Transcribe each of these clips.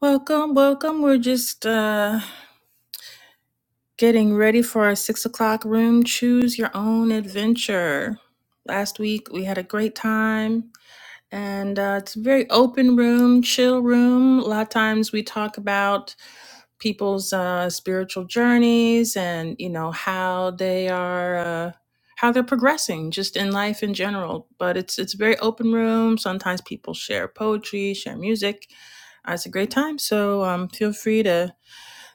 Welcome, welcome. We're just uh, getting ready for our six o'clock room. Choose your own adventure. Last week we had a great time, and uh, it's a very open room, chill room. A lot of times we talk about people's uh, spiritual journeys and you know how they are. Uh, how they're progressing just in life in general but it's it's a very open room sometimes people share poetry share music uh, it's a great time so um, feel free to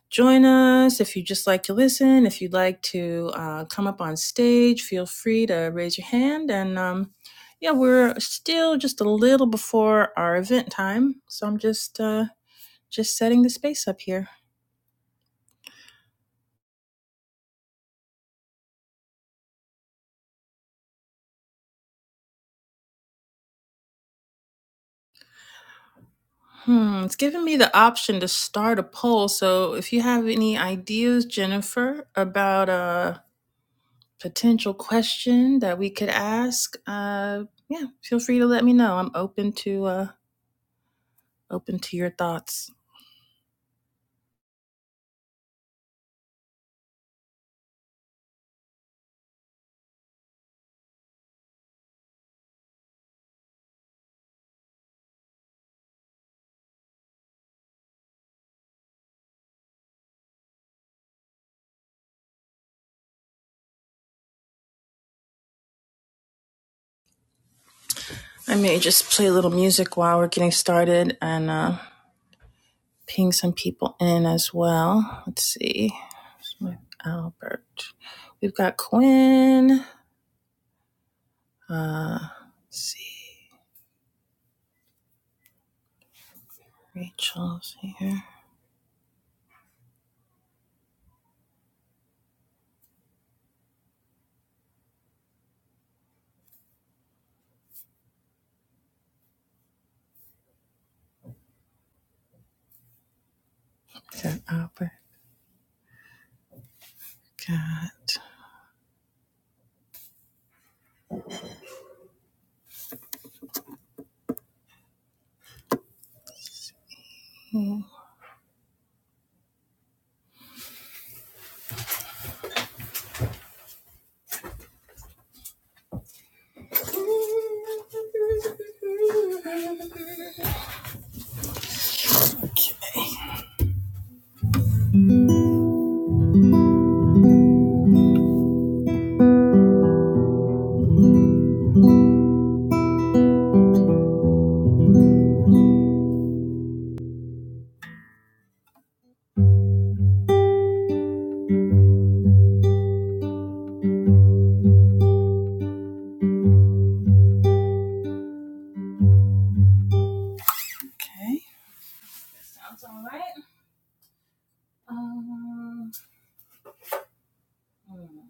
join us. If you just like to listen, if you'd like to uh, come up on stage, feel free to raise your hand. And um, yeah, we're still just a little before our event time, so I'm just uh, just setting the space up here. Hmm, it's giving me the option to start a poll. So if you have any ideas, Jennifer, about a potential question that we could ask, uh, yeah, feel free to let me know. I'm open to uh, open to your thoughts. I may just play a little music while we're getting started, and uh, ping some people in as well. Let's see. With Albert. We've got Quinn. Uh let's see. Rachel's here. Got Albert. Got Okay. Sounds alright. Um, hmm.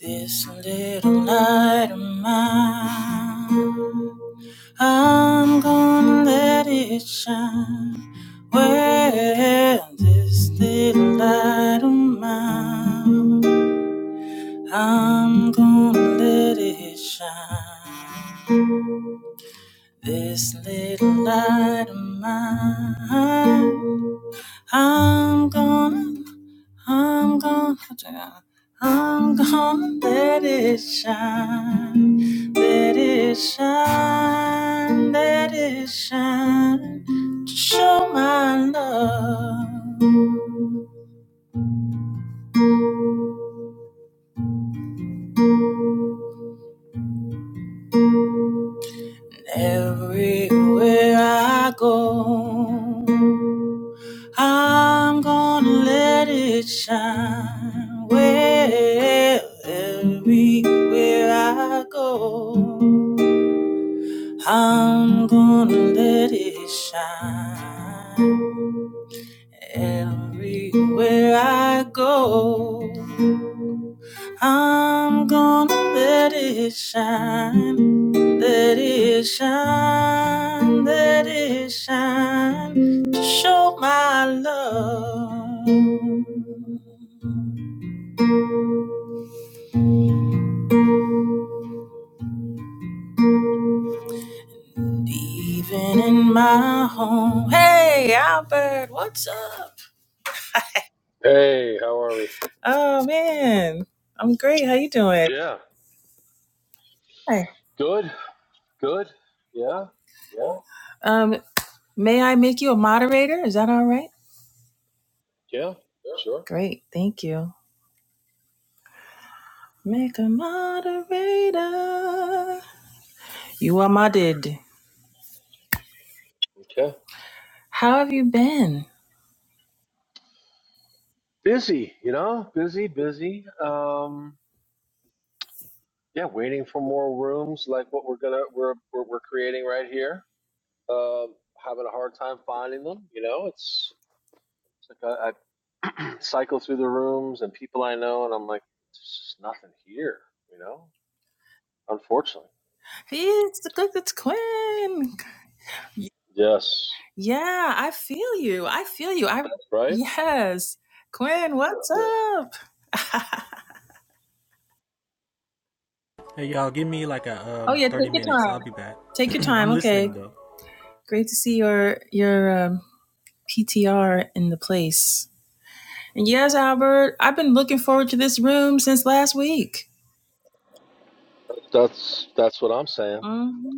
this little light of mine. I'm gonna let it shine. Where this little light of mine, I'm gonna let it shine. This little light of mine, I'm gonna I'm gonna, I'm gonna let it shine, let it shine, let it shine to show my love everywhere I go. I'm gonna let it shine, well, everywhere I go. I'm gonna let it shine everywhere I go. I'm gonna let it shine, let it shine, let it shine to show my love. Even in my home. Hey, Albert, what's up? Hey, how are we? Oh man, I'm great. How you doing? Yeah. Hey. Good, good. Yeah, yeah, Um, may I make you a moderator? Is that all right? yeah, sure. Great, thank you. Make a moderator. You are modded. Okay. How have you been? Busy, you know, busy, busy. Um, yeah, waiting for more rooms like what we're gonna we're we're, we're creating right here. Um, having a hard time finding them. You know, it's, it's like I, I cycle through the rooms and people I know, and I'm like, there's just nothing here. You know, unfortunately. It's the good it's Quinn. Yes. Yeah, I feel you. I feel you. I Right. yes. Quinn, what's up? Yeah. Hey y'all, give me like a oh um yeah, take thirty your minutes. I'll time. be back. Take your time. I'm Okay. listening though. Great to see your your um, PTR in the place. And yes, Albert, I've been looking forward to this room since last week. That's that's what I'm saying.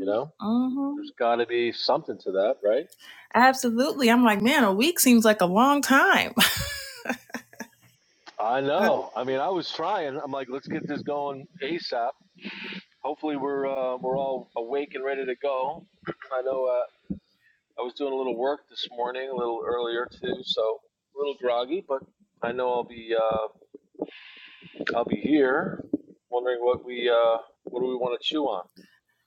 You know. Mhm. There's got to be something to that, right? Absolutely. I'm like, man, a week seems like a long time. I Uh, know. I mean, I was trying. I'm like, let's get this going ASAP. Hopefully, we're uh, we're all awake and ready to go. I know uh, I was doing a little work this morning, a little earlier too, so a little groggy, but I know I'll be uh, I'll be here. Wondering what we uh, what do we want to chew on?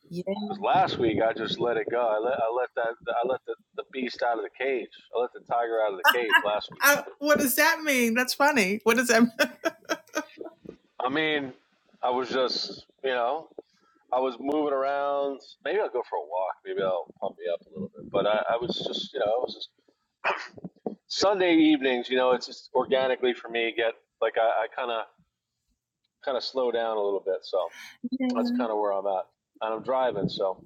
yeah. Because last week I just let it go. I let I let that I let the, the beast out of the cage. I let the tiger out of the cage last week. I, what does that mean? That's funny. What does that mean? I mean, I was just you know I was moving around. Maybe I'll go for a walk. Maybe I'll pump me up a little bit. But I, I was just, you know, it was just Sunday evenings. You know, it's just organically for me get like I kind of kind of slow down a little bit. So Yeah. that's kind of where I'm at, and I'm driving. So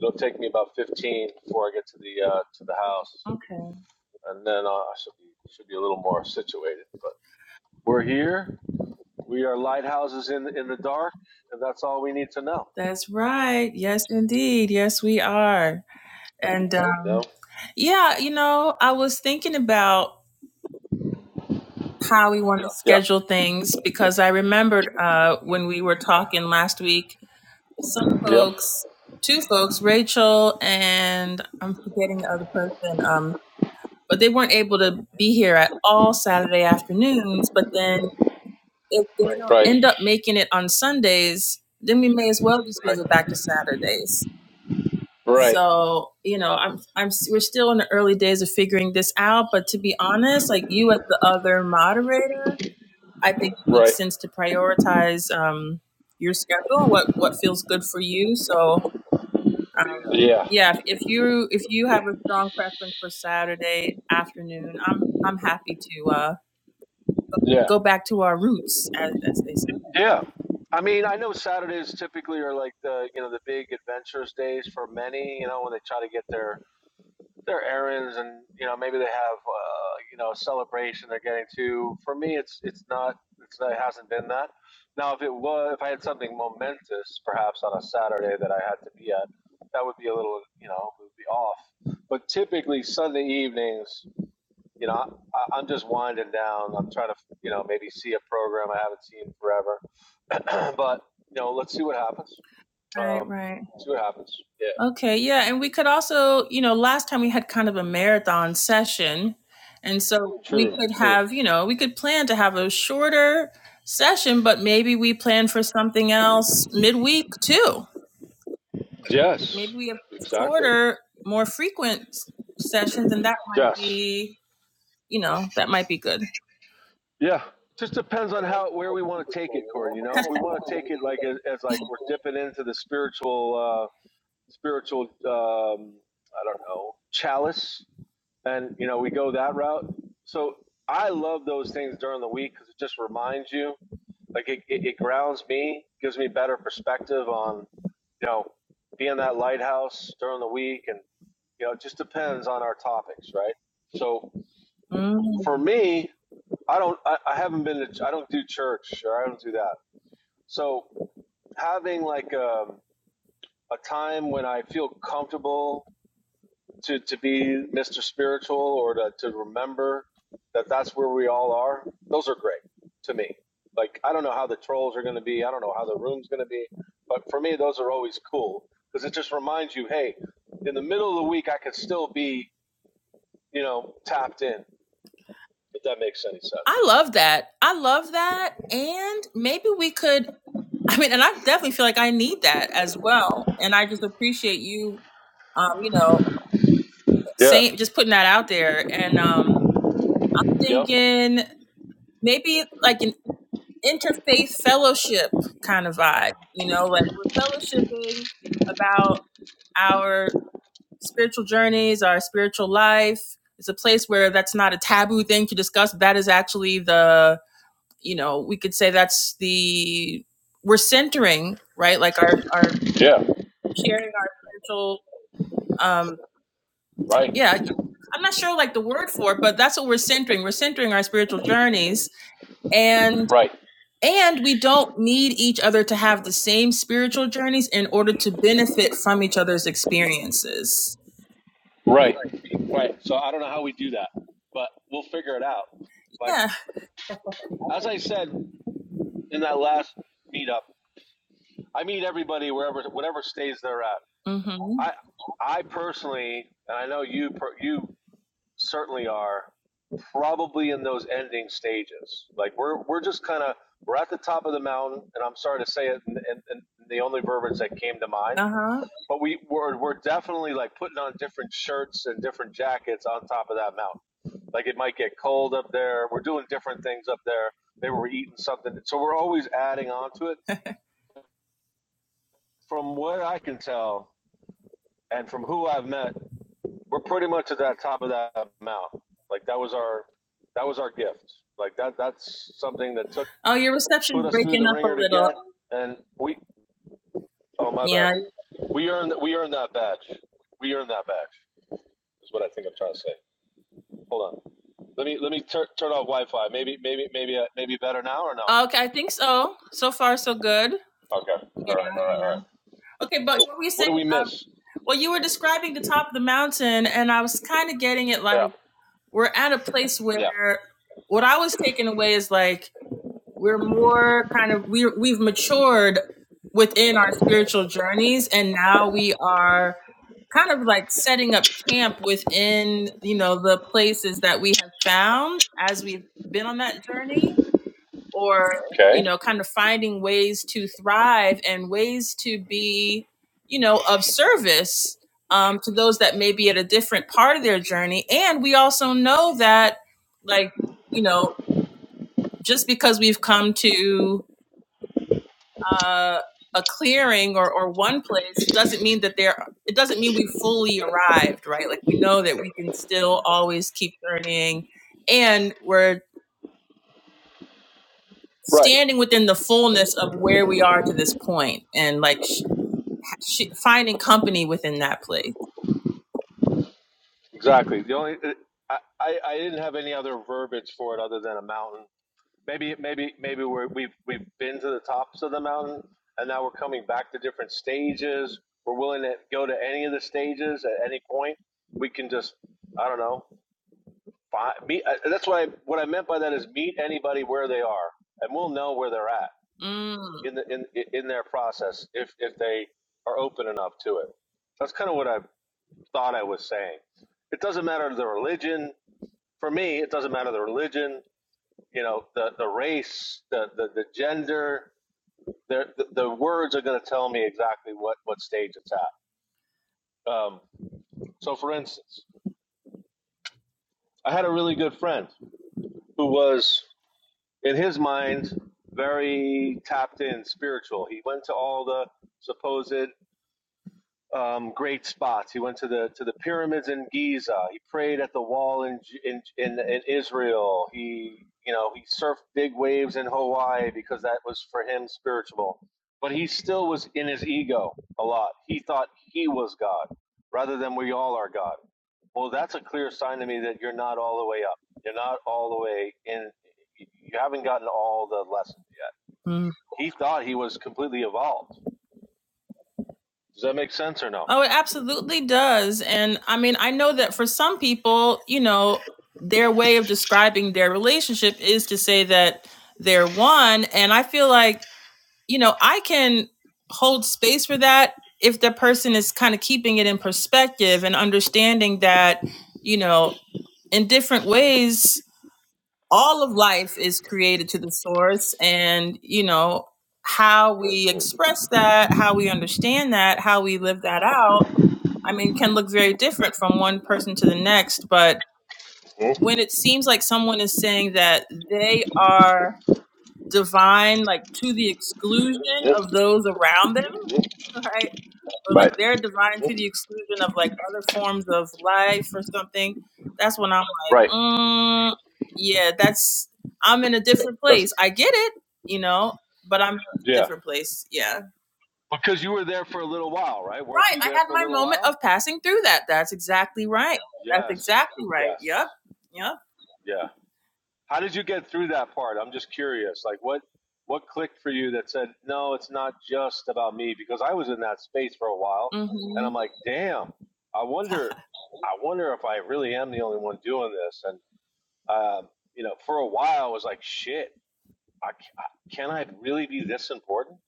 it'll take me about 15 before I get to the uh, to the house, Okay. and then uh, I should be should be a little more situated. But we're here. We are lighthouses in in the dark, and that's all we need to know. That's right. Yes, indeed. Yes, we are. And You know? um, yeah, you know, I was thinking about how we want to Yeah. schedule things because I remembered uh, when we were talking last week, some Yep. folks, two folks, Rachel and I'm forgetting the other person, Um. but they weren't able to be here at all Saturday afternoons. But then if they don't Right. end up making it on Sundays, then we may as well just move it Right. back to Saturdays. Right. So you know, I'm I'm we're still in the early days of figuring this out. But to be honest, like you as the other moderator, I think it Right. makes sense to prioritize um, your schedule, what what feels good for you. So um, yeah, if you if you have a strong preference for Saturday afternoon, I'm I'm happy to uh, go back to our roots, as as they say. Yeah. I mean, I know Saturdays typically are like the you know the big adventurous days for many. You know, when they try to get their their errands and you know maybe they have uh, you know a celebration they're getting to. For me, it's it's not it's not, it hasn't been that. Now, if it was if I had something momentous, perhaps on a Saturday that I had to be at, that would be a little you know would be off. But typically Sunday evenings you know, I, I'm just winding down. I'm trying to, you know, maybe see a program I haven't seen forever. but you know, let's see what happens. Right, Um, right. see what happens. Yeah. Okay, yeah, and we could also, you know, last time we had kind of a marathon session. And so we True, could true. have, you know, we could plan to have a shorter session, but maybe we plan for something else midweek too. Yes, Maybe we have exactly. shorter, more frequent s- sessions, and that might Yes. be, you know, that might be good. Yeah. Just depends on how where we want to take it, Gordon. You know, if we want to take it like as, as like we're dipping into the spiritual, uh, spiritual, um, I don't know, chalice. and you know we go that route. So I love those things during the week because it just reminds you, like it, it, it grounds me, gives me better perspective on, you know, being that lighthouse during the week, and you know, it just depends on our topics, right? So Mm. for me, I don't, I, I haven't been to, I don't do church or I don't do that. So having like a, a time when I feel comfortable to, to be Mr. Spiritual or to, to remember that that's where we all are, those are great to me. Like, I don't know how the trolls are going to be. I don't know how the room's going to be. But for me, those are always cool because it just reminds you, hey, in the middle of the week, I could still be, you know, tapped in, if that makes any sense. I love that. I love that. And maybe we could, I mean, and I definitely feel like I need that as well. And I just appreciate you, um, you know, Yeah, saying, just putting that out there. And um, I'm Yep. thinking maybe like an interfaith fellowship kind of vibe, you know, like we're fellowshipping about our spiritual journeys, our spiritual life. It's a place where that's not a taboo thing to discuss. That is actually the you know, we could say that's the we're centering, right? Like our our yeah, sharing our spiritual um right, yeah. I'm not sure like the word for it, but that's what we're centering. We're centering our spiritual journeys and right, and we don't need each other to have the same spiritual journeys in order to benefit from each other's experiences. right. Right. So I don't know how we do that, but we'll figure it out. Like Yeah. as I said in that last meetup, I meet everybody wherever, whatever stage they're at. Mhm. I, I personally, and I know you, per, you certainly are probably in those ending stages. Like we're, we're just kind of, we're at the top of the mountain and I'm sorry to say it and in, in the only verbiage that came to mind, Uh-huh. but we we're, we're definitely like putting on different shirts and different jackets on top of that mountain. Like it might get cold up there. We're doing different things up there. They were eating something. So we're always adding on to it. From what I can tell, and from who I've met, we're pretty much at that top of that amount. Like that was our that was our gift. Like that that's something that took Oh, your put reception's us through breaking the up a ringer to little. get, and we oh my bad, Yeah. we earned that. we earned that badge. We earned that badge is what I think I'm trying to say. Hold on, let me let me tur- turn off Wi-Fi. Maybe maybe maybe uh, maybe better now or no? Okay, I think so. So far so good. Okay. All right. Yeah, All right. All yeah. right. Okay, but So what were you what do saying we miss? Well, you were describing the top of the mountain, and I was kind of getting it like Yeah. we're at a place Yeah. where what I was taking away is like we're more kind of we we've matured within our spiritual journeys, and now we are kind of like setting up camp within you know the places that we have found as we've been on that journey or you Okay. know kind of finding ways to thrive and ways to be you know of service um, to those that may be at a different part of their journey and we also know that like you know just because we've come to uh, a clearing or, or one place doesn't mean that there it doesn't mean we fully arrived right like we know that we can still always keep learning and we're Right. standing within the fullness of where we are to this point and like sh- sh- finding company within that place Exactly. The only uh, I, I, I didn't have any other verbiage for it other than a mountain. Maybe maybe maybe we're, we've we've been to the tops of the mountain and now we're coming back to different stages. We're willing to go to any of the stages at any point. We can just I don't know find, meet. I, that's what I what I meant by that is meet anybody where they are, and we'll know where they're at mm. in the in in their process if if they are open enough to it. That's kind of what I thought I was saying. It doesn't matter the religion for me, it doesn't matter the religion, you know, the, the race, the, the, the gender, the, the, the words are going to tell me exactly what, what stage it's at. Um, so, for instance, I had a really good friend who was, in his mind, very tapped in spiritual. He went to all the supposed um, great spots. He went to the to the pyramids in Giza. He prayed at the wall in in in, in Israel. He you know he surfed big waves in Hawaii because that was for him spiritual. But he still was in his ego a lot. He thought he was God rather than we all are God. Well, that's a clear sign to me that you're not all the way up. You're not all the way in. You haven't gotten all the lessons yet. Mm. He thought he was completely evolved. Does that make sense or no? oh it absolutely does and i mean i know that for some people you know their way of describing their relationship is to say that they're one and i feel like you know, I can hold space for that if the person is kind of keeping it in perspective and understanding that, you know, in different ways, all of life is created to the source. And, you know, how we express that, how we understand that, how we live that out, I mean, can look very different from one person to the next. But Mhm. when it seems like someone is saying that they are divine, like to the exclusion of those around them, right? Or like Right. they're divine to Mhm. the exclusion of like other forms of life or something. That's when I'm like, Right. mm, yeah, that's I'm in a different That's place. I get it, you know, but I'm in a yeah. different place. Yeah, Because you were there for a little while, right? Weren't right. you I there had for a my little moment while? of passing through that. That's exactly right. That's Yes. exactly right. Yep. Yes. Yep. Yeah. How did you get through that part? I'm just curious. Like what what clicked for you that said, "No, it's not just about me" because I was in that space for a while and I'm Mm-hmm. like, "Damn. I wonder I wonder if I really am the only one doing this." And um, you know, for a while I was like, "Shit. I, ca- I- can I really be this important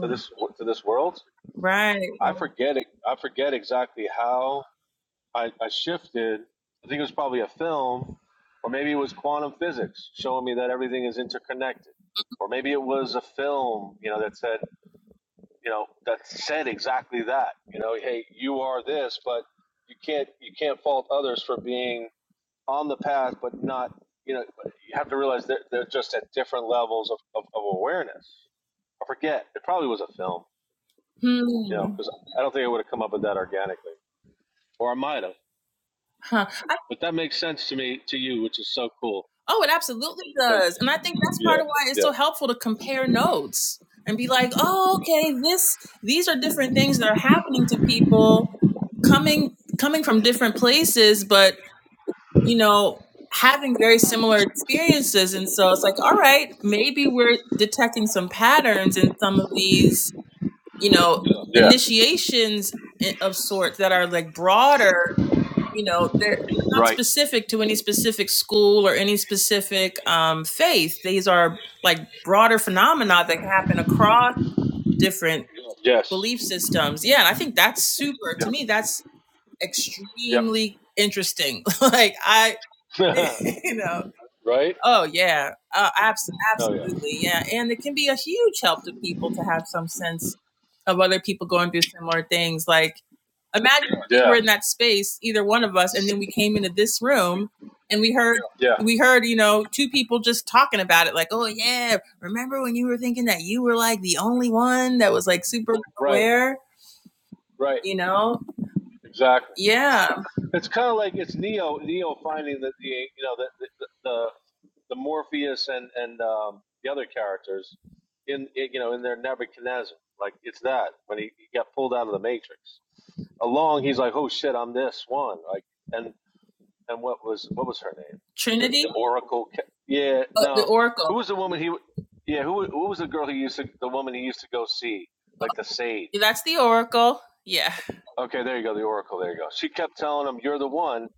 to this wo- to this world?" Right. I forget it. I forget exactly how I, I shifted. I think it was probably a film, or maybe it was quantum physics showing me that everything is interconnected, or maybe it was a film, you know, that said, you know, that said exactly that. You know, hey, you are this, but you can't you can't fault others for being on the path, but not. You know, you have to realize they're, they're just at different levels of, of, of awareness. I forget. It probably was a film, you know, Hmm. because I don't think I would have come up with that organically. or I might have. Huh. But that makes sense to me to you, which is so cool Oh, it absolutely because does. And I think that's part yeah, of why it's yeah, so helpful to compare notes and be like, oh, okay, this these are different things that are happening to people coming coming from different places, but you know, having very similar experiences. And so it's like, all right, maybe we're detecting some patterns in some of these, you know, yeah, initiations of sorts that are like broader you know they're, they're not right, specific to any specific school or any specific um, faith these are like broader phenomena that happen across different yes, belief systems yeah and i think that's super to yep, me that's yep, extremely interesting like i you know right, oh yeah uh, abs- oh yeah, absolutely yeah and it can be a huge help to people to have some sense of other people going through similar things like Imagine if we were yeah, in that space, either one of us, and then we came into this room and we heard yeah, we heard, you know, two people just talking about it, like, oh yeah, remember when you were thinking that you were like the only one that was like super right, aware, right, you know? exactly. Yeah. It's kind of like it's Neo, Neo finding that the you know the the the, the Morpheus and and um, the other characters in you know in their Nebuchadnezzar. Like it's that when he, he got pulled out of the Matrix along, he's like, "Oh shit, I'm this one." Like, and and what was what was her name? The Trinity? the Oracle. ca- Yeah, Oh, the no. Who Oracle. was the woman he? Yeah, who who was the girl he used to the woman he used to go see? Like the Yeah, sage. That's the Oracle. Yeah. Okay, there you go. The Oracle. There you go. She kept telling him, "You're the one,"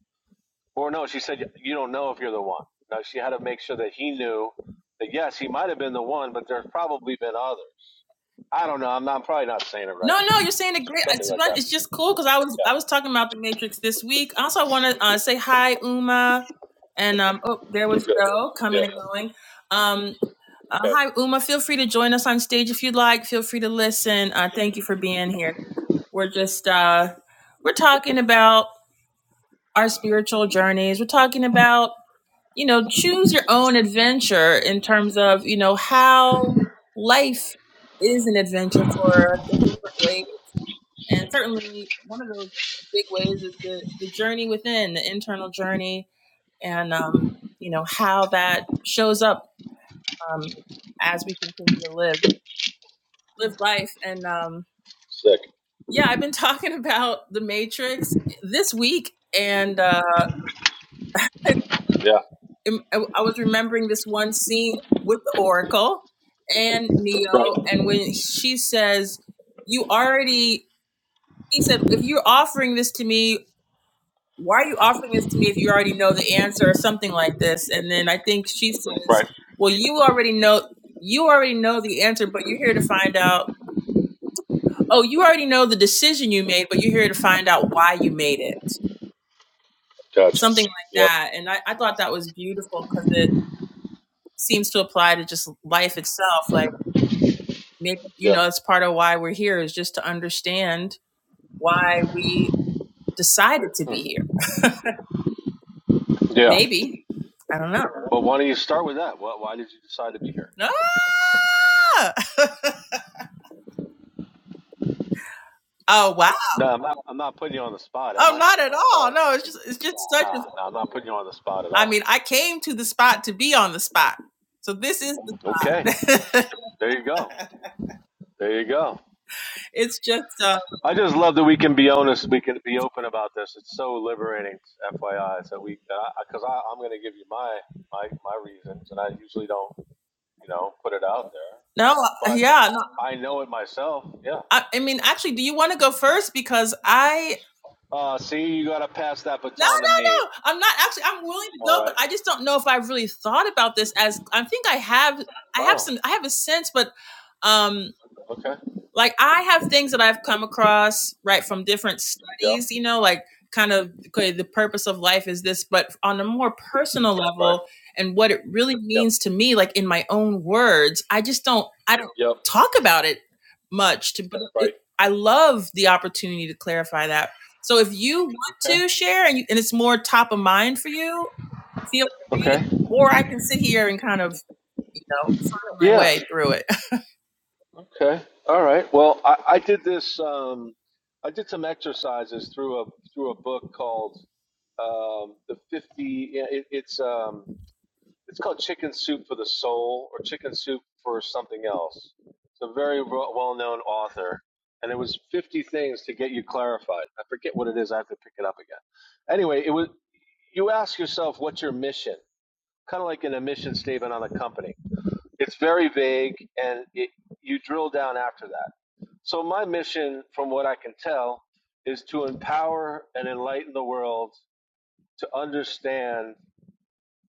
or no, she said, "You don't know if you're the one." Now she had to make sure that he knew that yes, he might have been the one, but there's probably been others. I don't know. I'm not I'm probably not saying it right. No, no, you're saying it great. Something It's like fun. that. It's just cool because I was I Yeah. was talking about the Matrix this week. I also want to uh, say hi, Uma, and um, oh, there We're was good. Joe coming Yeah. and going. Um, Uh, Okay. hi, Uma. Feel free to join us on stage if you'd like. Feel free to listen. Uh, thank you for being here. We're just uh, we're talking about our spiritual journeys. We're talking about you know choose your own adventure in terms of you know how life is an adventure for us in different ways, and certainly one of those big ways is the the journey within the internal journey, and um, you know how that shows up um, as we continue to live. live life. And um, Sick. yeah, I've been talking about The Matrix this week, and uh, Yeah. I was remembering this one scene with the Oracle and Right. Neo, and when she says, "You already," he said, "If you're offering this to me." Why are you offering this to me if you already know the answer or something like this? And then I think she says, Right. "Well, you already know you already know the answer, but you're here to find out oh, you already know the decision you made, but you're here to find out why you made it. Gotcha. something like Yep. that. And I, I thought that was beautiful because it seems to apply to just life itself. Like maybe, you Yeah. know, it's part of why we're here is just to understand why we decided to Hmm. be here. Yeah. Maybe. I don't know. But why don't you start with that? Why, why did you decide to be here? Ah! oh wow. No, I'm not. I'm not putting you on the spot, am Oh I? not at all. Sorry. No, it's just it's just such Nah, a nah, I'm not putting you on the spot at I all. mean, I came to the spot to be on the spot. So this is Okay. the, There you go. There you go. it's just uh I just love that we can be honest. We can be open about this. It's so liberating, FYI. So we, because I, 'cause I, I'm going to give you my my my reasons, and I usually don't, you know, put it out there. no But yeah, no, I know it myself. Yeah. I, I mean actually do you want to go first because I Uh, see, you got to pass that No, no, baton to me. no. I'm not actually. I'm willing to All go, but right. I just don't know if I've really thought about this. As I think I have, I have Oh. some, I have a sense, but um Okay. like I have things that I've come across right from different Yep. studies, you know, like kind of okay, the purpose of life is this, but on a more personal Right. level and what it really Yep. means to me, like in my own words, I just don't I don't Yep. talk about it much to but Right. I love the opportunity to clarify that. So if you want Okay. to share and, you, and it's more top of mind for you, feel free, Okay. or I can sit here and kind of, you know, find my Yeah. way through it. Okay. All right. Well, I, I did this. Um, I did some exercises through a through a book called um, the fifty. yeah, It, it's um, it's called Chicken Soup for the Soul or Chicken Soup for something else. It's a very well known author, and it was fifty things to get you clarified. I forget what it is. I have to pick it up again. Anyway, it was. You ask yourself, what's your mission? kind of like an emission statement on a company. It's very vague, and it, you drill down after that. So my mission, from what I can tell, is to empower and enlighten the world to understand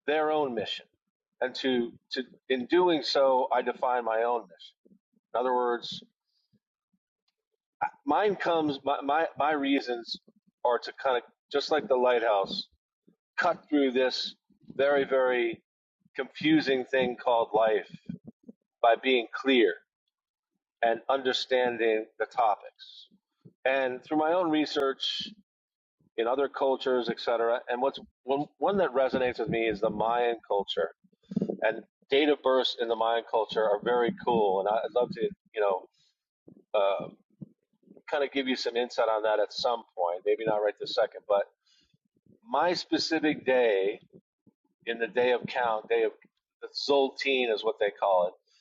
their own mission, and to to in doing so, I define my own mission. In other words, mine comes my my, my reasons are to kind of just like the lighthouse, cut through this very very confusing thing called life by being clear and understanding the topics. And through my own research in other cultures, et cetera, and what's one, one that resonates with me is the Mayan culture. And date of births in the Mayan culture are very cool, and I- I'd love to, you know, uh, kind of give you some insight on that at some point. Maybe not right this second, but my specific day in the day of count, day of the Zoltine is what they call it,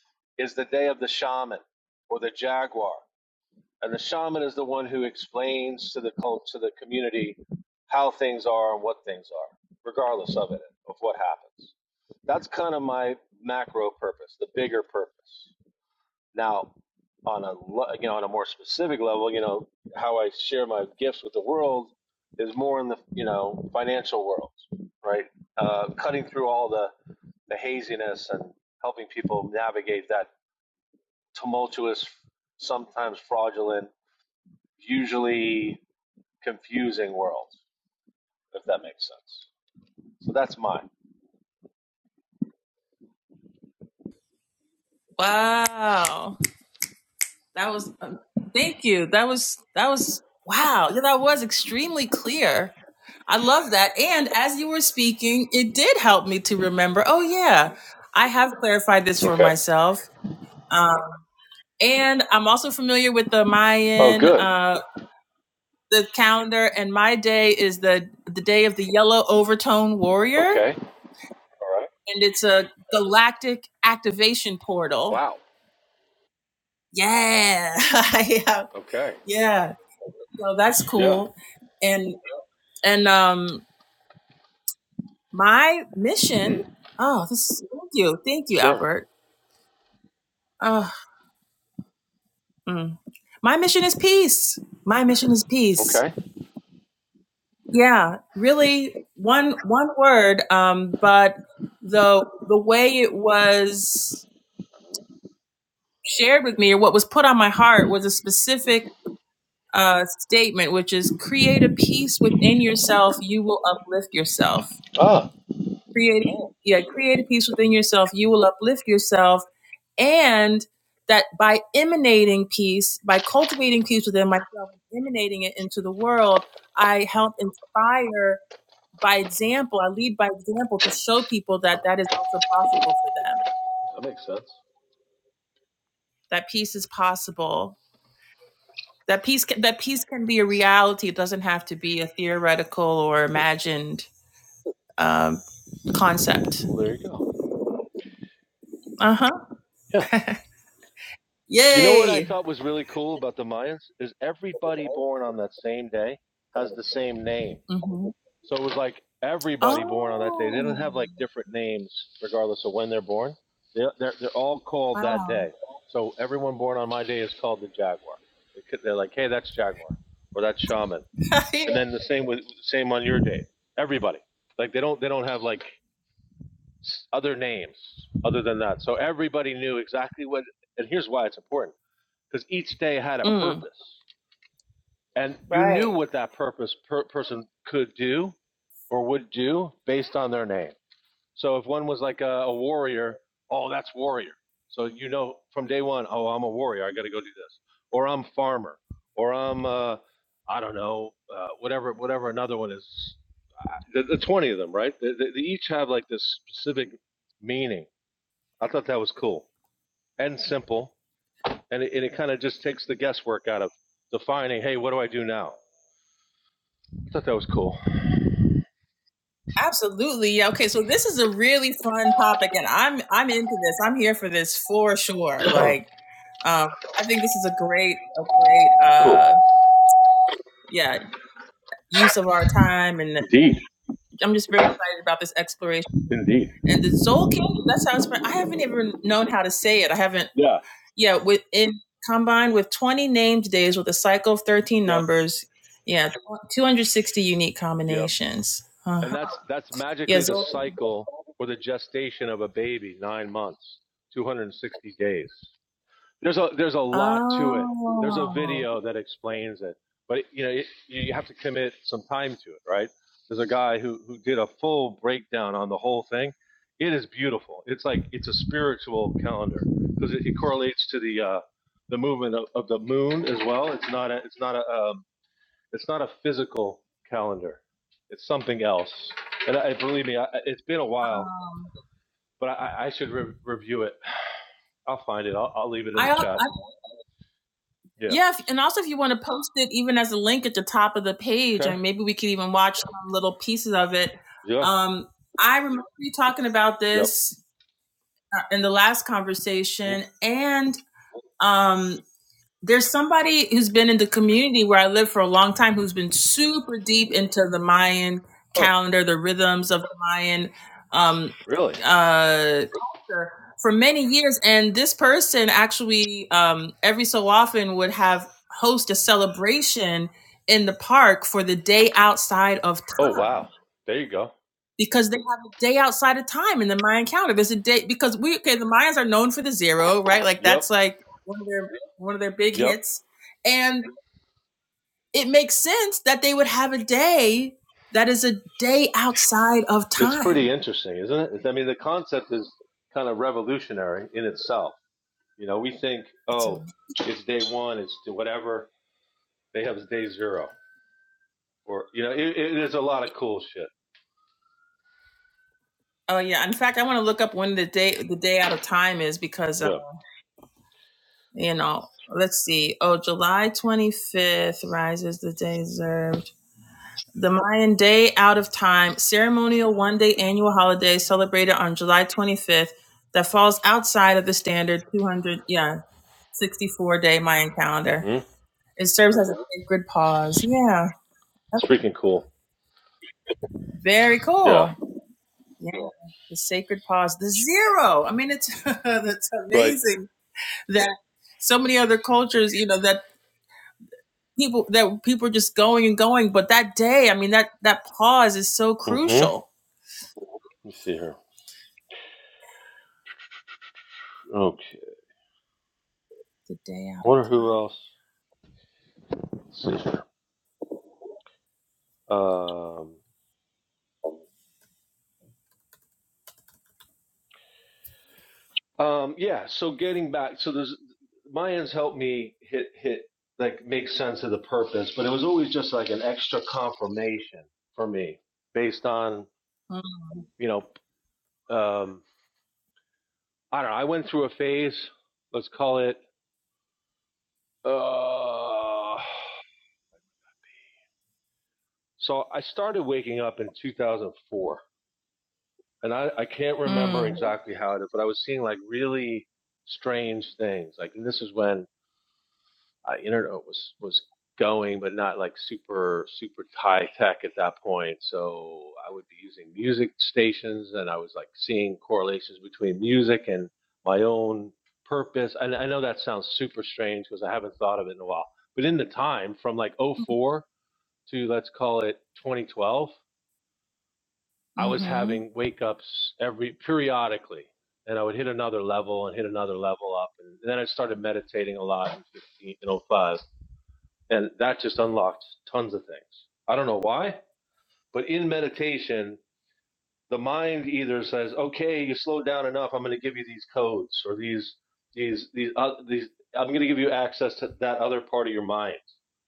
is the day of the shaman or the jaguar. and the shaman is the one who explains to the cult to the community how things are and what things are regardless of it of what happens that's kind of my macro purpose the bigger purpose now on a you know on a more specific level you know how i share my gifts with the world is more in the you know financial world right uh, cutting through all the the haziness and helping people navigate that tumultuous sometimes fraudulent usually confusing worlds, if that makes sense. So that's mine. Wow. That was um, thank you. That was that was wow. Yeah, that was extremely clear. I love that. And as you were speaking, it did help me to remember. Oh yeah, I have clarified this for myself. Um, and I'm also familiar with the Oh, Mayan good. uh, the calendar. And my day is the the day of the yellow overtone warrior, Okay. and it's a galactic activation portal. Wow. Yeah, yeah, Okay. yeah. So that's Yeah. cool. And And um, my mission. Hmm. Oh, this is, thank you, thank you, Sure. Albert. Oh, mm. my mission is peace. My mission is peace. Okay. Yeah, really, one one word. Um, but the the way it was shared with me, or what was put on my heart, was a specific uh, statement, which is create a peace within yourself. You will uplift yourself. Ah, Create, yeah, create a peace within yourself. You will uplift yourself and that by emanating peace, by cultivating peace within myself, emanating it into the world, I help inspire by example. I lead by example to show people that that is also possible for them. that makes sense. That peace is possible. That peace can, that peace can be a reality. It doesn't have to be a theoretical or imagined um, concept. Well, there you go. Uh huh. Yeah. You know what I Yay. thought was really cool about the Mayans is everybody born on that same day has the same name. Mhm. So it was like everybody born on that day. They don't Oh. have like different names regardless of when they're born. They're they're, they're all called that Wow. day. So everyone born on my day is called the Jaguar. They could, they're like, hey, that's Jaguar or that's Shaman. And then the same with same on your day. Everybody like they don't they don't have like other names other than that. So everybody knew exactly what. And here's why it's important because each day had a Mm. purpose and you knew Right. what that purpose per- person could do or would do based on their name. So if one was like a, a warrior, oh, that's warrior. So you know from day one, oh, I'm a warrior. I got to go do this, or I'm farmer, or I'm uh, I don't know, uh, whatever whatever another one is. The, the twenty of them, right? They, they, they each have like this specific meaning. I thought that was cool and simple, and it, and it kind of just takes the guesswork out of defining. Hey, what do I do now? I thought that was cool. Absolutely. yeah, Okay, so this is a really fun topic and I'm I'm into this. I'm here for this for sure. Like um I think this is a great a great Cool. uh yeah, use of our time and Indeed. I'm just very excited about this exploration. Indeed. And the Zolkin, that's how it's pronounced. I haven't even known how to say it. I haven't Yeah. yeah, with in combined with 20 named days with a cycle of 13 Yep. numbers. Yeah, 260 unique Yep. combinations. And Uh-huh. that's that's Yeah, magically the Zolkin. cycle or the gestation of a baby, nine months, 260 days. There's a there's a lot to it. There's a Oh. video that explains it, but you know it, you have to commit some time to it, right? There's a guy who who did a full breakdown on the whole thing. It is beautiful. It's like it's a spiritual calendar because it, it correlates to the uh, the movement of, of the moon as well. It's not a it's not a um, It's not a physical calendar. It's something else. And I, believe me, I, it's been a while, Um, but I, I should re- review it. I'll find it. I'll, I'll leave it in I, the I chat. Yeah. yeah, if, and also if you want to post it even as a link at the top of the page, Okay. and maybe we could even watch some little pieces of it. Yeah. Um, I remember you talking about Yep. this uh, in the last Mhm. conversation, and um, there's somebody who's been in the community where I live for a long time who's been super deep into the Mayan Huh. calendar, the rhythms of the Mayan um, Really? uh, culture for many years. And this person actually, um, every so often, would have host a celebration in the park for the day outside of Oh, time wow. There you go. because they have a day outside of time in the Mayan calendar. There's a day because we okay. The Mayans are known for the zero, right? Like Yep. that's like one of their one of their big Yep. hits, and it makes sense that they would have a day that is a day outside of It's pretty time. interesting, isn't it? It's- I mean, the concept is kind of revolutionary in itself. You know, we think, It's oh, amazing. it's day one, it's whatever. They have day zero, or you know, it, it is a lot of cool shit. Oh yeah. In fact, I want to look up when the day the day out of time is because uh, Yeah. you know. Let's see. Oh, July twenty fifth rises the day Zer. The Mayan Day Out of Time ceremonial one day annual holiday celebrated on July 25th that falls outside of the standard 200, yeah, 64 day Mayan calendar. Hmm. It serves as a sacred pause. Yeah, It's that's freaking cool. very Yeah. cool. Yeah, the sacred pause, the zero. I mean, it's that's Right. amazing that so many other cultures, you know, that people that people are just going and going, but that day, I mean, that that pause is so Mm-hmm. Let crucial. me see here. Okay. The day out. I wonder who else. Let's see here. Um, um, yeah. So getting back, so there's Mayans helped me hit hit like make sense of the purpose, but it was always just like an extra confirmation for me based on of time. you know um, I don't know. I went through a phase. Let's call it. Uh, so I started waking up in 2004. and I, I can't remember Mm. exactly how it is, but I was seeing like really strange things. Like and this is when uh, internet was was going, but not like super super high tech at that point. So I would be using music stations, and I was like seeing correlations between music and my own purpose. And I know that sounds super strange because I haven't thought of it in a while. But in the time from like oh 04 to let's call it 2012 I was Mm-hmm. having wake ups every periodically, and I would hit another level and hit another level up, and then I started meditating a lot in 15 in '05, and that just unlocked tons of things. I don't know why, but in meditation the mind either says, "Okay, you slowed down enough. I'm going to give you these codes or these these these uh, these. I'm going to give you access to that other part of your mind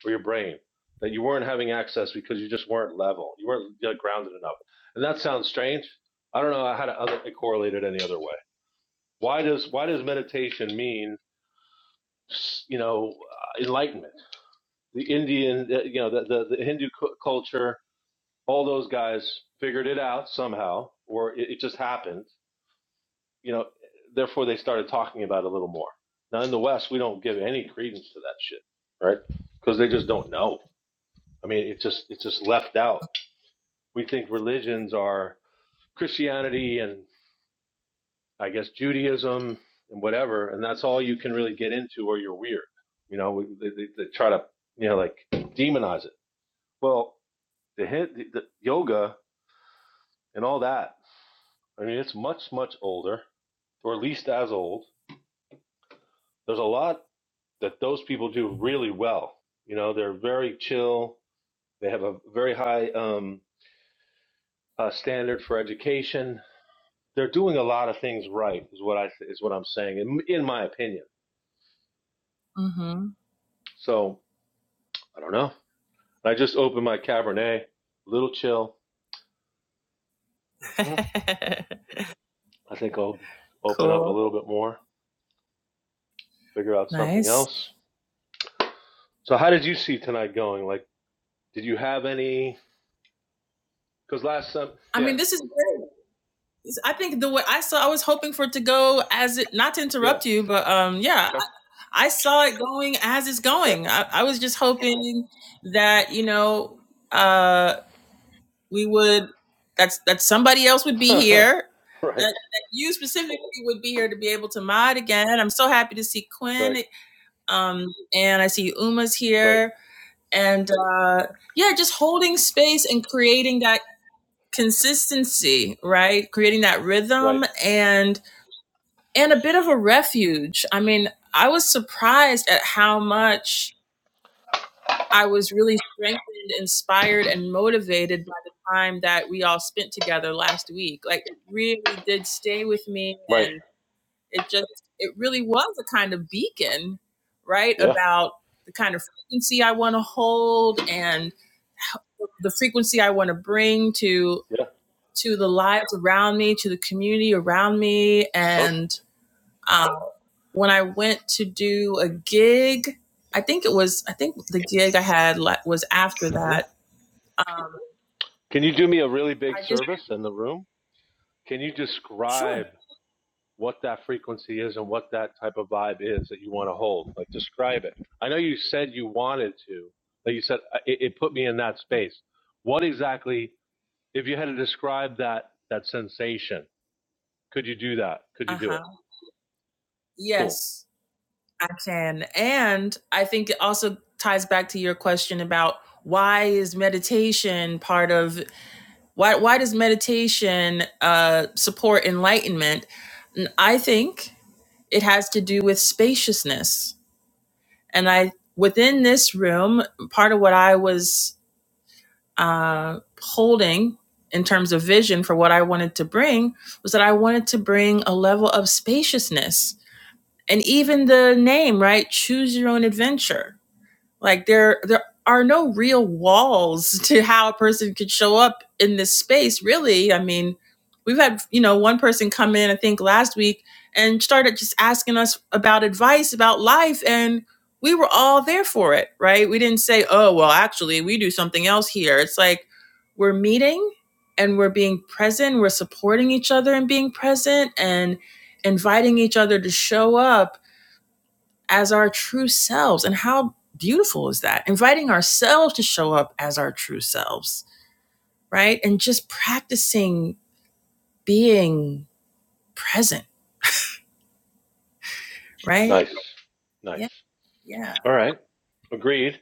or your brain that you weren't having access because you just weren't level. You weren't uh, grounded enough." And that sounds strange. I don't know how to other correlate it any other way. Why does why does meditation mean you know uh, enlightenment? The Indian, uh, you know, the the, the Hindu cu- culture, all those guys figured it out somehow, or it, it just happened you know, therefore they started talking about it a little more. Now in the West, we don't give any credence to that shit, right? Because they just don't know. I mean, it just it's just left out. We think religions are Christianity and I guess Judaism and whatever, and that's all you can really get into, or you're weird. You know, we- they, they, they try to you know like demonize it. Well, the, hit, the, the yoga and all that. I mean, it's much much older, or at least as old. There's a lot that those people do really well. You know, they're very chill. They have a very high um, uh, standard for education. They're doing a lot of things right, is what I is what I'm saying, in, in my opinion. Mm-hmm. So I don't know. I just opened my Cabernet, a little chill. hmm I think I'll be- open up a cool. little bit more, figure out something Nice. else. So how did you see tonight going? Like, did you have any? Because last time, I yeah, mean, this is great. This- I think the way I saw, I was hoping for it to go as it. Not to yeah, interrupt you, but um, yeah, okay, I, I saw it going as it's going. I, I was just hoping that you know, uh, we would that's that somebody else would be okay, here. That, right, that you specifically would be here to be able to mod again. I'm so happy to see right, Quinn, um, and I see Uma's right, here and uh, yeah, just holding space and creating that consistency, right? Creating that right, rhythm and and a bit of a refuge. I mean, I was surprised at how much I was really strengthened, inspired, and motivated by the time that we all spent together last week. Like it really did stay with me right. and it just, it really was a kind of beacon, right? Yeah. About the kind of frequency I want to hold and the frequency I want to bring to Yeah. to the lives around me, to the community around me. And Perfect. um, when I went to do a gig, I think it was I think the gig I had like, was after Mhm. that. Can you do me a really big I just service in the room? Can you describe sure, what that frequency is and what that type of vibe is that you want to hold? Like, describe it. I know you said you wanted to, but you said uh, it, it put me in that space. What exactly, if you had to describe that that sensation, could you do that? Could you uh do it? huh, Cool. yes, I can. And I think it also ties back to your question about why is meditation part of why why does meditation uh, support enlightenment? And I think it has to do with spaciousness. And I within this room, part of what I was uh, holding in terms of vision for what I wanted to bring was that I wanted to bring a level of spaciousness. And even the name, right? Choose your own adventure Like there there are no real walls to how a person could show up in this space, really. I mean, we've had, you know, one person come in, I think last week, and started just asking us about advice about life and we were all there for it, right? We didn't say, "Oh, well, actually, we do something else here." It's like we're meeting and we're being present, we're supporting each other and being present and inviting each other to show up as our true selves. And how beautiful is that? Inviting ourselves to show up as our true selves, right? And just practicing being present, right? Nice. Nice. Yeah, yeah. All right. Agreed.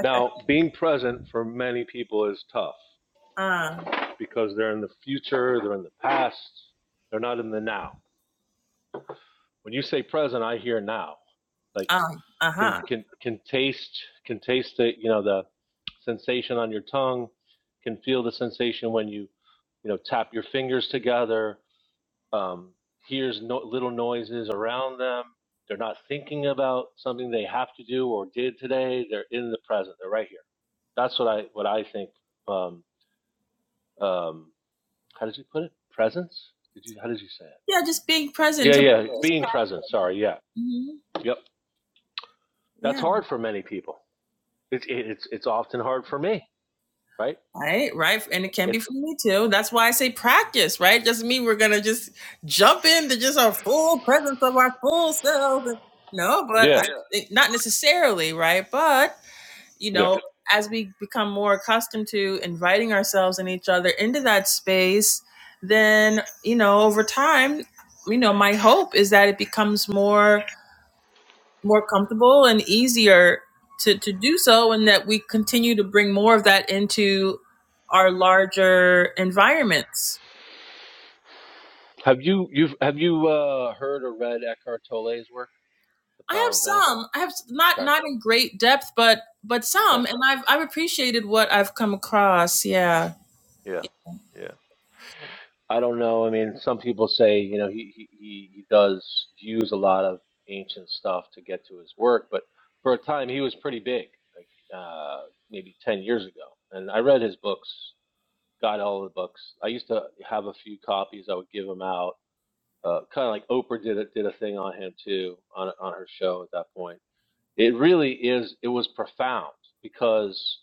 Now, being present for many people is tough. Uh, because they're in the future, they're in the past, they're not in the now. When you say present, I hear now. Like um, uh can huh. can can taste can taste the you know the sensation on your tongue, can feel the sensation when you you know tap your fingers together, um, hears no, little noises around them. They're not thinking about something they have to do or did today. They're in the present. They're right here. That's what I what I think um, um, how did you put it? Presence? Did you? How did you say it? Yeah, just being present Yeah, to. yeah. Being present. Sorry. Yeah. Mhm. Yep. That's Yeah. hard for many people. It's it's it's often hard for me. Right. Right, right. And it can be It's for me too. That's why I say practice, right? Doesn't mean we're going to just jump into just our full presence of our full selves. No, but yeah. I, Yeah. not necessarily, right? But you Yeah. know, as we become more accustomed to inviting ourselves and each other into that space, then, you know, over time, you know, my hope is that it becomes more more comfortable and easier to, to do so and that we continue to bring more of that into our larger environments. Have you you have have you uh, heard or read Eckhart Tolle's work, The I Power of Now? have some. I have s- not Okay. not in great depth, but but Okay. some and I've I've appreciated what I've come across. Yeah. Yeah. Yeah. I don't know. I mean, some people say you know he he he he does use a lot of ancient stuff to get to his work, but for a time he was pretty big, like uh, maybe ten years ago. And I read his books, got all the books. I used to have a few copies. I would give them out. Uh, kind of like Oprah did a, did a thing on him too on on her show at that point. It really is. It was profound because,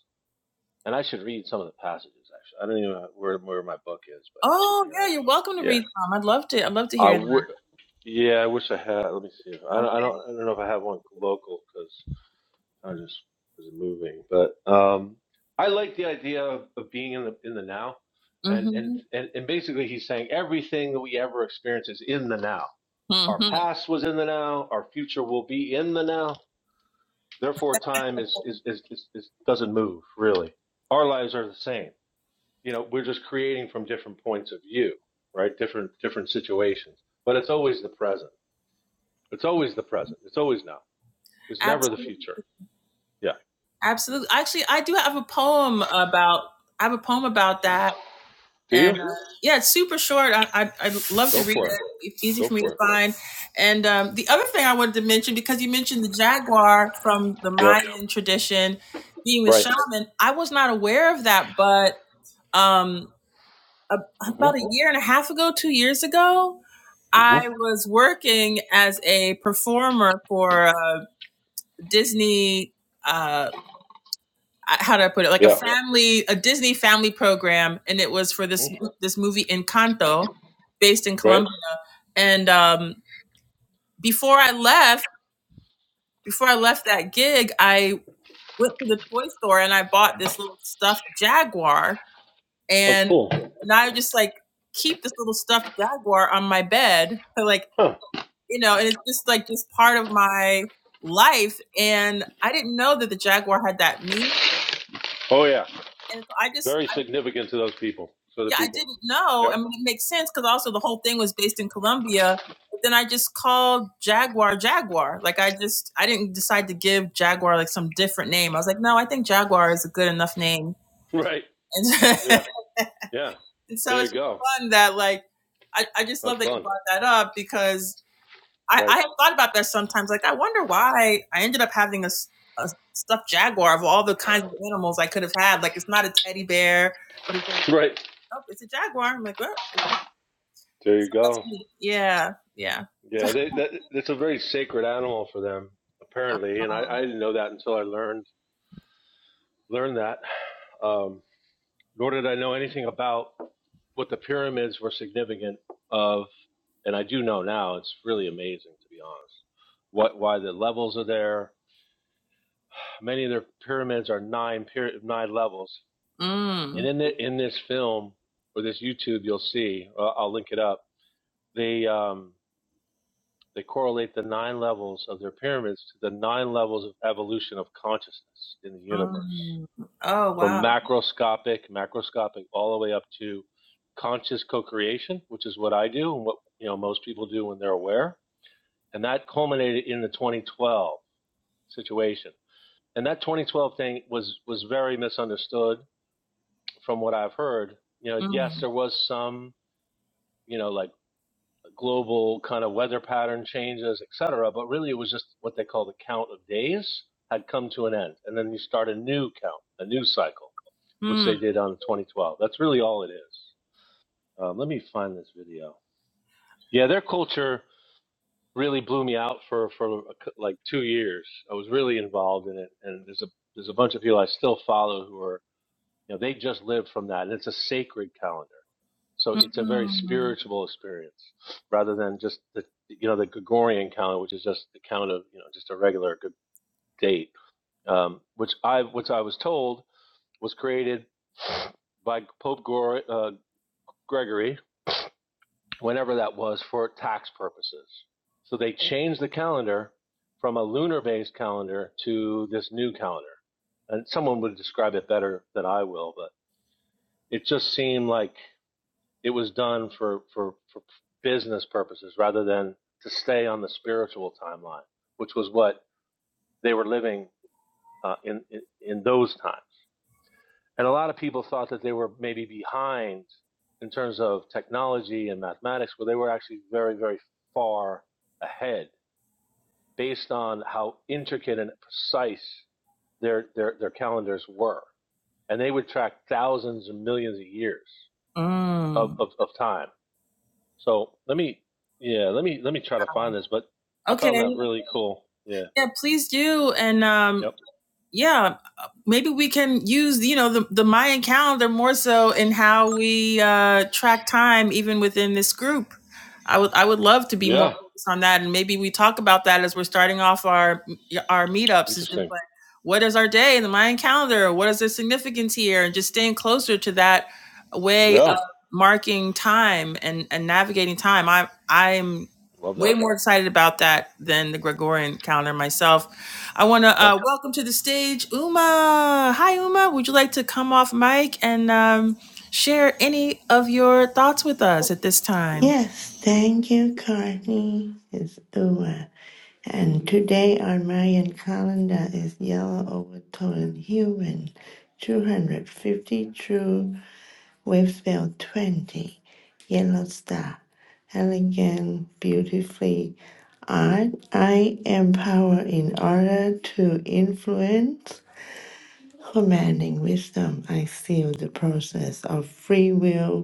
and I should read some of the passages actually. I don't even know where where my book is, but it should Oh be yeah, around. you're welcome to Yeah. read some. I'd love to. I'd love to I hear would. Yeah, I wish I had. Let me see. I don't. Okay. I don't. I don't know if I have one local because I just was moving. But um, I like the idea of, of being in the in the now, and, and Mhm. and and basically he's saying everything that we ever experience is in the now. Our Mhm. past was in the now. Our future will be in the now. Therefore, time is is is, is, is doesn't move really. Our lives are the same. You know, we're just creating from different points of view, right? Different different situations, but it's always the present it's always the present. It's always now. It's never the Absolutely. future. Yeah. Absolutely. Actually, I do have a poem about I have a poem about that. Do you? And uh, yeah, it's super short. I, I, I'd love to Go read for it. it. It's easy Go for me to for it. find. And um, the other thing I wanted to mention, because you mentioned the jaguar from the Yep. Mayan tradition being the Right. shaman, I was not aware of that. But um, a, about Mm-hmm. a year and a half ago, two years ago, Mm-hmm. I was working as a performer for uh, Disney uh how do I put it? Like a Yeah. family, a Disney family program, and it was for this Mhm. this movie Encanto, based in Right. Colombia. And um, before I left, before I left that gig, I went to the toy store and I bought this little stuffed jaguar, Oh, and cool. now I just like keep this little stuffed jaguar on my bed, so, like Huh. you know, and it's just like just part of my life. And I didn't know that the jaguar had that meaning, Oh, yeah. and so I just Very I significant to those people. So the Yeah, I people. didn't know. Yep. I mean, it makes sense because also the whole thing was based in Colombia. But then I just called Jaguar Jaguar. Like I just I didn't decide to give Jaguar like some different name. I was like, no, I think Jaguar is a good enough name. Right. And, Yeah. Yeah. and so There it's you go. fun that like I, I just Have love that you fun. brought that up because I, I Right. have thought about that sometimes. Like I wonder why I ended up having a, s- a stuffed jaguar of all the kinds of animals I could have had. Like it's not a teddy bear, but it's like Right. oh, it's a jaguar. I'm like, well, There So you that's go. what Yeah, yeah. Yeah. They, that, it's a very sacred animal for them, apparently. And I, I didn't know that until I learned learned that. Um, nor did I know anything about what the pyramids were significant of, and I do know now, it's really amazing to be honest. What why the levels are there? Many of their pyramids are nine pyra- nine levels, and Mm, in the, in this film or this YouTube, you'll see. I'll I'll link it up. They um, they correlate the nine levels of their pyramids to the nine levels of evolution of consciousness in the universe. mm. Oh, from wow. macroscopic, macroscopic, all the way up to conscious co-creation, which is what I do and what you know most people do when they're aware. And that culminated in the 2012 situation. And that 2012 thing was was very misunderstood from what I've heard. You know, Mm, yes, there was some you know like global kind of weather pattern changes, et cetera, but really it was just what they call the count of days had come to an end, and then you start a new count, a new cycle. which mm, they did on 2012. That's really all it is. Um, let me find this video. Yeah, their culture really blew me out for for a cou- like two years. I was really involved in it, and there's a there's a bunch of people I still follow who are you know they just live from that, and it's a sacred calendar. So it's a very mm, spiritual experience rather than just the you know the Gregorian calendar, which is just the count of you know just a regular good date, um, which I which I was told was created by Pope Gregor. Gregory, whenever that was, for tax purposes. So they changed the calendar from a lunar based calendar to this new calendar. And someone would describe it better than I will, but it just seemed like it was done for, for, for business purposes rather than to stay on the spiritual timeline, which was what they were living uh, in, in in those times. And a lot of people thought that they were maybe behind in terms of technology and mathematics, but they were actually very, very far ahead based on how intricate and precise their, their, their calendars were. And they would track thousands and millions of years of, mm. of, of time. So let me, yeah, let me, let me try to find this, but I Okay. found that really cool. Yeah. Yeah, please do. And um, Yep. yeah, maybe we can use you know the, the mayan calendar more so in how we uh track time even within this group i would i would love to be more Yeah. focused on that and maybe we talk about that as we're starting off our our meetups is just Interesting. like what is our day in the mayan calendar what is the significance here and just staying closer to that way of Yeah. marking time and and navigating time i i'm Love Way that. more excited about that than the Gregorian calendar myself. I want to Okay. uh, welcome to the stage Uma. Hi, Uma. Would you like to come off mic and um, share any of your thoughts with us at this time? Yes, thank you, Courtney. It's Ua. And today our Mayan calendar is yellow over human, 250 true, wave spell 20, yellow star. Elegant, beautifully art. I am power in order to influence. Commanding wisdom, I seal the process of free will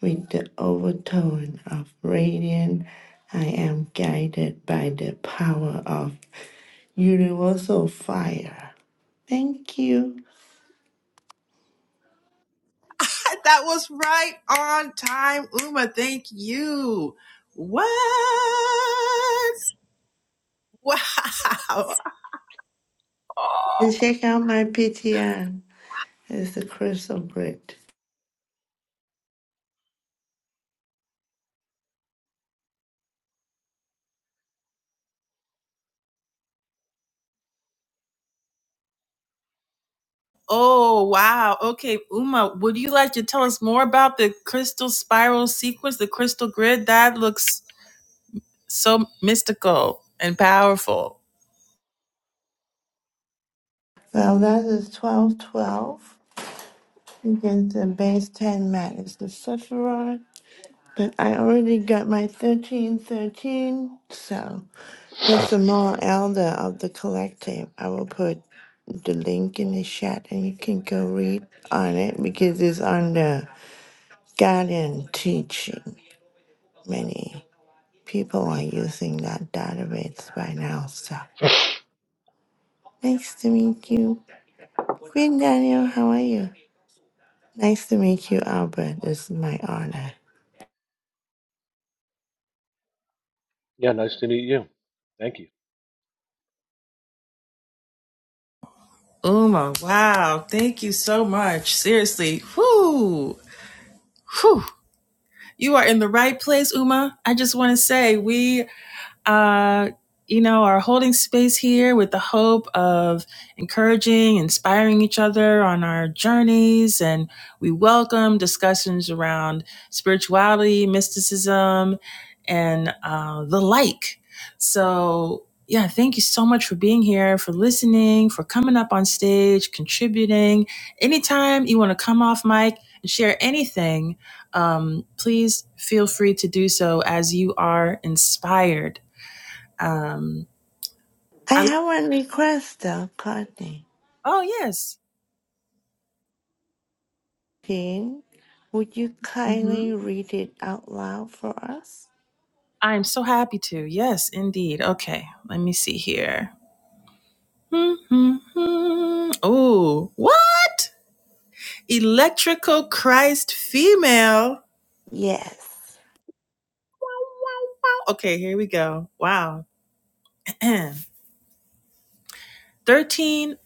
with the overtone of radiant, I am guided by the power of universal fire. Thank you. That was right on time, Uma. Thank you. What? Wow. And check out my PTR. It's the crystal grid. Oh, wow. Okay, Uma, would you like to tell us more about the crystal spiral sequence, the crystal grid? That looks so mystical and powerful. Well, that is 1212 against the base 10 mat is the Sephiroth. But I already got my 1313, so. There's a more Elder of the collective. I will put the link in the chat and you can go read on it because it's on the Guardian teaching. Many people are using that database by now. So nice to meet you. Queen Daniel, how are you? Nice to meet you, Albert. It's my honor. Yeah. Nice to meet you. Thank you. Uma, wow. Thank you so much. Seriously. Whoo. Whew. You are in the right place, Uma. I just want to say we uh, you know, are holding space here with the hope of encouraging, inspiring each other on our journeys. And we welcome discussions around spirituality, mysticism, and uh, the like. So, yeah, thank you so much for being here, for listening, for coming up on stage, contributing. Anytime you want to come off mic and share anything, um, please feel free to do so as you are inspired. Um, I I love, have one request though, Courtney. oh yes. Jean, would you hmm kindly read it out loud for us? I am so happy to. Yes, indeed. Okay, let me see here. Hmm. Oh, what? Electrical Christ female. Yes. Wow, wow, wow. Okay, here we go. Wow. 13,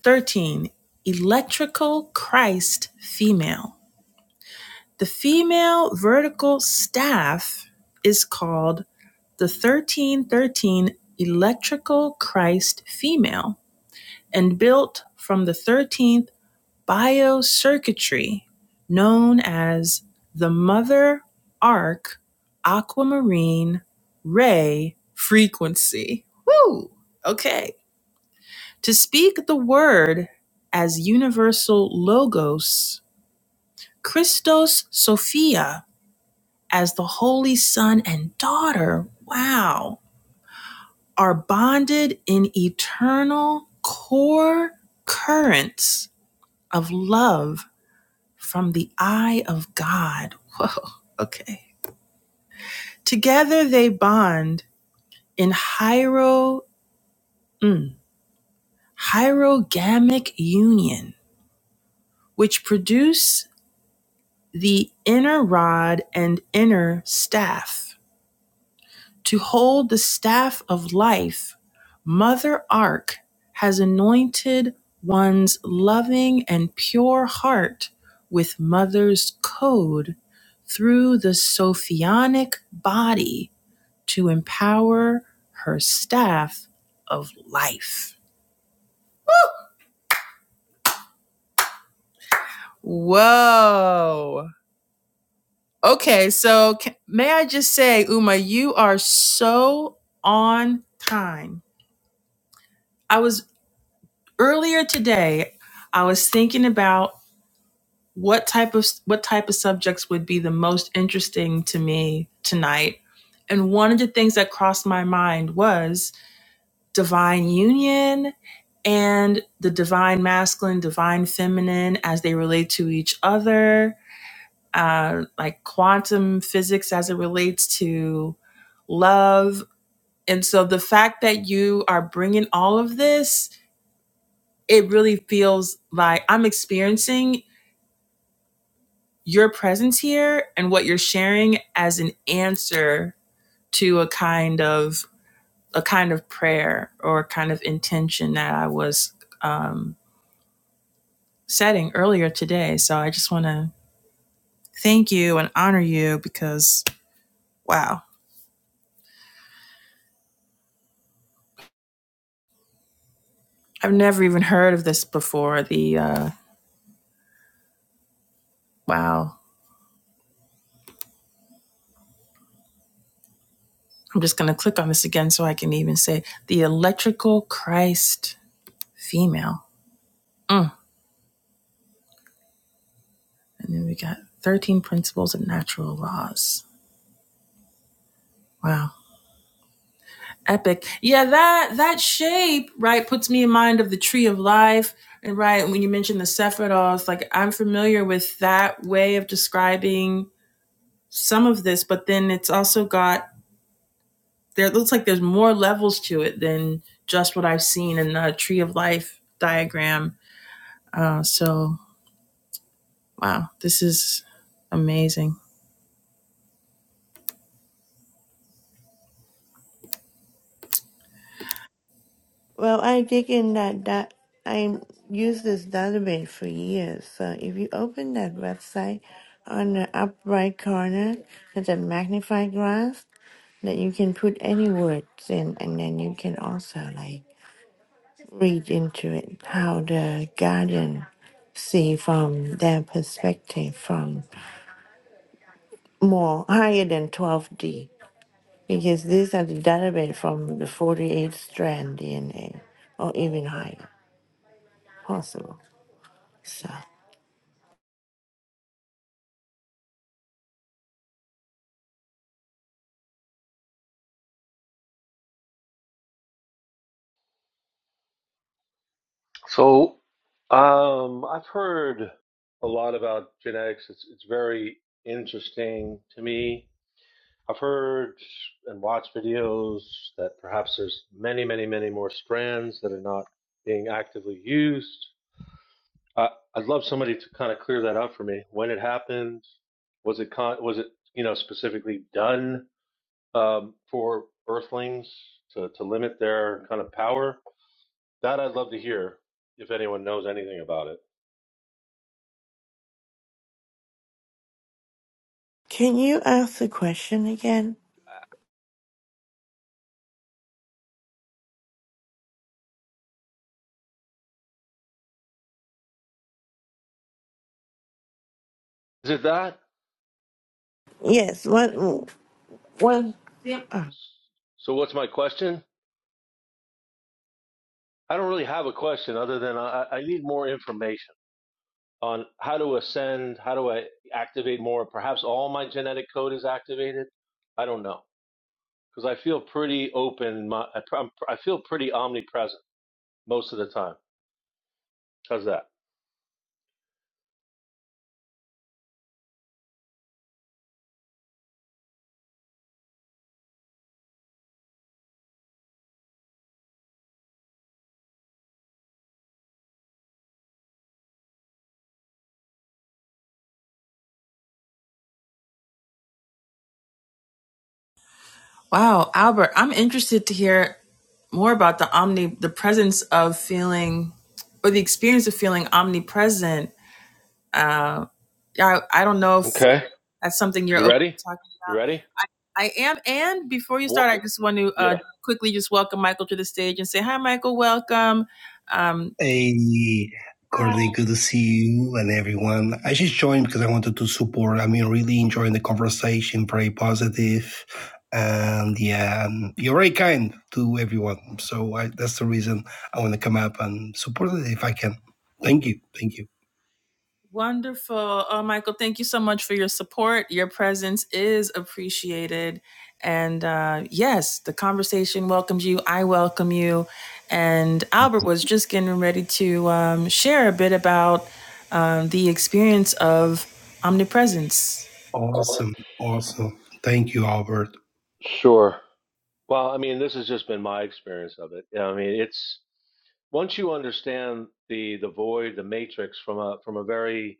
13. Electrical Christ female. The female vertical staff is called the 1313 Electrical Christ female and built from the 13th biocircuitry known as the Mother Arc Aquamarine Ray Frequency. Woo! Okay. To speak the word as universal logos, Christos Sophia as the Holy Son and Daughter. Wow are bonded in eternal core currents of love from the eye of God. Whoa, okay. Together they bond in hiero, mm, hierogamic union, which produce the inner rod and inner staff To hold the staff of life, Mother Ark has anointed one's loving and pure heart with Mother's code through the Sophionic body to empower her staff of life. Whoa. Okay, so ca may I just say, Uma, you are so on time. I was. earlier today i was thinking about what type of what type of subjects would be the most interesting to me tonight and one of the things that crossed my mind was divine union and the divine masculine divine feminine as they relate to each other uh, like quantum physics as it relates to love and so the fact that you are bringing all of this it really feels like I'm experiencing your presence here and what you're sharing as an answer to a kind of a kind of prayer or kind of intention that I was um, setting earlier today. So I just want to thank you and honor you because wow, I've never even heard of this before. The uh, wow, I'm just gonna click on this again so I can even say the electrical Christ female. Mm. And then we got 13 principles of natural laws. Wow. Epic. Yeah, that that shape, right, puts me in mind of the tree of life. And right, when you mentioned the Sephiroth, like I'm familiar with that way of describing some of this, but then it's also got there it looks like there's more levels to it than just what I've seen in the tree of life diagram. Uh, so wow, this is amazing. Well, I dig in that that I use this database for years. So if you open that website on the up right corner, there's a magnifying glass that you can put any words in, and then you can also like read into it how the guardian see from their perspective from more higher than 12D because these are the database from the 48 strand DNA or even higher possible. So, So, um, I've heard a lot about genetics. It's it's very interesting to me. I've heard and watched videos that perhaps there's many, many, many more strands that are not being actively used. Uh, I'd love somebody to kind of clear that up for me. When it happened, was it con- was it you know specifically done um, for Earthlings to to limit their kind of power? That I'd love to hear if anyone knows anything about it. can you ask the question again? Is it that? Yes. What? What? Uh, So what's my question? I don't really have a question other than I, I need more information on how to ascend, how do I activate more? Perhaps all my genetic code is activated. I don't know because I feel pretty open. My, I, I'm- I feel pretty omnipresent most of the time. How's that? Wow, Albert, I'm interested to hear more about the omni the presence of feeling or the experience of feeling omnipresent uh i, I don't know if Okay. that's something you're You open ready? to talking You ready? about. I, I am and before you What? start i just want to uh Yeah. quickly just welcome michael to the stage and say hi michael welcome um Hey, hi. Courtney, good to see you and everyone. I just joined because I wanted to support. I mean, really enjoying the conversation, very positive, and yeah, um, you're very kind to everyone. So I, that's the reason I want to come up and support it if I can. Thank you, thank you. Wonderful. Oh, Michael, thank you so much for your support. Your presence is appreciated. And uh, yes, the conversation welcomes you. I welcome you. And Albert was just getting ready to um, share a bit about um, the experience of omnipresence. Awesome, awesome. Thank you, Albert. Sure. Well, I mean, this has just been my experience of it. Yeah, I mean, it's once you understand the the void, the matrix from a from a very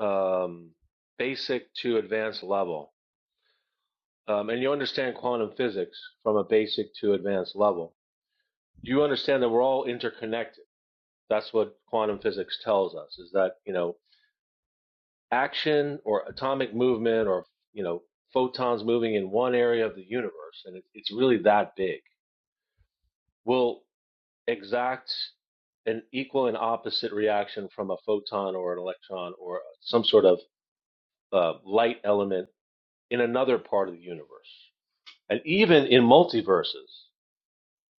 um, basic to advanced level, um, and you understand quantum physics from a basic to advanced level, you understand that we're all interconnected. That's what quantum physics tells us: is that you know action or atomic movement or you know photons moving in one area of the universe, and it, it's really that big. Will exacts an equal and opposite reaction from a photon or an electron or some sort of uh, light element in another part of the universe. And even in multiverses,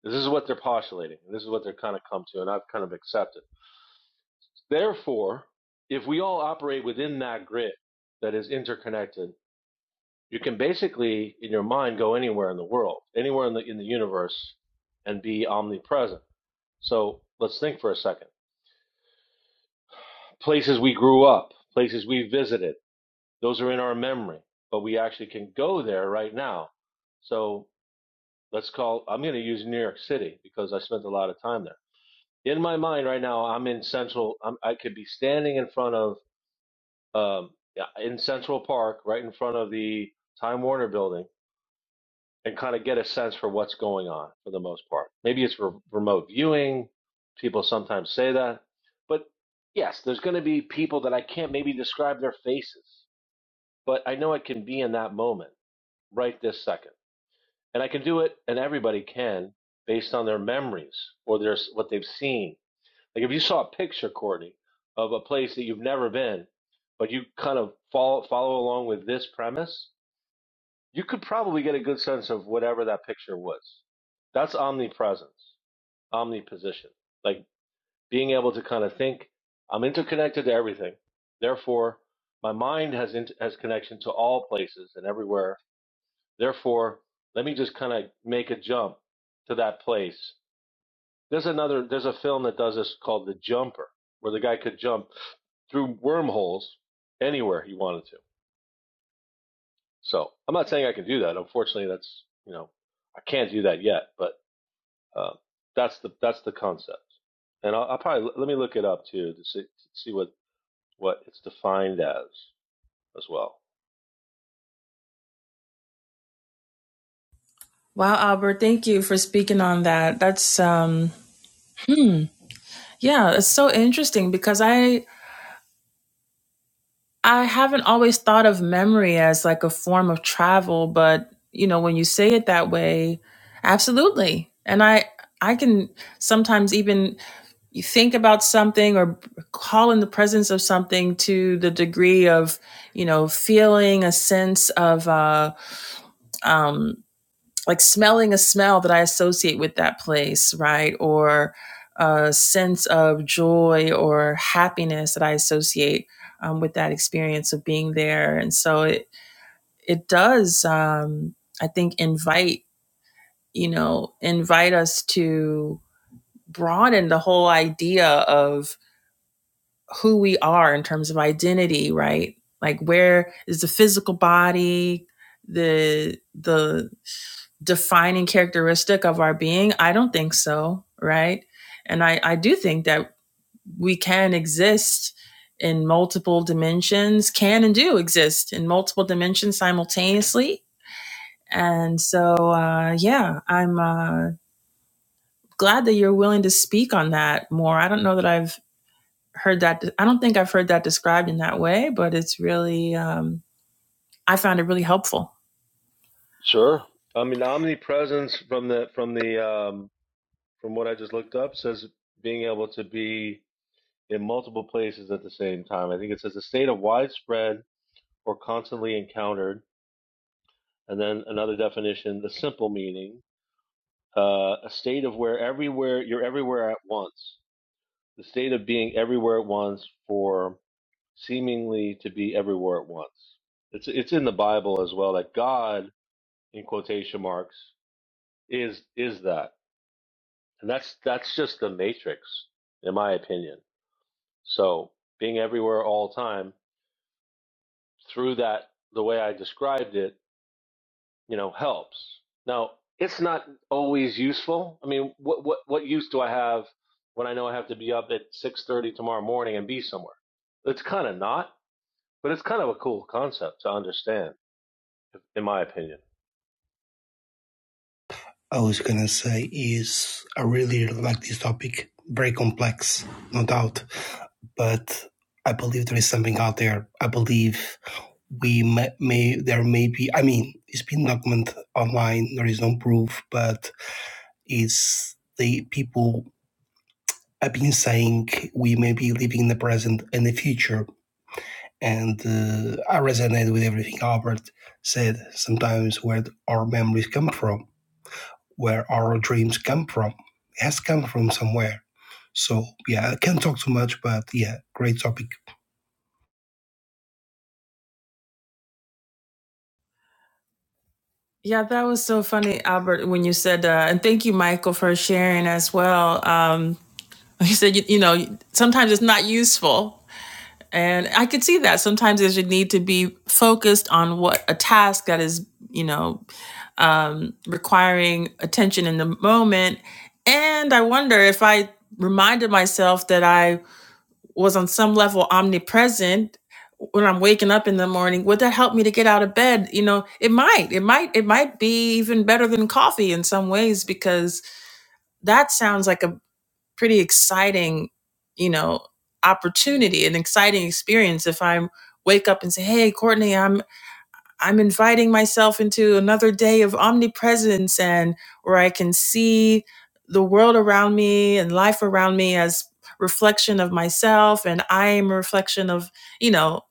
this is what they're postulating. and This is what they're kind of come to, and I've kind of accepted. Therefore, if we all operate within that grid that is interconnected, you can basically, in your mind, go anywhere in the world, anywhere in the in the universe, and be omnipresent. So let's think for a second places we grew up, places we visited. Those are in our memory, but we actually can go there right now. So let's call, I'm going to use New York City because I spent a lot of time there. In my mind right now, I'm in Central, I'm, I could be standing in front of, um, yeah, in Central Park, right in front of the Time Warner building, and kind of get a sense for what's going on for the most part. Maybe it's re- remote viewing. People sometimes say that. But yes, there's going to be people that I can't maybe describe their faces but I know it can be in that moment right this second. And I can do it, and everybody can based on their memories or their, what they've seen. Like if you saw a picture, Courtney, of a place that you've never been, but you kind of follow, follow along with this premise, you could probably get a good sense of whatever that picture was. That's omnipresence, omniposition, like being able to kind of think, I'm interconnected to everything. Therefore, my mind has, int- has connection to all places and everywhere Therefore, let me just kind of make a jump to that place. There's another, there's a film that does this called The Jumper, where the guy could jump through wormholes anywhere he wanted to. So I'm not saying I can do that. Unfortunately, that's, you know, I can't do that yet, but uh, that's the, that's the concept. And I'll, I'll probably, let me look it up too to see, to see what, what it's defined as as well. Wow, Albert, thank you for speaking on that. That's, um, hmm, yeah, it's so interesting because I I haven't always thought of memory as like a form of travel, but you know, when you say it that way, absolutely. And I I can sometimes even you think about something or call in the presence of something to the degree of, you know, feeling a sense of uh, um, like smelling a smell that I associate with that place, right? Or a sense of joy or happiness that I associate um, with that experience of being there. And so it it does, um, I think, invite you know invite us to broaden the whole idea of who we are in terms of identity, right? Like where is the physical body, the the defining characteristic of our being? I don't think so, right? And I, I do think that we can exist in multiple dimensions, can and do exist in multiple dimensions simultaneously. And so, uh, yeah, I'm uh, glad that you're willing to speak on that more. I don't know that I've heard that. I don't think I've heard that described in that way, but it's really, um, I found it really helpful. Sure. I mean, omnipresence from the, from the, um, from what I just looked up, says being able to be in multiple places at the same time. I think it says a state of widespread or constantly encountered. And then another definition, the simple meaning, uh, a state of where everywhere you're everywhere at once. The state of being everywhere at once for seemingly to be everywhere at once. It's it's in the Bible as well that God, in quotation marks, is is that, and that's that's just the matrix, in my opinion. So being everywhere all the time through that, the way I described it, you know, helps. Now it's not always useful. I mean, what what what use do I have when I know I have to be up at six thirty tomorrow morning and be somewhere? It's kind of not, but it's kind of a cool concept to understand, in my opinion. I was gonna say is I really like this topic. Very complex, no doubt, but I believe there is something out there. I believe we may, may there may be i mean it's been documented online there is no proof but it's the people have been saying we may be living in the present and the future and uh, i resonate with everything albert said sometimes where our memories come from where our dreams come from it has come from somewhere so yeah i can't talk too much but yeah great topic Yeah, that was so funny, Albert, when you said, uh, and thank you, Michael, for sharing as well. Um, you said, you, you know, sometimes it's not useful. And I could see that sometimes there's a need to be focused on what a task that is, you know, um, requiring attention in the moment. And I wonder if I reminded myself that I was on some level omnipresent when I'm waking up in the morning, would that help me to get out of bed? You know, it might, it might, it might be even better than coffee in some ways because that sounds like a pretty exciting, you know, opportunity, an exciting experience. If I wake up and say, Hey, Courtney, I'm I'm inviting myself into another day of omnipresence and where I can see the world around me and life around me as reflection of myself and I am a reflection of, you know,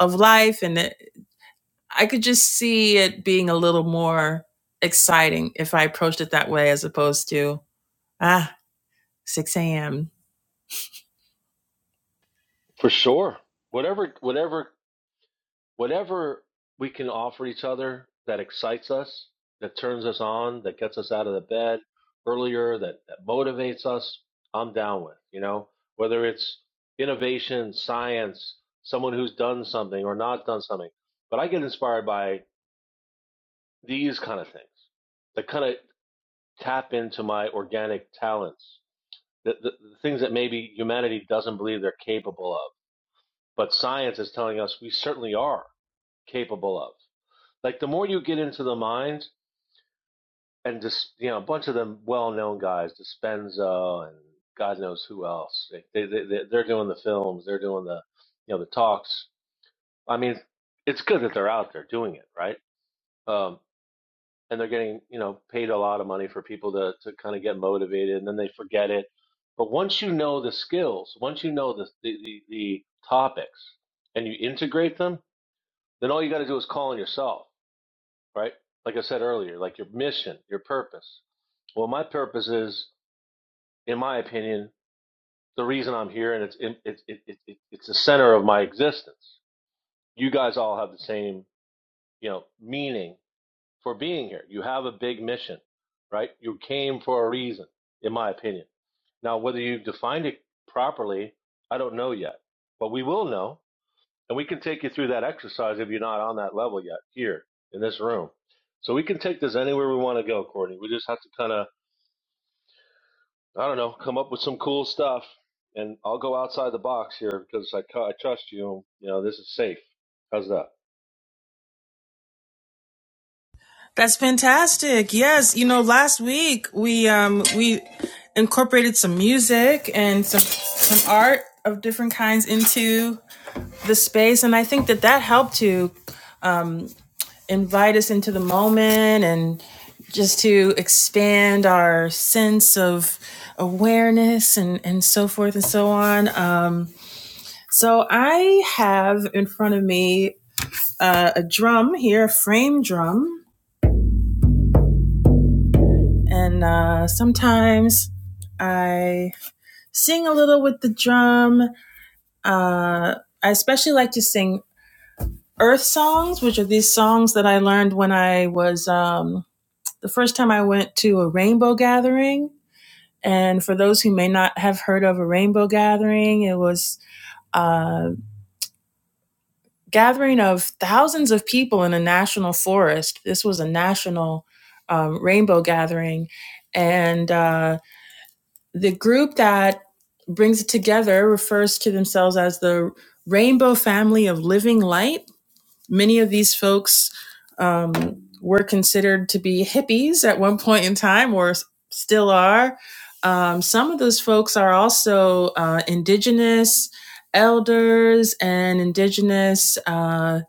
of life and it, I could just see it being a little more exciting if I approached it that way as opposed to ah 6 a.m. For sure, whatever whatever whatever we can offer each other that excites us, that turns us on, that gets us out of the bed earlier, that, that motivates us, I'm down with, you know, whether it's innovation, science, someone who's done something or not done something. But I get inspired by these kind of things that kind of tap into my organic talents, the, the, the things that maybe humanity doesn't believe they're capable of, but science is telling us we certainly are capable of. Like the more you get into the mind, and just you know, a bunch of them well-known guys, Dispenza and God knows who else. Like, They they they- they're doing the films, they're doing the you know the talks. I mean, it's good that they're out there doing it, right? Um, and they're getting you know paid a lot of money for people to to kind of get motivated, and then they forget it. But once you know the skills, once you know the the the, the topics, and you integrate them, then all you got to do is call on yourself. right? Like I said earlier, like your mission, your purpose. Well, my purpose is, in my opinion, the reason I'm here, and it's it, it, it, it, it's the center of my existence. You guys all have the same, you know, meaning for being here. You have a big mission, right? You came for a reason, in my opinion. Now, whether you defined it properly, I don't know yet, but we will know And we can take you through that exercise if you're not on that level yet here in this room. So we can take this anywhere we want to go, Courtney. We just have to kind of, I don't know, come up with some cool stuff. And I'll go outside the box here because I, cu- I trust you. You know, this is safe. How's that? That's fantastic. Yes, you know, last week we um we incorporated some music and some some art of different kinds into the space and I think that that helped to. invite us into the moment and just to expand our sense of awareness and, and so forth and so on. Um, so I have in front of me uh, a drum here, a frame drum, and uh, sometimes I sing a little with the drum. Uh, I especially like to sing earth songs, which are these songs that I learned when I was um, the first time I went to a rainbow gathering And for those who may not have heard of a rainbow gathering, it was a gathering of thousands of people in a national forest. This was a national um, rainbow gathering. And uh, the group that brings it together refers to themselves as the Rainbow Family of Living Light Many of these folks um, were considered to be hippies at one point in time, or s- still are. Um, some of those folks are also uh, indigenous elders and indigenous, uh,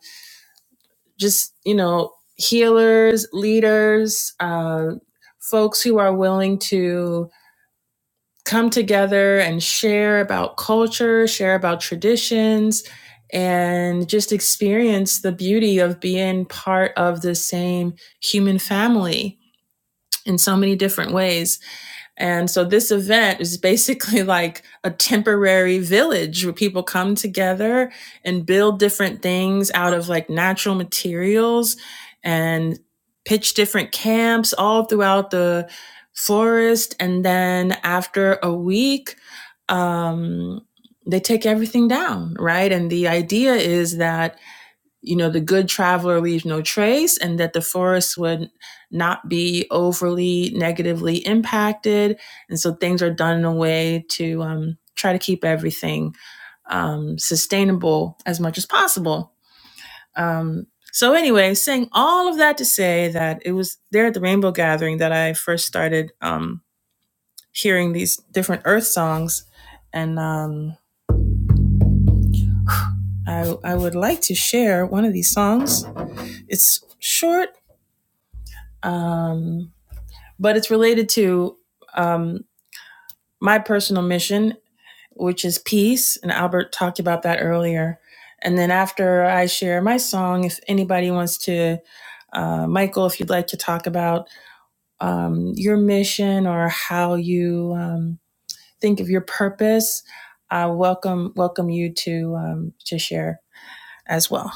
just, you know, healers, leaders, uh, folks who are willing to come together and share about culture, share about traditions, and just experience the beauty of being part of the same human family in so many different ways. And so this event is basically like a temporary village where people come together and build different things out of like natural materials and pitch different camps all throughout the forest. And then after a week, um, they take everything down, right? And the idea is that you know, the good traveler leaves no trace, and that the forest would not be overly negatively impacted. And so things are done in a way to um, try to keep everything um, sustainable as much as possible. Um, so, anyway, saying all of that to say that it was there at the Rainbow Gathering that I first started um, hearing these different Earth songs. And um, I, I would like to share one of these songs. It's short. Um, but it's related to um, my personal mission, which is peace. And Albert talked about that earlier. And then after I share my song, if anybody wants to, uh, Michael, if you'd like to talk about um, your mission or how you um, think of your purpose, I uh, welcome welcome you to um, to share as well.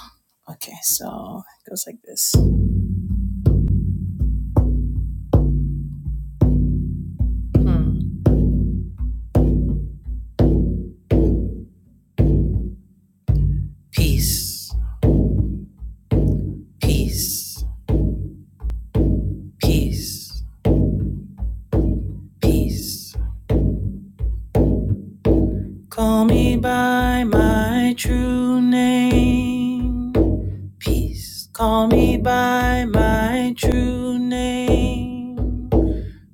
Okay, so it goes like this: Hmm. Peace, peace, peace, peace. Call me by my true name. Peace. Call me by my true name.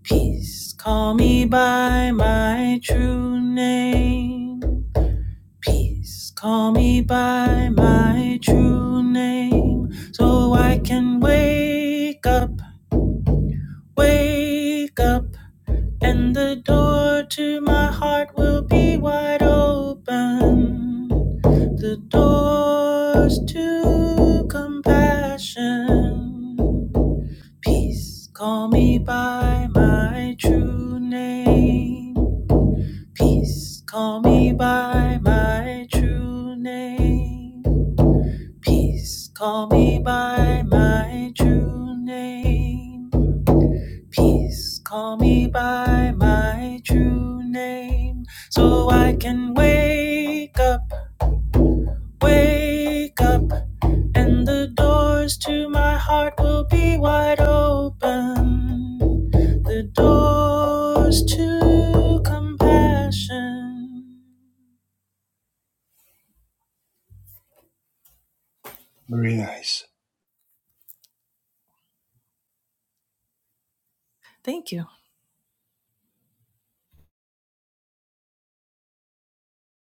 Peace. Call me by my true name. Peace. Call me by my true name. So I can wake up, wake up. And the door to my heart will be wide open. The doors to compassion. Peace, call me by my true name. Peace, call me by my true name. Peace, call me by my true name. Peace, call me by my true name. So I can wake up, wake up. and the doors to my heart will be wide open. The doors to compassion. very nice Thank you.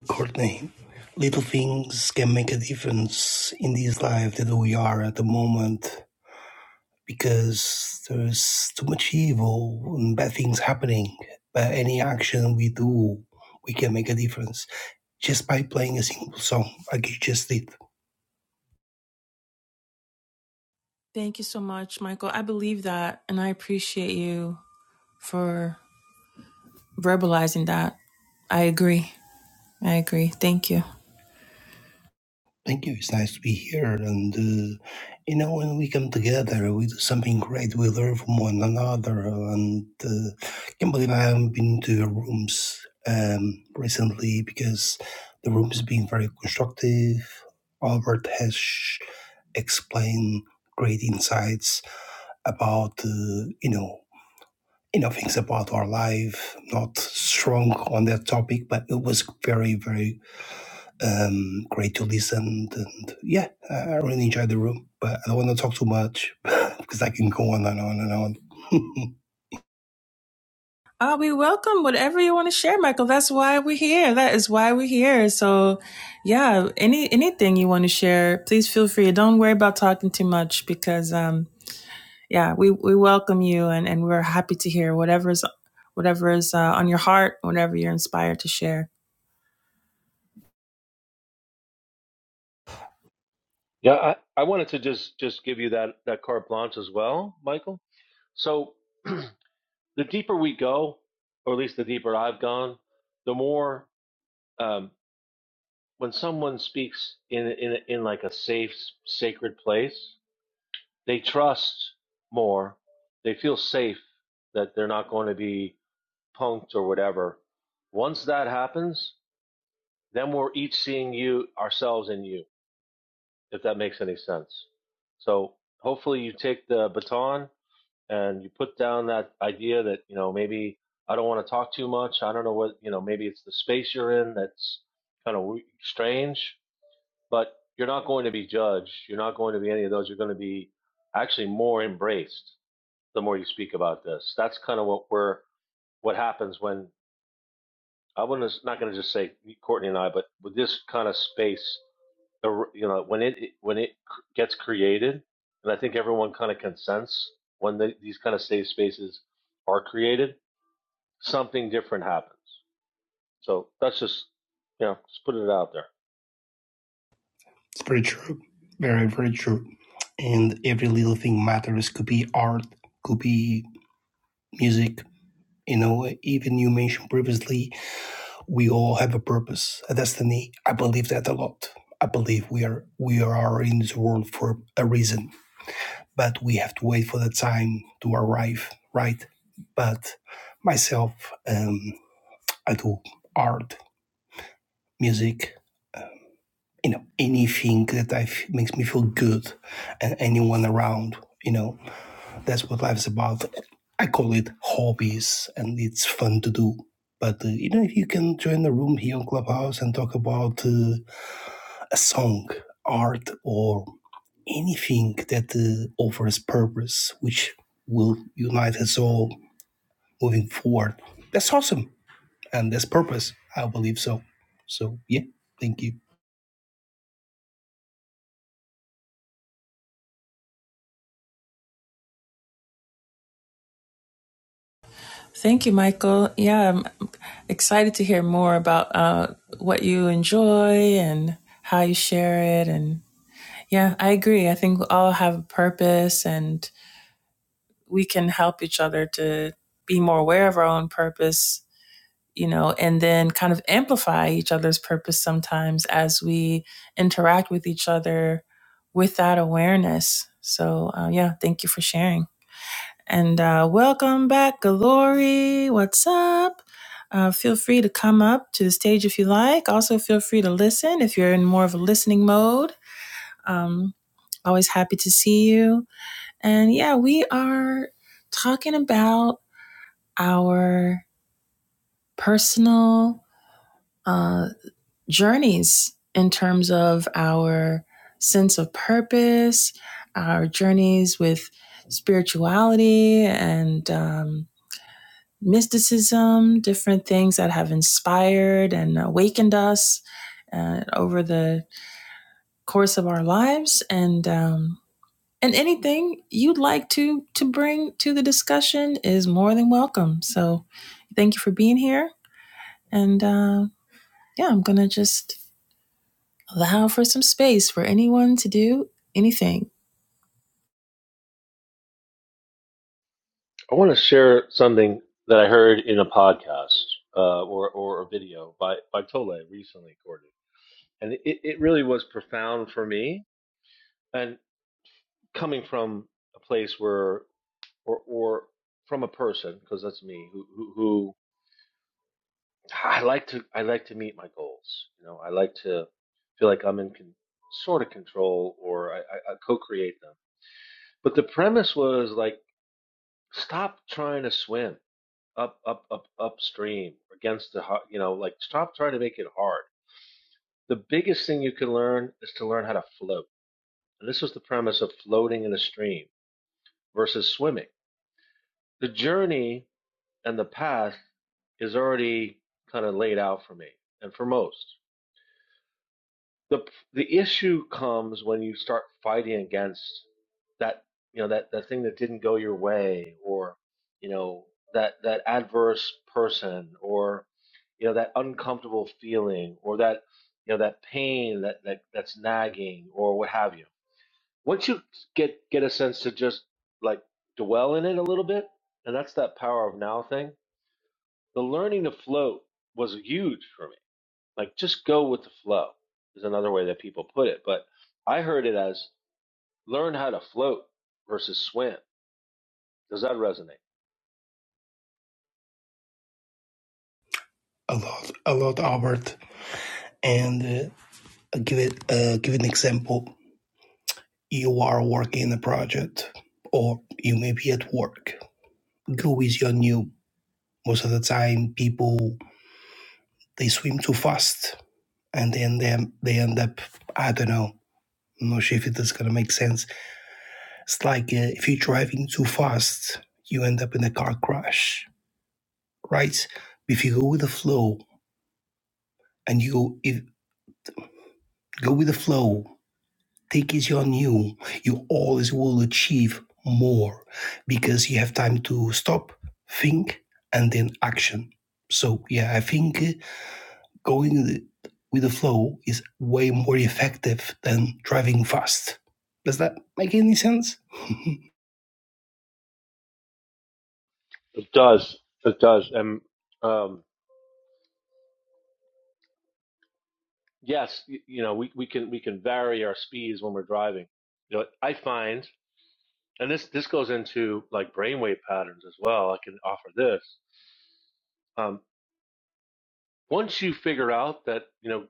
Courtney, little things can make a difference in this life that we are at the moment because there's too much evil and bad things happening. But any action we do, we can make a difference just by playing a simple song like you just did. Thank you so much, Michael. I believe that, and I appreciate you for verbalizing that. I agree. I agree. Thank you. Thank you. It's nice to be here. And, uh, you know, when we come together, we do something great. We learn from one another. And uh, can't believe I haven't been to your rooms um, recently because the room has been very constructive. Albert has sh- explained great insights about, uh, you know, you know, things about our life, not strong on that topic, but it was very, very um, great to listen, and yeah, I I really enjoyed the room. But I don't want to talk too much because I can go on and on and on. Uh, we welcome whatever you want to share, Michael. That's why we're here. That is why we're here. So, yeah, any anything you want to share, please feel free. Don't worry about talking too much because, um, yeah, we, we welcome you and, and we're happy to hear whatever's whatever's uh, on your heart, whatever you're inspired to share. Yeah, I, I wanted to just just give you that that carte blanche as well, Michael. So the deeper we go, or at least the deeper I've gone, the more um, when someone speaks in in in like a safe, sacred place, they trust more. They feel safe that they're not going to be punked or whatever. Once that happens, then we're each seeing you, ourselves in you, if that makes any sense. So hopefully you take the baton and you put down that idea that, you know, maybe I don't want to talk too much. I don't know what, you know, maybe it's the space you're in that's kind of strange, but you're not going to be judged. You're not going to be any of those. You're going to be actually more embraced the more you speak about this. That's kind of what we're what happens when I wouldn't not going to just say Courtney and I, but with this kind of space, you know, when it when it gets created, and I think everyone kind of consents when the, these kind of safe spaces are created, something different happens. So that's just you know, just putting it out there. it's pretty true, very very true. And every little thing matters. Could be art, could be music. You know, even you mentioned previously, we all have a purpose, a destiny. I believe that a lot. I believe we are we are in this world for a reason but we have to wait for the time to arrive, right? But myself, um, I do art, music, uh, you know, anything that I f- makes me feel good, and anyone around, you know, that's what life's about. I call it hobbies, and it's fun to do. But uh, you know, if you can join the room here on Clubhouse and talk about uh, a song, art, or anything that uh, offers purpose, which will unite us all moving forward. That's awesome, and that's purpose. I believe so. So yeah, thank you Thank you, Michael. Yeah, I'm excited to hear more about uh, what you enjoy and how you share it. And yeah, I agree. I think we all have a purpose and. we can help each other to be more aware of our own purpose, you know, and then kind of amplify each other's purpose sometimes as we interact with each other with that awareness. So, uh, yeah, thank you for sharing. And uh, welcome back, Glory. What's up? Uh, feel free to come up to the stage if you like. Also, feel free to listen if you're in more of a listening mode. Um, always happy to see you. And yeah, we are talking about our personal uh, journeys in terms of our sense of purpose, our journeys with spirituality and um, mysticism, different things that have inspired and awakened us uh, over the course of our lives, and um, and anything you'd like to to bring to the discussion is more than welcome. So, thank you for being here, and. Uh, yeah, I'm gonna just allow for some space for anyone to do anything. I want to share something that I heard in a podcast uh, or or a video by by Tole recently, Courtney, and it, it really was profound for me and coming from a place where or or from a person because that's me who, who who I like to I like to meet my goals you know I like to feel like I'm in con, sort of control or I, I, I co-create them but the premise was like stop trying to swim up up up upstream against the you know like stop trying to make it hard the biggest thing you can learn is to learn how to float and this was the premise of floating in a stream versus swimming the journey and the path is already kind of laid out for me and for most. The the issue comes when you start fighting against that you know that, that thing that didn't go your way or you know that that adverse person or you know that uncomfortable feeling or that you know that pain that, that that's nagging or what have you. Once you get get a sense to just like dwell in it a little bit, and that's that power of now thing the learning to float was huge for me. Like just go with the flow is another way that people put it. But I heard it as learn how to float versus swim. Does that resonate? a lot, a lot, Albert. And uh, I'll give it, uh, give an example. You are working in a project, or you may be at work. Go with your new. Most of the time, people they swim too fast, and then they they end up. I don't know. I'm not sure if it is gonna make sense It's like uh, if you're driving too fast, you end up in a car crash, right? If you go with the flow and you go, if, go with the flow, take easy on you, you always will achieve more because you have time to stop, think, and then action. So, yeah, I think uh, going with the flow is way more effective than driving fast. Does that make any sense? It does. It does. And um, Yes, y- you know, we, we can we can vary our speeds when we're driving. You know, I find and this this goes into like brainwave patterns as well. I can offer this. Um, once you figure out that, you know,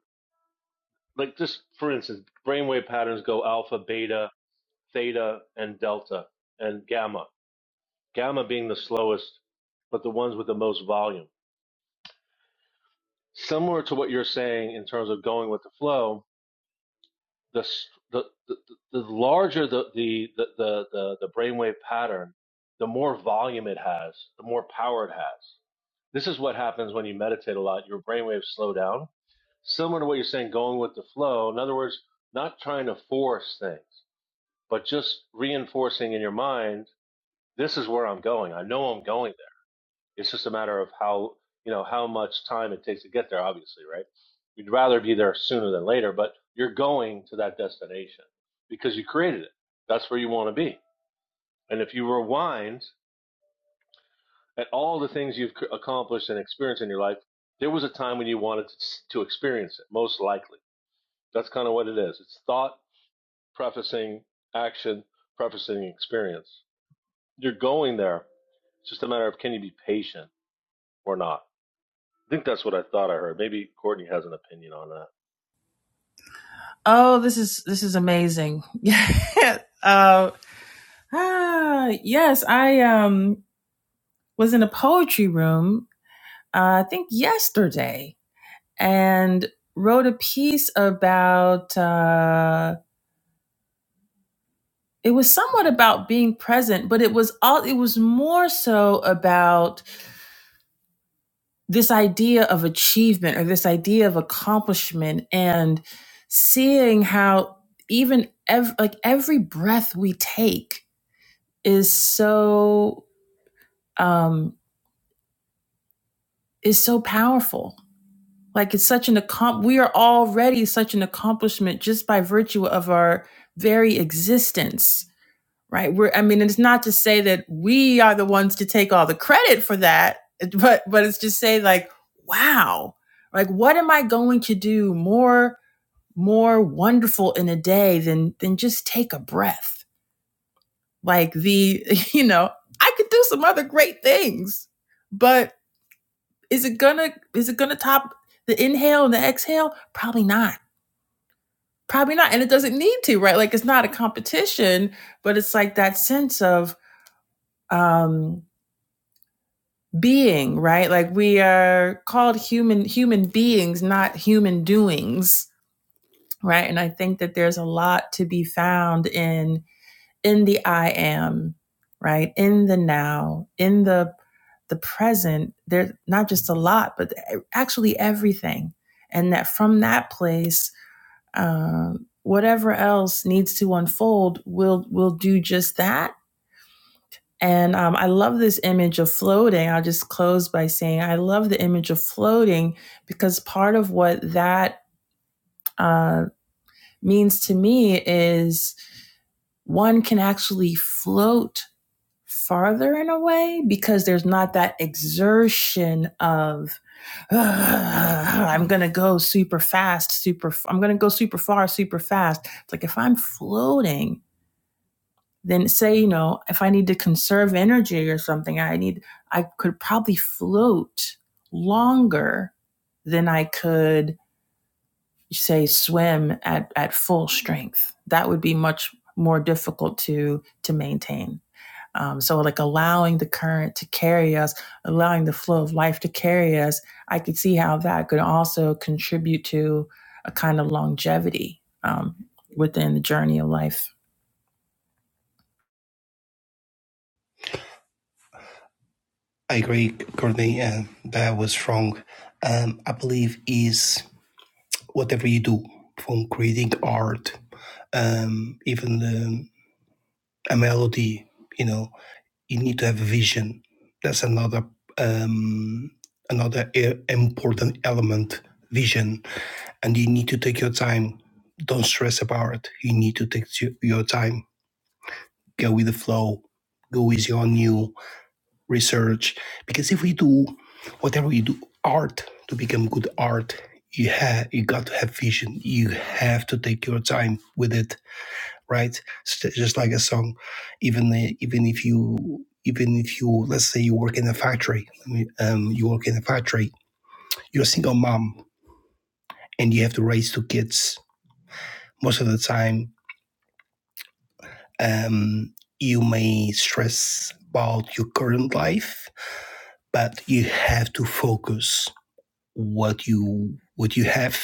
like just for instance, brainwave patterns go alpha, beta, theta, and delta, and gamma. Gamma being the slowest, but the ones with the most volume. Similar to what you're saying in terms of going with the flow, the the the, the larger the the, the the the the brainwave pattern, the more volume it has, the more power it has. This is what happens when you meditate a lot. Your brainwaves slow down. Similar to what you're saying, going with the flow. In other words, not trying to force things, but just reinforcing in your mind this is where I'm going. I know I'm going there. It's just a matter of how you know how much time it takes to get there. Obviously, right? You'd rather be there sooner than later, but you're going to that destination because you created it. That's where you want to be. And if you rewind at all the things you've accomplished and experienced in your life, there was a time when you wanted to, to experience it. Most likely, that's kind of what it is. It's thought prefacing action, prefacing experience. You're going there. It's just a matter of can you be patient or not. I think that's what I thought I heard. Maybe Courtney has an opinion on that. Oh, this is this is amazing. Yeah. uh, ah, yes, I um was in a poetry room uh, I think yesterday and wrote a piece about uh it was somewhat about being present, but it was all it was more so about this idea of achievement or this idea of accomplishment and seeing how even ev- like every breath we take is so um is so powerful like it's such an accom- we are already such an accomplishment just by virtue of our very existence right? We're, I mean, it's not to say that we are the ones to take all the credit for that, but, but it's to say like, wow, like what am I going to do more, more wonderful in a day than, than just take a breath? Like the, you know, I could do some other great things, but is it gonna, is it gonna top the inhale and the exhale? Probably not. Probably not. And it doesn't need to, right? Like it's not a competition, but it's like that sense of, um, being, right? Like we are called human human beings, not human doings, right? And I think that there's a lot to be found in in the I am, right? In the now, in the the present. There's not just a lot, but actually everything. And that from that place, um, whatever else needs to unfold will will do just that and um, I love this image of floating. I'll just close by saying I love the image of floating because part of what that uh, means to me is one can actually float farther in a way because there's not that exertion of I'm going to go super fast, super, i I'm going to go super far, super fast. It's like if I'm floating, then say you know if i need to conserve energy or something i need i could probably float longer than i could say swim at at full strength that would be much more difficult to to maintain um, so like allowing the current to carry us allowing the flow of life to carry us i could see how that could also contribute to a kind of longevity um, within the journey of life I agree, Courtney. Um, that was wrong. Um, I believe is whatever you do, from creating art, um, even um, a melody. You know, you need to have a vision. That's another um, another e- important element, vision. And you need to take your time. Don't stress about it. You need to take your your time. Go with the flow. Go easy on you research because if we do whatever you do art to become good art you have you got to have vision you have to take your time with it right S- just like a song even uh, even if you even if you let's say you work in a factory um, you work in a factory you're a single mom and you have to raise two kids most of the time um, you may stress about your current life but you have to focus what you what you have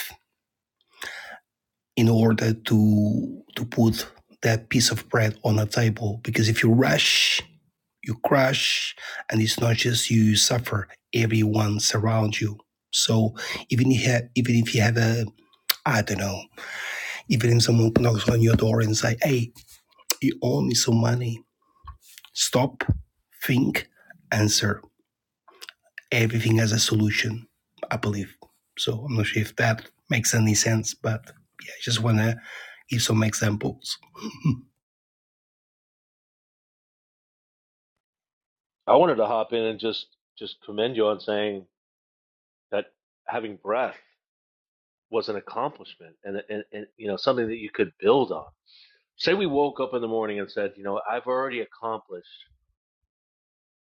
in order to to put that piece of bread on a table because if you rush you crash and it's not just you, you suffer everyone's around you so even if you have, even if you have a i don't know even if someone knocks on your door and say hey you owe me some money stop think answer everything has a solution, I believe. So I'm not sure if that makes any sense, but yeah, I just want to give some examples. I wanted to hop in and just just commend you on saying that having breath was an accomplishment and, and, and you know something that you could build on. Say we woke up in the morning and said, you know, I've already accomplished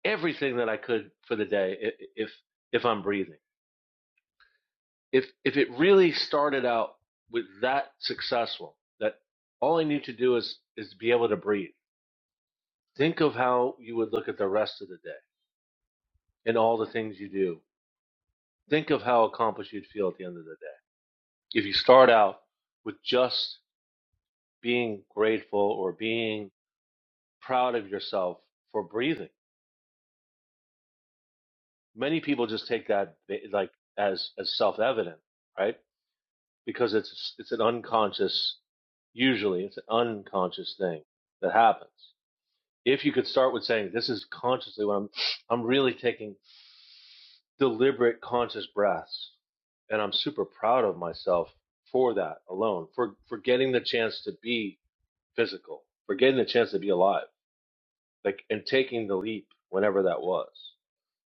everything that I could for the day if if I'm breathing. If if it really started out with that successful, that all I need to do is is be able to breathe. Think of how you would look at the rest of the day and all the things you do think of how accomplished you'd feel at the end of the day. If you start out with just being grateful or being proud of yourself for breathing, many people just take that like as as self-evident, right? Because it's it's an unconscious usually it's an unconscious thing that happens. If you could start with saying this is consciously what I'm I'm really taking deliberate conscious breaths and i'm super proud of myself for that alone for for getting the chance to be physical for getting the chance to be alive like and taking the leap whenever that was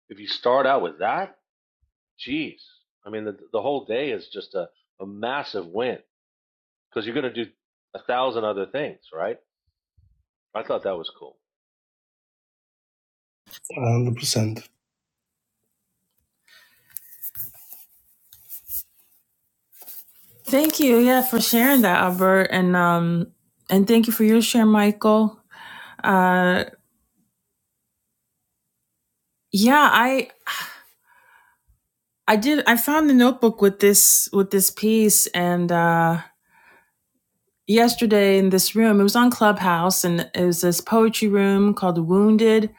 if you start out with that geez, i mean the, the whole day is just a, a massive win because you're going to do a thousand other things right i thought that was cool 100% Thank you, yeah, for sharing that, Albert, and um, and thank you for your share, Michael. Uh, yeah, I I did I found the notebook with this with this piece, and uh, yesterday in this room, it was on Clubhouse, and it was this poetry room called Wounded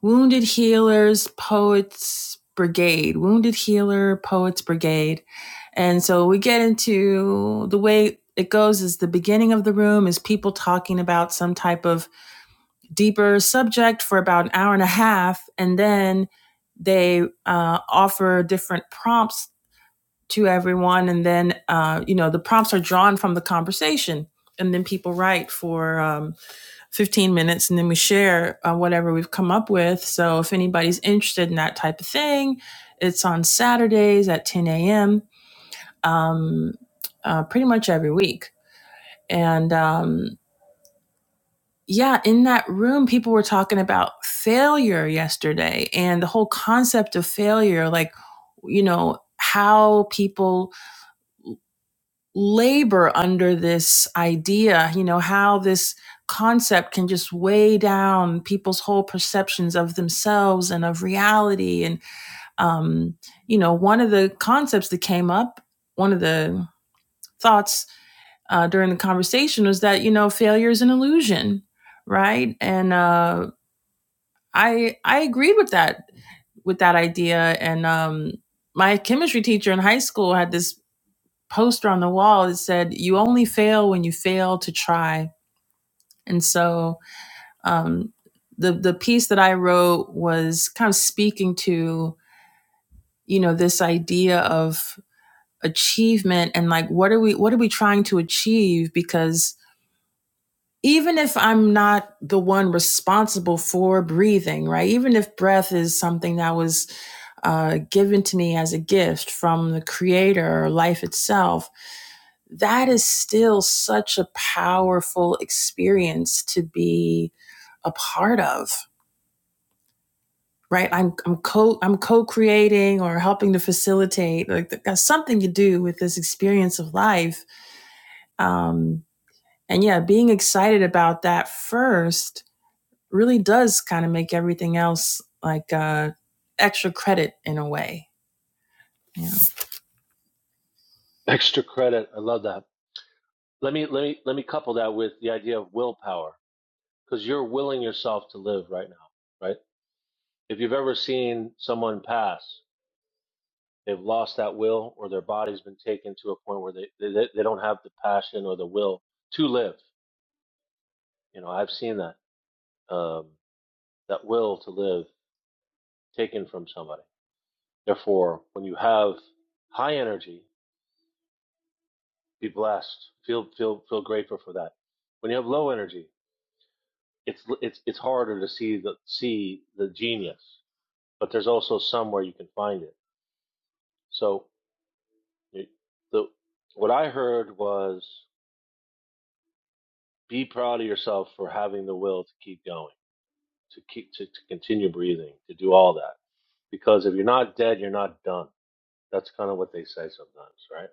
Wounded Healers Poets Brigade, Wounded Healer Poets Brigade, and so we get into the way it goes is the beginning of the room is people talking about some type of deeper subject for about an hour and a half, and then they uh, offer different prompts to everyone, and then uh, you know the prompts are drawn from the conversation, and then people write for um, 15 minutes, and then we share uh, whatever we've come up with. So if anybody's interested in that type of thing, it's on Saturdays at 10 a.m. Um, uh, pretty much every week, and um, yeah, in that room, people were talking about failure yesterday and the whole concept of failure, like, you know, how people labor under this idea, you know, how this concept can just weigh down people's whole perceptions of themselves and of reality. And, um, you know, one of the concepts that came up, one of the thoughts uh, during the conversation was that, you know, failure is an illusion right and uh I I agreed with that with that idea and um my chemistry teacher in high school had this poster on the wall that said you only fail when you fail to try. And so um the the piece that I wrote was kind of speaking to, you know, this idea of achievement and like what are we what are we trying to achieve because even if I'm not the one responsible for breathing, right? Even if breath is something that was uh, given to me as a gift from the creator life itself, that is still such a powerful experience to be a part of. Right, I'm I'm co I'm co-creating or helping to facilitate like that something to do with this experience of life, um, and yeah, being excited about that first really does kind of make everything else like uh, extra credit in a way. Yeah. extra credit i love that let me let me let me couple that with the idea of willpower because you're willing yourself to live right now right? If you've ever seen someone pass, they've lost that will or their body's been taken to a point where they, they, they don't have the passion or the will to live. You know, I've seen that, um, that will to live taken from somebody. Therefore, when you have high energy, be blessed, feel, feel, feel grateful for that. When you have low energy, it's, it's, it's harder to see the, see the genius, but there's also somewhere you can find it. So you- the, what I heard was be proud of yourself for having the will to keep going, to keep to, to continue breathing, to do all that. Because if you're not dead, you're not done. That's kind of what they say sometimes, right?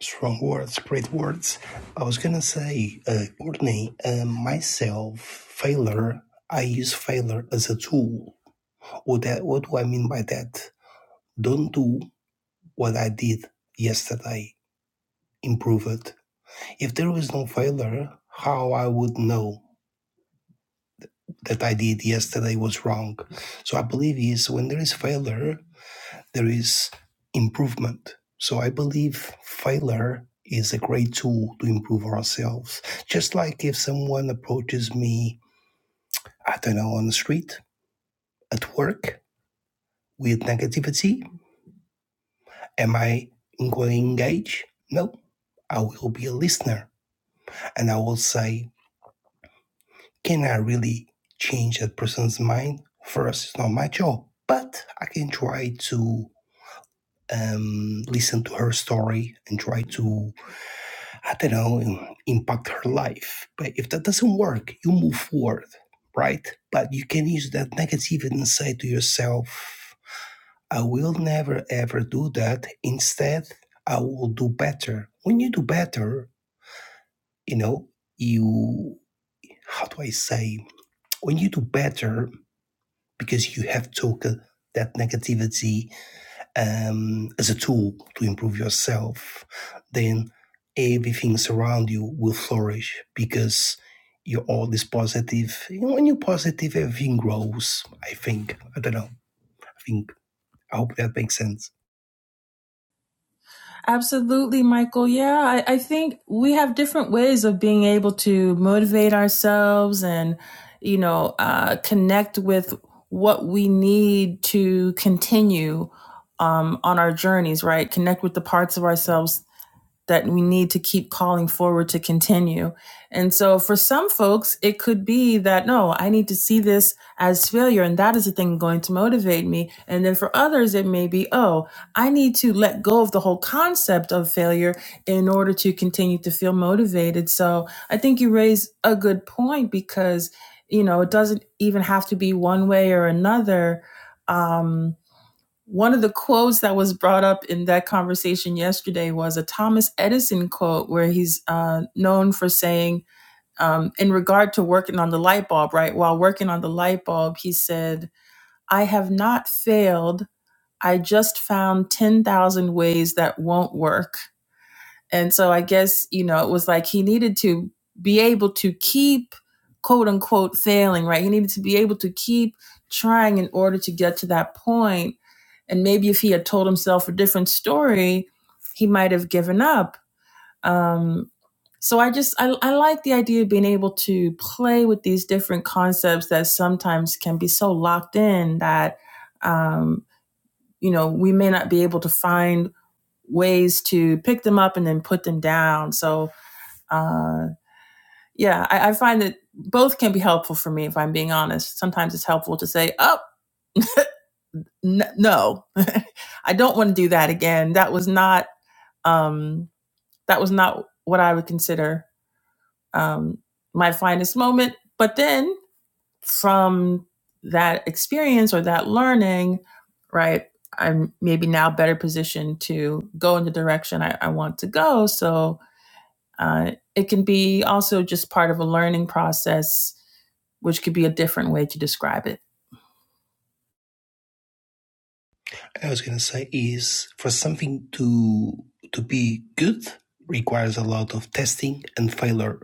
strong words, great words. I was going to say, uh, Courtney, uh, myself, failure, I use failure as a tool. What, that, what do I mean by that? Don't do what I did yesterday, improve it. If there was no failure, how I would know that I did yesterday was wrong. So I believe is when there is failure, there is improvement. So I believe failure is a great tool to improve ourselves. Just like if someone approaches me, I don't know, on the street, at work, with negativity, am I going to engage? No, I will be a listener and I will say, can I really change that person's mind? First, it's not my job, but I can try to um, listen to her story and try to, I don't know, impact her life. But if that doesn't work, you move forward, right? But you can use that negative and say to yourself, I will never ever do that. Instead, I will do better. When you do better, you know, you, how do I say, when you do better, because you have took uh, that negativity um, as a tool to improve yourself, then everything around you will flourish because you're always positive. You when you're positive, everything grows. I think. I don't know. I think. I hope that makes sense. Absolutely, Michael. Yeah, I, I think we have different ways of being able to motivate ourselves and, you know, uh, connect with what we need to continue um, on our journeys, right? Connect with the parts of ourselves that we need to keep calling forward to continue. And so for some folks, it could be that, no, I need to see this as failure. And that is the thing going to motivate me. And then for others, it may be, oh, I need to let go of the whole concept of failure in order to continue to feel motivated. So I think you raise a good point because, you know, it doesn't even have to be one way or another Um, one of the quotes that was brought up in that conversation yesterday was a Thomas Edison quote where he's uh, known for saying, um, in regard to working on the light bulb, right? While working on the light bulb, he said, I have not failed. I just found 10,000 ways that won't work. And so I guess, you know, it was like he needed to be able to keep quote unquote failing, right? He needed to be able to keep trying in order to get to that point. And maybe if he had told himself a different story, he might have given up. Um, so I just, I, I like the idea of being able to play with these different concepts that sometimes can be so locked in that, um, you know, we may not be able to find ways to pick them up and then put them down. So, uh, yeah, I, I find that both can be helpful for me if I'm being honest. Sometimes it's helpful to say, oh, n- no, I don't want to do that again. That was not, um, that was not what I would consider um, my finest moment. But then from that experience or that learning, right, I'm maybe now better positioned to go in the direction I, I want to go. So, Uh, it can be also just part of a learning process, which could be a different way to describe it. I was gonna say is for something to to be good requires a lot of testing and failure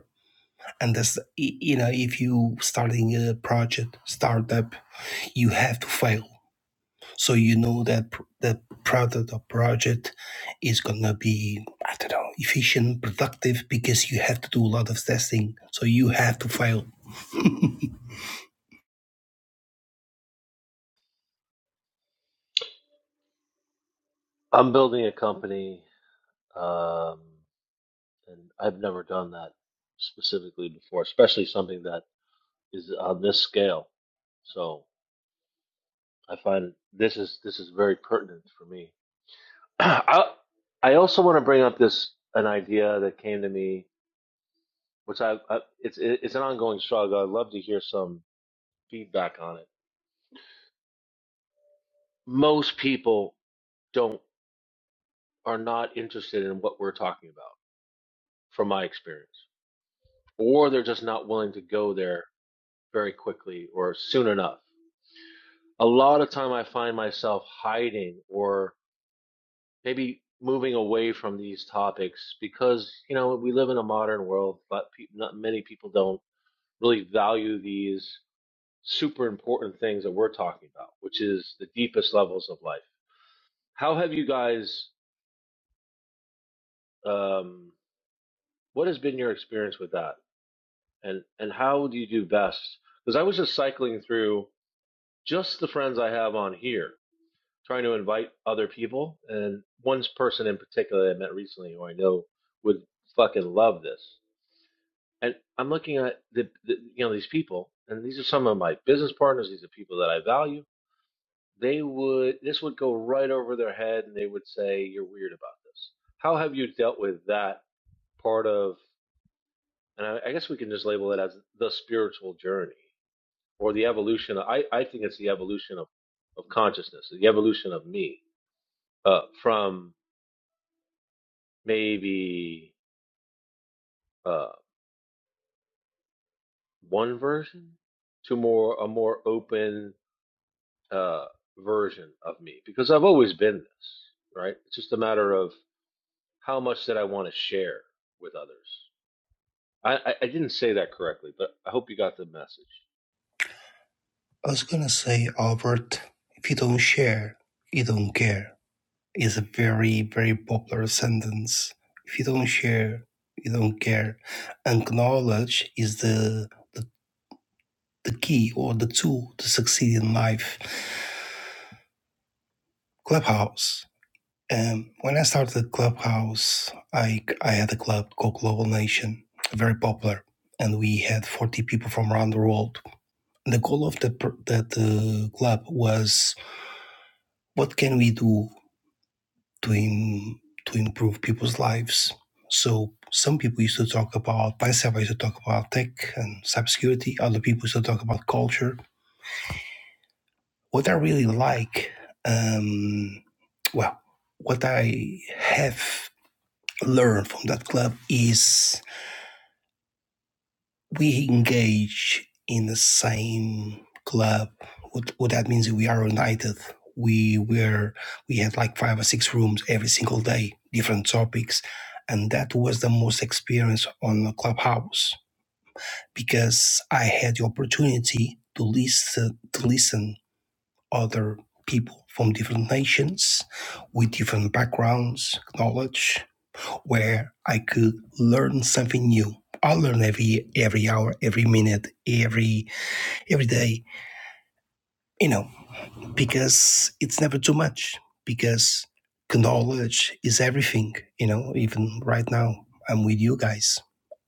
and that's you know if you starting a project startup you have to fail so you know that the product or project is gonna be i don't know efficient productive because you have to do a lot of testing so you have to fail i I'm building a company, um, and I've never done that specifically before, especially something that is on this scale. So I find this is this is very pertinent for me. I I also want to bring up this an idea that came to me which I, I it's it's an ongoing struggle. I'd love to hear some feedback on it. Most people don't are not interested in what we're talking about, from my experience, or they're just not willing to go there very quickly or soon enough. A lot of time, I find myself hiding or maybe moving away from these topics because you know we live in a modern world, but pe- not many people don't really value these super important things that we're talking about, which is the deepest levels of life. How have you guys? Um, what has been your experience with that, and and how do you do best? Because I was just cycling through just the friends I have on here, trying to invite other people, and one person in particular I met recently, who I know would fucking love this. And I'm looking at the, the you know these people, and these are some of my business partners. These are people that I value they would this would go right over their head and they would say you're weird about this how have you dealt with that part of and i, I guess we can just label it as the spiritual journey or the evolution i, I think it's the evolution of, of consciousness the evolution of me uh, from maybe uh, one version to more a more open uh, version of me because i've always been this right it's just a matter of how much that i want to share with others I, I, I didn't say that correctly, but I hope you got the message. was gonna say albert if you don't share you don't care is a very very popular sentence if you don't share you don't care acknowledge is the the the key or the tool to succeed in life. Clubhouse. Um, when I started Clubhouse, I, I had a club called Global Nation, very popular, and we had 40 people from around the world. The goal of the, that the club was what can we do to, Im- to improve people's lives? So some people used to talk about, myself I used to talk about tech and cybersecurity. Other people used to talk about culture what I really like, um, well, what I have learned from that club is we engage in the same club. What, what that means is we are united. We were we had like five or six rooms every single day, different topics, and that was the most experience on the clubhouse because I had the opportunity to listen to listen other people from different nations with different backgrounds, knowledge, where I could learn something new. I learn every every hour, every minute, every every day. You know, because it's never too much because knowledge is everything you know even right now i'm with you guys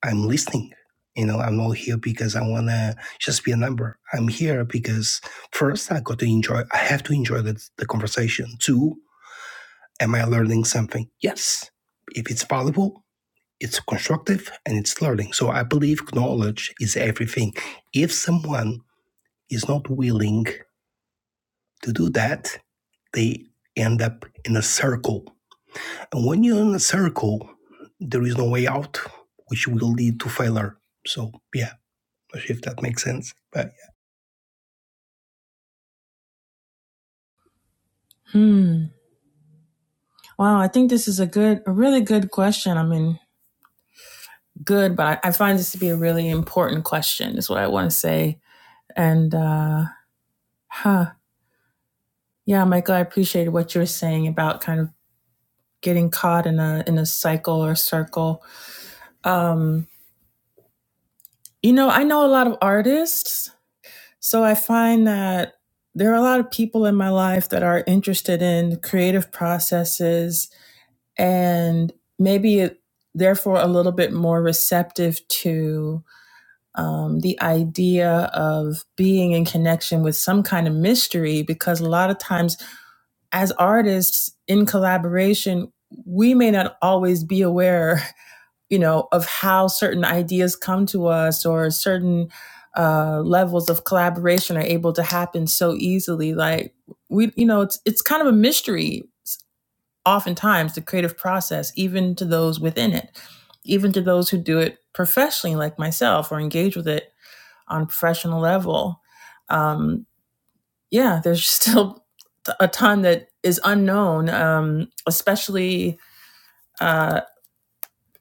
i'm listening you know i'm not here because i want to just be a number i'm here because first i got to enjoy i have to enjoy the, the conversation two am i learning something yes if it's valuable it's constructive and it's learning so i believe knowledge is everything if someone is not willing to do that, they end up in a circle. And when you're in a circle, there is no way out, which will lead to failure. So, yeah, not sure if that makes sense. But yeah, Hmm. Wow. I think this is a good, a really good question. I mean, good, but I, I find this to be a really important question, is what I want to say. And, uh, huh. Yeah, Michael, I appreciated what you were saying about kind of getting caught in a in a cycle or circle. Um, you know, I know a lot of artists, so I find that there are a lot of people in my life that are interested in creative processes and maybe therefore a little bit more receptive to um, the idea of being in connection with some kind of mystery because a lot of times as artists in collaboration, we may not always be aware, you know, of how certain ideas come to us or certain uh, levels of collaboration are able to happen so easily. Like we, you know, it's it's kind of a mystery oftentimes the creative process, even to those within it, even to those who do it professionally, like myself, or engage with it on a professional level. Um, yeah, there's still a ton that is unknown, um, especially uh,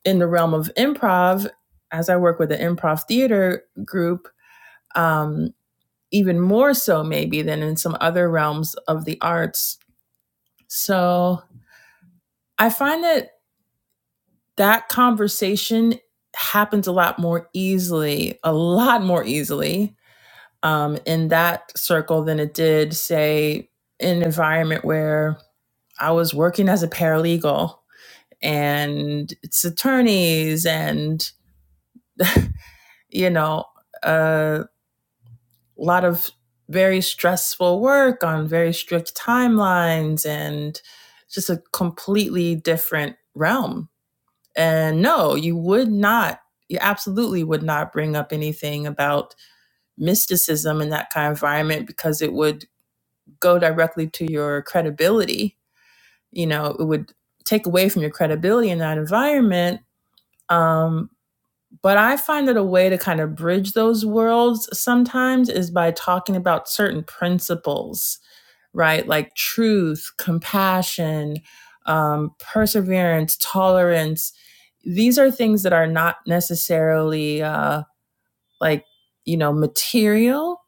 in the realm of improv. As I work with the improv theater group, um, even more so maybe than in some other realms of the arts. So I find that that conversation happens a lot more easily, a lot more easily um, in that circle than it did, say, in an environment where I was working as a paralegal and its attorneys and, you know, a lot of very stressful work on very strict timelines and just a completely different realm. And no, you would not, you absolutely would not bring up anything about mysticism in that kind of environment because it would go directly to your credibility. You know, it would take away from your credibility in that environment. Um, But I find that a way to kind of bridge those worlds sometimes is by talking about certain principles, right? Like truth, compassion, um, perseverance, tolerance. These are things that are not necessarily uh, like, you know, material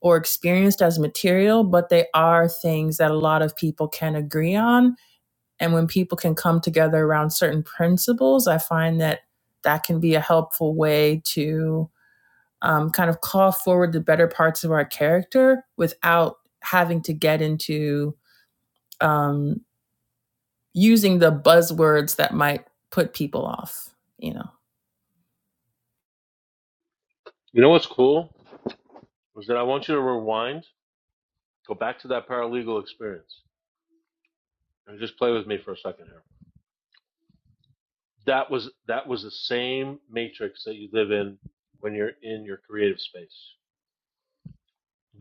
or experienced as material, but they are things that a lot of people can agree on and when people can come together around certain principles, I find that that can be a helpful way to um, kind of call forward the better parts of our character without having to get into um, using the buzzwords that might put people off, you know. You know what's cool? Was that I want you to rewind, go back to that paralegal experience, and just play with me for a second here. That was that was the same matrix that you live in when you're in your creative space.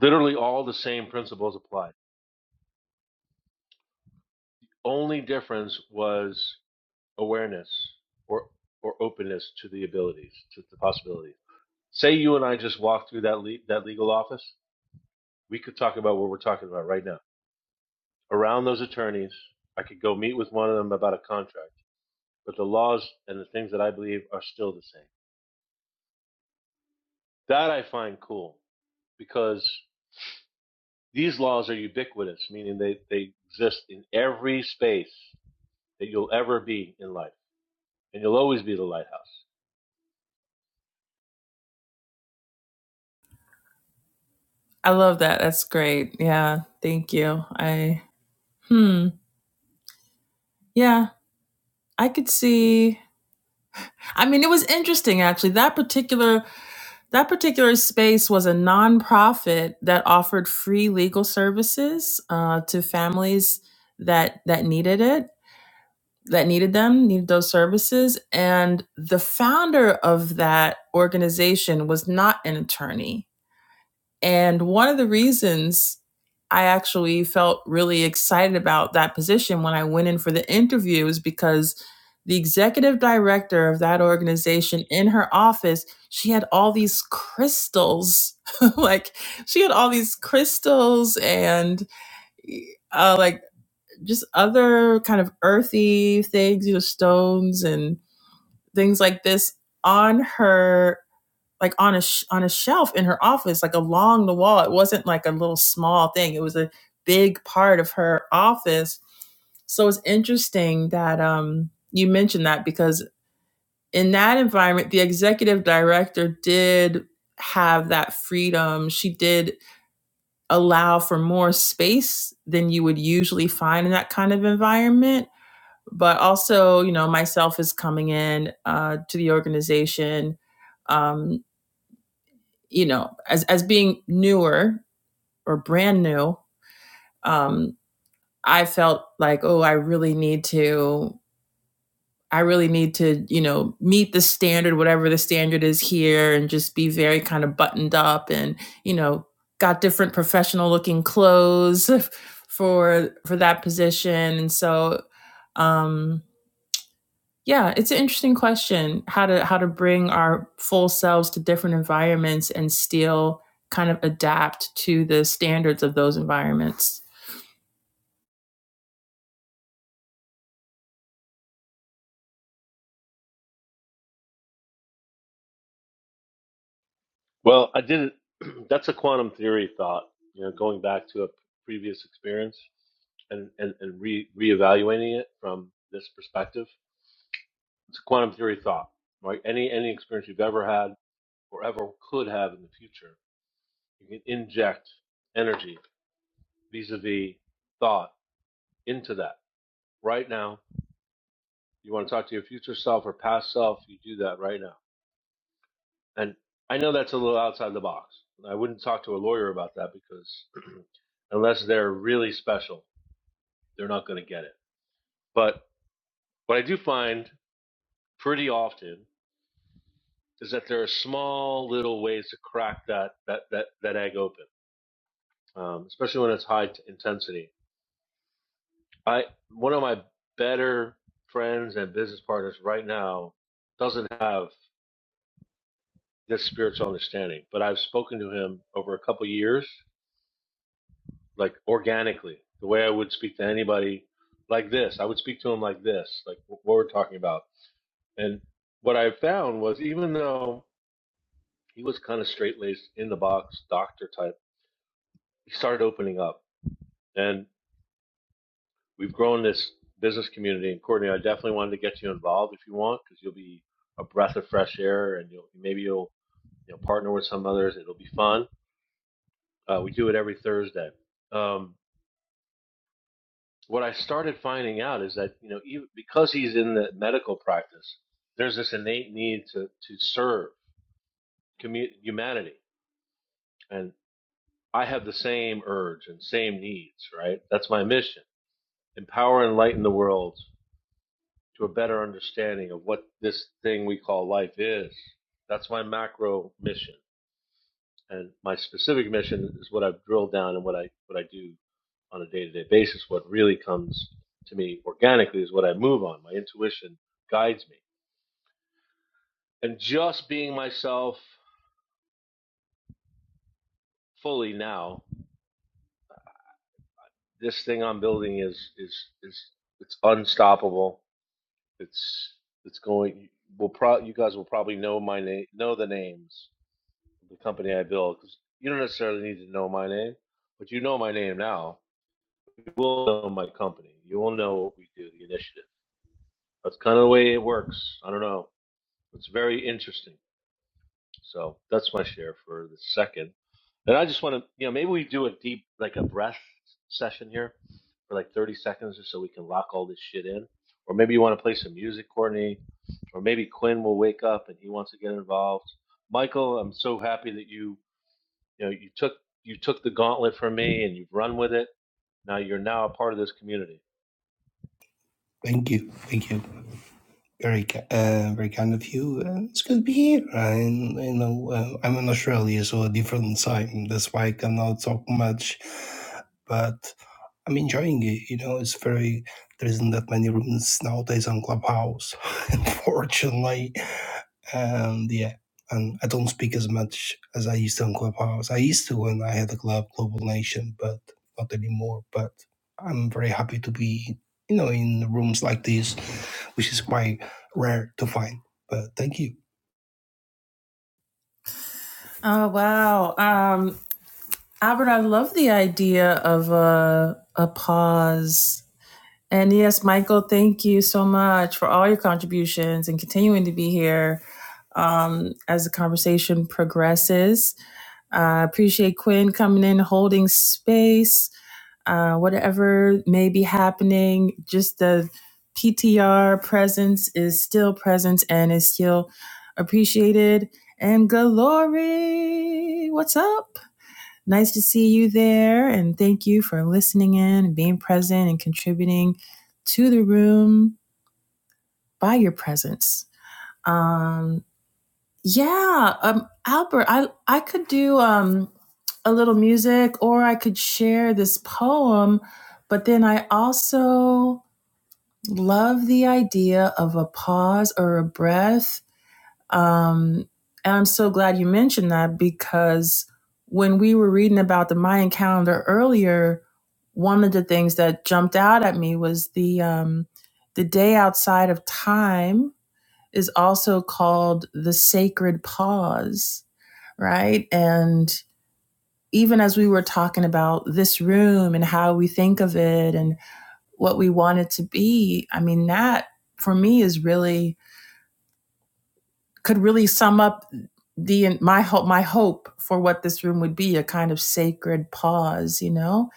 Literally all the same principles applied. Only difference was awareness or or openness to the abilities, to the possibilities. Say you and I just walked through that le- that legal office, we could talk about what we're talking about right now around those attorneys. I could go meet with one of them about a contract, but the laws and the things that I believe are still the same. That I find cool because these laws are ubiquitous, meaning they, they exist in every space that you'll ever be in life, and you'll always be the lighthouse. I love that. That's great. Yeah. Thank you. I, hmm. Yeah. I could see. I mean, it was interesting actually. That particular That particular space was a nonprofit that offered free legal services uh, to families that that needed it, that needed them, needed those services. And the founder of that organization was not an attorney and one of the reasons I actually felt really excited about that position when I went in for the interview is because the executive director of that organization in her office, she had all these crystals. like she had all these crystals and uh, like just other kind of earthy things, you know, stones and things like this on her like on a sh- on a shelf in her office, like along the wall. It wasn't like a little small thing. It was a big part of her office. So it's interesting that um, you mentioned that because in that environment, the executive director did have that freedom. She did allow for more space than you would usually find in that kind of environment. But also, you know, myself is coming in uh, to the organization Um, you know, as as being newer or brand new, um, I felt like, oh, I really need to, I really need to, you know, meet the standard, whatever the standard is here, and just be very kind of buttoned up, and you know, got different professional looking clothes for for that position, and so um Yeah, it's an interesting question how to how to bring our full selves to different environments and still kind of adapt to the standards of those environments. Well, I didn't. that's a quantum theory thought, you know, going back to a previous experience and, and, and re, reevaluating it from this perspective. It's a quantum theory thought, right? Any any experience you've ever had or ever could have in the future. You can inject energy vis-a-vis thought into that right now. You want to talk to your future self or past self, you do that right now. And I know that's a little outside the box. I wouldn't talk to a lawyer about that because unless they're really special, they're not going to get it. But what I do find pretty often is that there are small little ways to crack that that that, that egg open, um, especially when it's high t- intensity I one of my better friends and business partners right now doesn't have this spiritual understanding, but I've spoken to him over a couple years, like organically, the way I would speak to anybody like this. I would speak to him like this, like what we're talking about. And what I found was even though he was kind of straight laced in the box doctor type, he started opening up. and. we've grown this business community. And Courtney, I definitely wanted to get you involved if you want, because you'll be a breath of fresh air, and you'll maybe you'll you know partner with some others. It'll be fun. Uh, we do it every Thursday. Um, what I started finding out is that you know even because he's in the medical practice, there's this innate need to to serve commu- humanity, and I have the same urge and same needs. Right, that's my mission: empower and enlighten the world to a better understanding of what this thing we call life is. That's my macro mission. And my specific mission is what I've drilled down and what I what I do on a day-to-day basis. What really comes to me organically is what I move on. My intuition guides me. And just being myself fully now, this thing I'm building is is is it's unstoppable. It's it's going. We'll pro. You guys will probably know my name, know the names the company I build because you don't necessarily need to know my name, but you know my name now. You will know my company. You will know what we do, the initiative. That's kind of the way it works. I don't know. It's very interesting. So that's my share for the second. And I just want to, you know, maybe we do a deep, like a breath session here for like 30 seconds or so we can lock all this shit in. Or maybe you want to play some music, Courtney. Or maybe Quinn will wake up and he wants to get involved. Michael, I'm so happy that you You know, you took you took the gauntlet from me and you've run with it. Now you're now a part of this community. thank you. Thank you. Very, uh, very kind of you. Uh, it's good to be here. I, you know, uh, I'm in Australia, so a different time. That's why I cannot talk much. But I'm enjoying it. You know, it's very there isn't that many rooms nowadays on Clubhouse, unfortunately. And yeah, and I don't speak as much as I used to on Clubhouse. I used to when I had the club Global Nation, but not anymore. But I'm very happy to be, you know, in rooms like this, which is quite rare to find. But thank you. Oh wow, um, Albert, I love the idea of a a pause. And yes, Michael, thank you so much for all your contributions and continuing to be here um, as the conversation progresses. I uh, appreciate Quinn coming in, holding space. uh, whatever may be happening, just the PTR presence is still present and is still appreciated. And Glory, what's up? Nice to see you there. And thank you for listening in and being present and contributing to the room by your presence. Um, yeah, um, Albert, I I could do um a little music, or I could share this poem, but then I also love the idea of a pause or a breath. Um, and I'm so glad you mentioned that because when we were reading about the Mayan calendar earlier, one of the things that jumped out at me was the um, the day outside of time is also called the sacred pause right? And even as we were talking about this room and how we think of it and what we want it to be, I mean, that for me is really could really sum up the my hope my hope for what this room would be a kind of sacred pause you know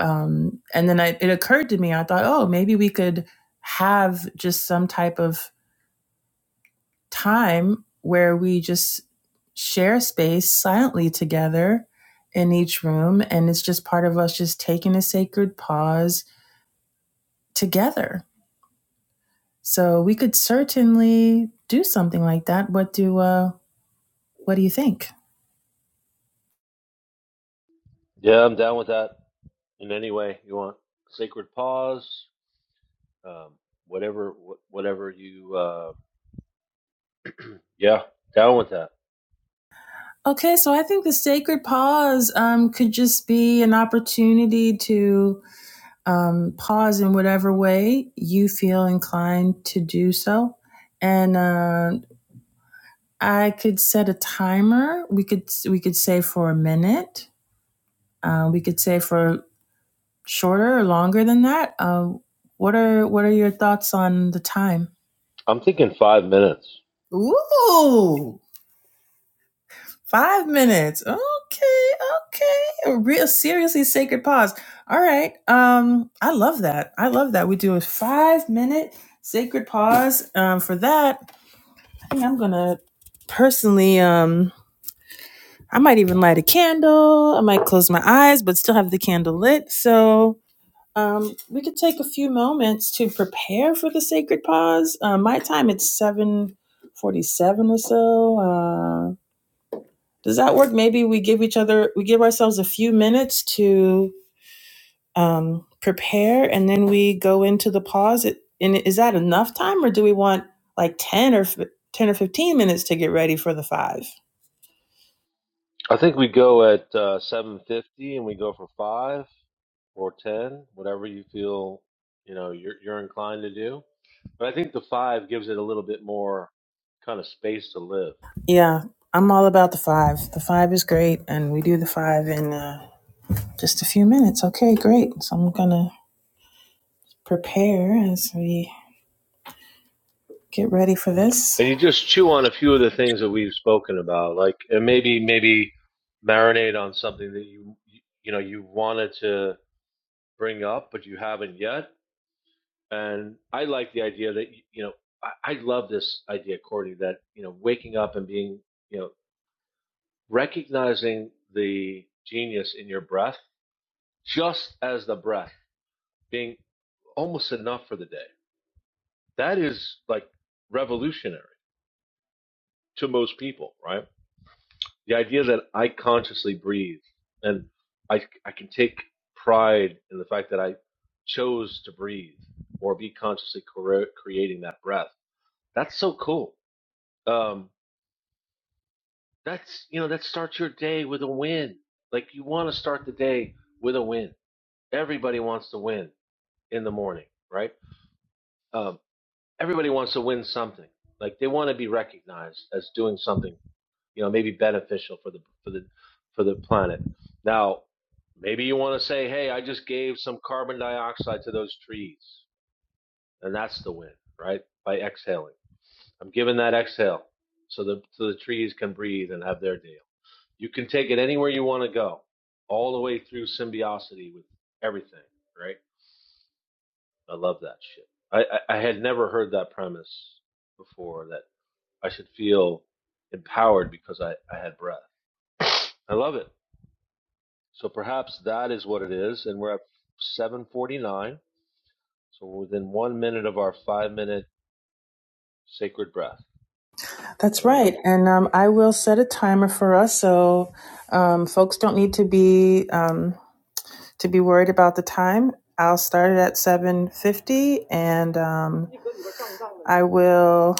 um and then I, it occurred to me i thought oh maybe we could have just some type of time where we just share space silently together in each room. And it's just part of us just taking a sacred pause together. So we could certainly do something like that. What do uh, what do you think? Yeah, I'm down with that in any way you want. Sacred pause, um, whatever, whatever you. Uh, yeah, down with that. Okay, so I think the sacred pause um, could just be an opportunity to um, pause in whatever way you feel inclined to do so, and uh, I could set a timer. We could we could say for a minute. Uh, we could say for shorter or longer than that. Uh, what are what are your thoughts on the time? I'm thinking five minutes. Ooh, five minutes. Okay, okay. A real seriously sacred pause. All right. Um, I love that. I love that. We do a five minute sacred pause. Um, for that, I think I'm gonna personally um I might even light a candle. I might close my eyes, but still have the candle lit. So um, we could take a few moments to prepare for the sacred pause. Uh, my time it's seven forty-seven or so. Uh, does that work? Maybe we give each other, we give ourselves a few minutes to um, prepare and then we go into the pause. It- And is that enough time or do we want like 10 or 10 or 15 minutes to get ready for the five? I think we go at uh, seven fifty and we go for five or ten, whatever you feel you know you're you're inclined to do. But I think the five gives it a little bit more kind of space to live. Yeah, I'm all about the five. The five is great and we do the five in uh, just a few minutes. Okay, great. So I'm going to prepare as we get ready for this. And you just chew on a few of the things that we've spoken about, like and maybe maybe marinate on something that you you know you wanted to bring up but you haven't yet. And I like the idea that you know I, I love this idea, Cordy, that you know waking up and being you know recognizing the genius in your breath, just as the breath being almost enough for the day. That is like revolutionary to most people, right? The idea that I consciously breathe and I, I can take pride in the fact that I chose to breathe or be consciously cre- creating that breath. That's so cool. Um, that's, you know, that starts your day with a win. Like you want to start the day with a win. Everybody wants to win in the morning, right? Um, everybody wants to win something. Like they want to be recognized as doing something you know, maybe beneficial for the for the for the planet. Now, maybe you want to say, "Hey, I just gave some carbon dioxide to those trees," and that's the win, right? By exhaling, I'm giving that exhale, so the so the trees can breathe and have their deal. You can take it anywhere you want to go, all the way through symbiosity with everything, right? I love that shit. I, I, I had never heard that premise before that I should feel empowered because I, I had breath. I love it. So perhaps that is what it is. And we're at 749. So we're within one minute of our five minute sacred breath. I That's don't know. right. And um, I will set a timer for us so um, folks don't need to be um, to be worried about the time. I'll start it at 7:50 and um, I will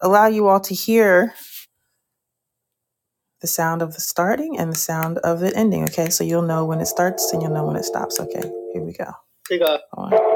allow you all to hear the sound of the starting and the sound of it ending, okay? So you'll know when it starts and you'll know when it stops. Okay. Here we go. 这个- Hold on.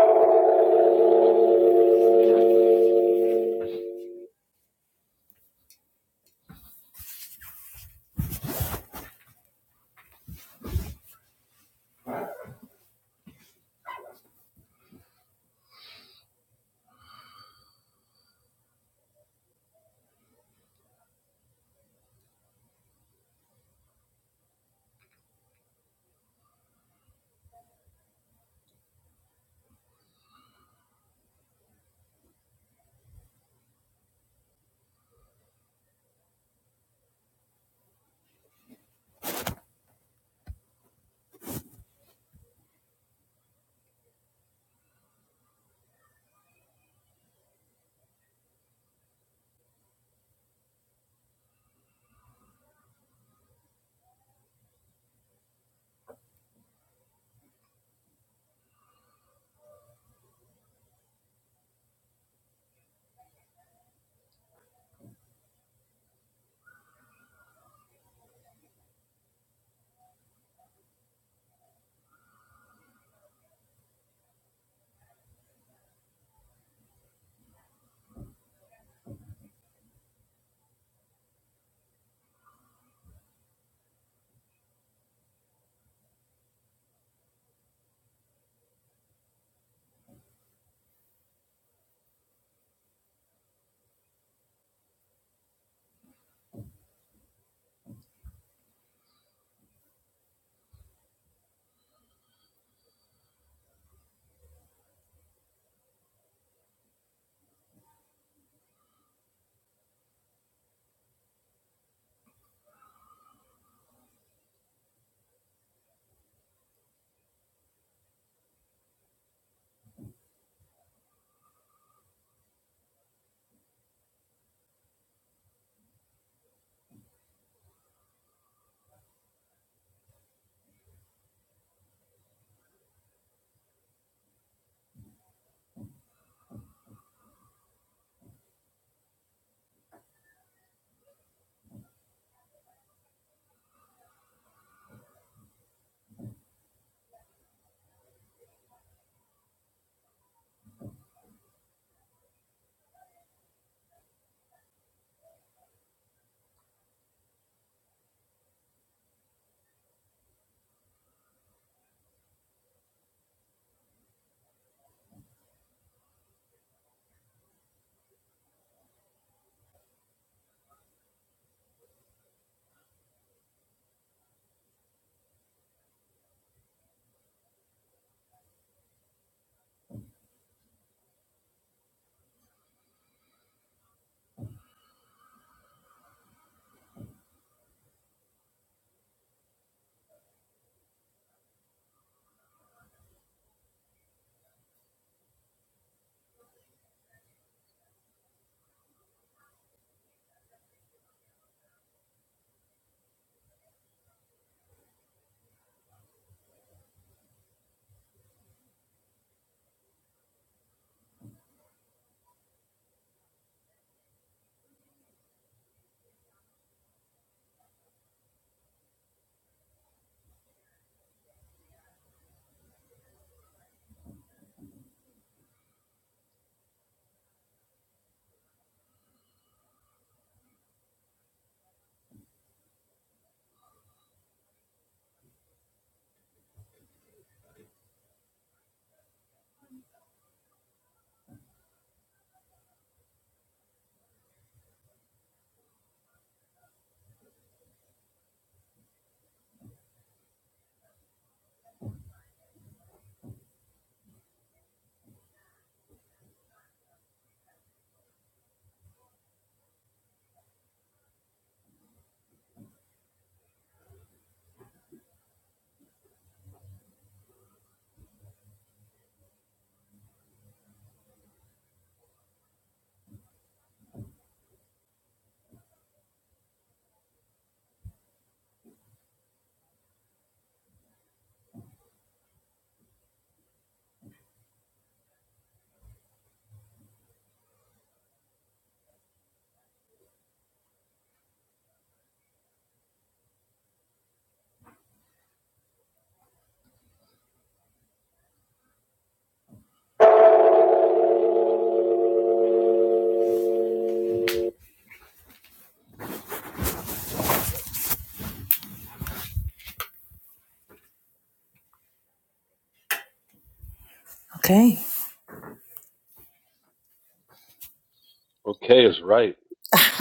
Okay is right.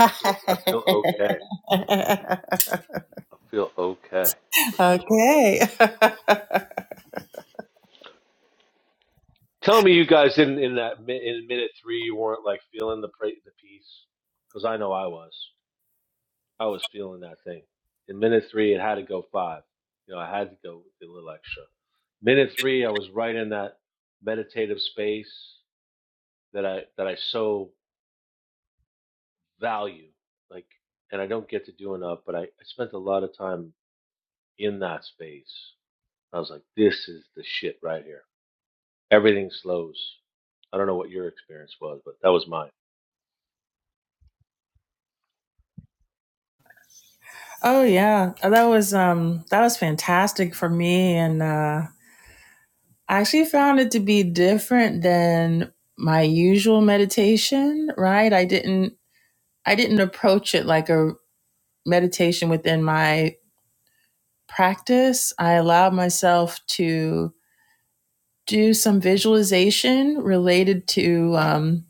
I feel I feel okay. I feel okay for sure. Okay. okay. Tell me, you guys in in that mi- in minute three, you weren't like feeling the pra- the peace. Because I know I was. I was feeling that thing. In minute three, it had to go five. You know, I had to go with a little extra. Minute three, I was right in that meditative space. that I that I so value, like, and I don't get to do enough. But I, I spent a lot of time in that space. I was like, this is the shit right here. Everything slows. I don't know what your experience was, but that was mine. Oh yeah, Uh, that was um that was fantastic for me, and uh, I actually found it to be different than my usual meditation. Right, I didn't I didn't approach it like a meditation within my practice. I allowed myself to do some visualization related to um,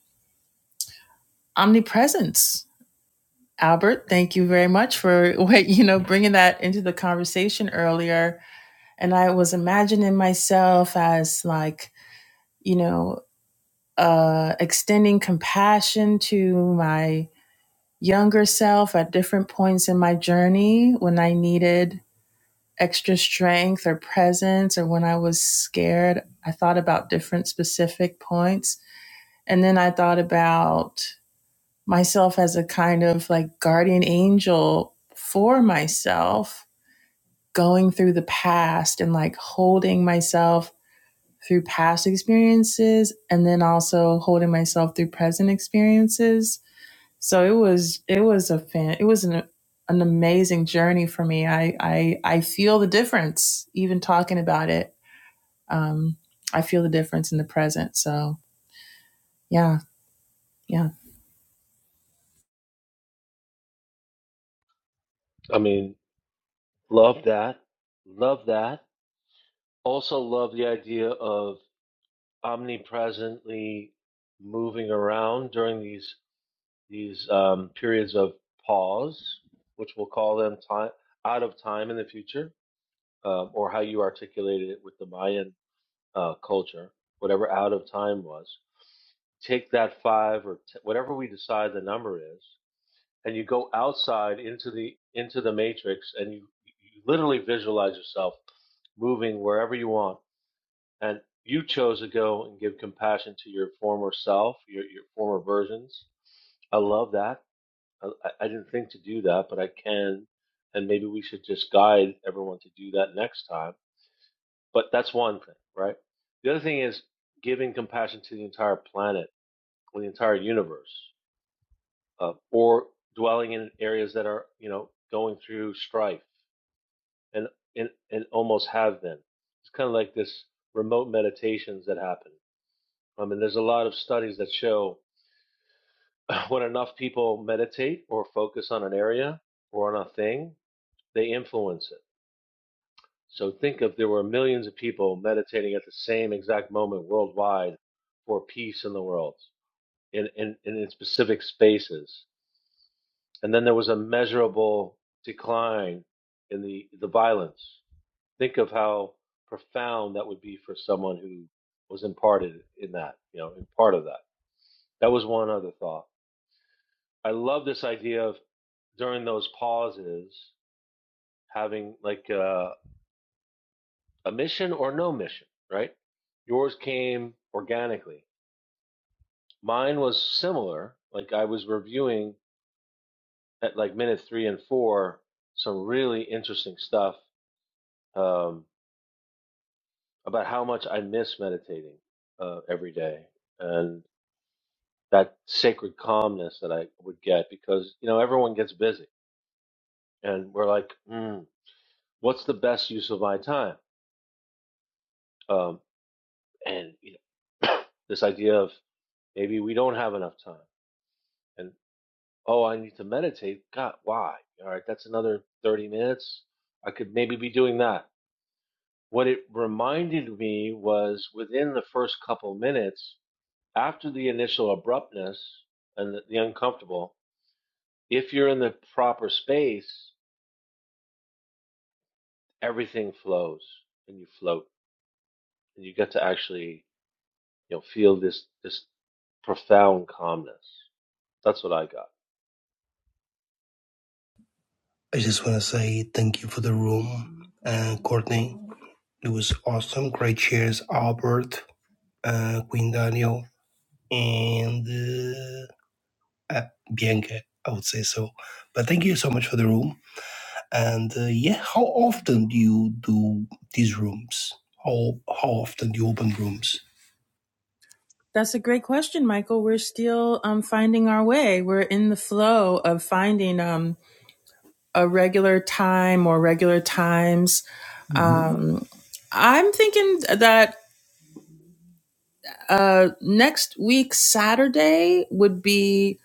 omnipresence. Albert, thank you very much for what you know bringing that into the conversation earlier And I was imagining myself as like, you know, uh, extending compassion to my younger self at different points in my journey when I needed extra strength or presence or when I was scared. I thought about different specific points. And then I thought about myself as a kind of like guardian angel for myself going through the past and like holding myself through past experiences and then also holding myself through present experiences. So it was it was a fan it was an an amazing journey for me. I I I feel the difference even talking about it. Um I feel the difference in the present. So yeah, yeah. I mean, love that. Love that. Also love the idea of omnipresently moving around during these these um, periods of pause, which we'll call them time out of time in the future um, or how you articulated it with the Mayan uh, culture, whatever out of time was, take that five or t- whatever we decide the number is, and you go outside into the into the matrix, and you, you literally visualize yourself moving wherever you want, and you chose to go and give compassion to your former self, your your former versions. I love that. I, I I didn't think to do that, but I can, and maybe we should just guide everyone to do that next time but that's one thing, right? The other thing is giving compassion to the entire planet or the entire universe, uh, or dwelling in areas that are, you know, going through strife and and, and almost have been. It's kind of like this remote meditations that happen. I mean, there's a lot of studies that show when enough people meditate or focus on an area or on a thing, they influence it So think if there were millions of people meditating at the same exact moment worldwide for peace in the world, in, in, in specific spaces. And then there was a measurable decline in the, the violence. Think of how profound that would be for someone who was imparted in that, you know, in part of that. That was one other thought. I love this idea of during those pauses having like uh A mission or no mission, right? Yours came organically. Mine was similar. Like I was reviewing at like minute three and four some really interesting stuff um, about how much I miss meditating uh, every day and that sacred calmness that I would get because you know everyone gets busy and we're like, mm, what's the best use of my time? Um, and you know, this idea of maybe we don't have enough time and. Oh, I need to meditate. God, why? All right, that's another 30 minutes. I could maybe be doing that. What it reminded me was within the first couple minutes, after the initial abruptness and the, the uncomfortable, if you're in the proper space, everything flows and you float and you get to actually, you know, feel this this profound calmness. That's what I got. I just want to say thank you for the room, and Courtney. It was awesome. Great cheers, Albert uh, Queen Daniel, and uh, uh, Bianca, I would say so. But thank you so much for the room. And uh, yeah, how often do you do these rooms? How, how often do you open rooms? That's a great question, Michael. We're still um, finding our way. We're in the flow of finding um, a regular time or regular times. Mhm. Um, I'm thinking that Uh, next week, Saturday, would be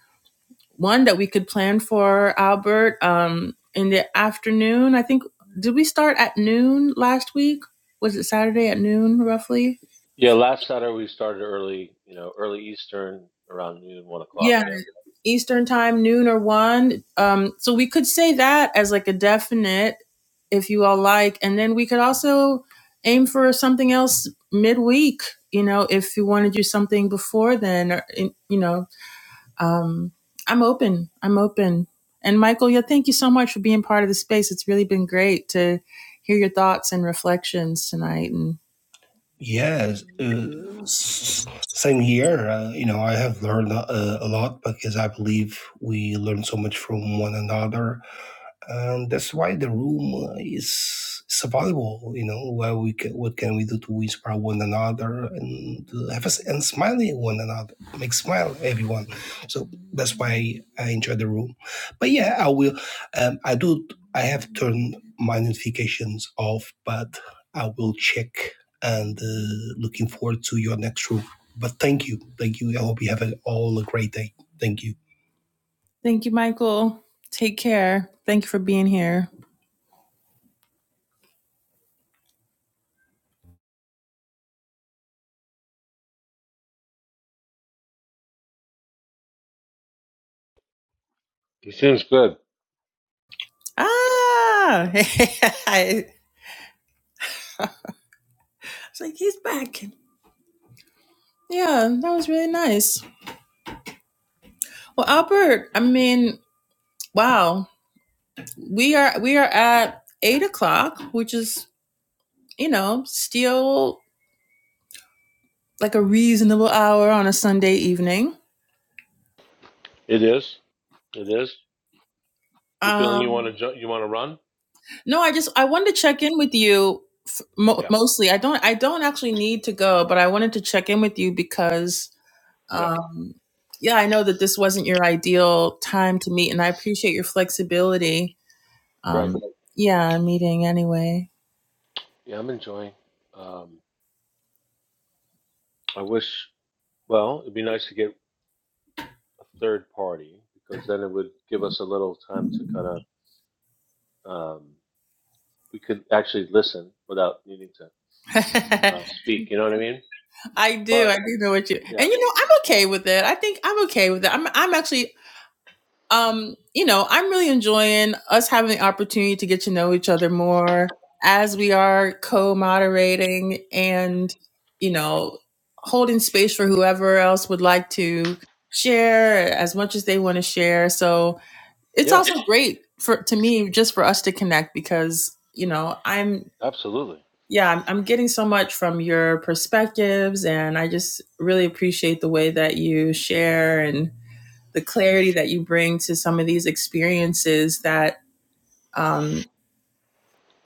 one that we could plan for Albert um, in the afternoon. I think, did we start at noon last week? Was it Saturday at noon roughly? Yeah, last Saturday we started early, you know, early Eastern around noon, one o'clock. Yeah, Yeah. Eastern time, noon or one. Um, so we could say that as like a definite if you all like. And then we could also aim for something else midweek, you know, if you want to do something before then, or, you know, um, I'm open. I'm open. And Michael, yeah, thank you so much for being part of the space. It's really been great to hear your thoughts and reflections tonight. And Yes, uh, s- same here. Uh, you know, I have learned uh, a lot because I believe we learn so much from one another and that's why the room uh, is, is available. You know, where we can, what can we do to inspire one another and uh, have us and smiling one another, make smile everyone. So that's why I enjoy the room. But yeah, I will. Um, I do. I have turned my notifications off, but I will check and uh, looking forward to your next room. But thank you, thank you. I hope you have a, all a great day. Thank you. thank you, Michael. Take care. Thank you for being here. He seems good. Ah, Yeah. I was like, he's back. Yeah, that was really nice. Well, Albert, I mean, wow, we are we are at eight o'clock, which is you know still like a reasonable hour on a Sunday evening. It is. It is. You feeling you want Um, to ju- you want to run? No, I just I wanted to check in with you f- mo- Yeah. mostly. I don't I don't actually need to go, but I wanted to check in with you because Yeah. um yeah, I know that this wasn't your ideal time to meet and I appreciate your flexibility. Right. Um yeah, I'm meeting anyway. Yeah, I'm enjoying. Um, I wish. Well, it'd be nice to get a third party because then it would give us a little time to kind of um, we could actually listen without needing to uh, speak. You know what I mean? I do. But I do know what you. And yeah, you know, I'm okay with it. I think I'm okay with it. I'm I'm actually um, you know, I'm really enjoying us having the opportunity to get to know each other more as we are co-moderating and, you know, holding space for whoever else would like to share as much as they want to share. So it's yeah, also great for to me just for us to connect because, you know, I'm absolutely. yeah, I'm, I'm getting so much from your perspectives and I just really appreciate the way that you share and the clarity that you bring to some of these experiences that um,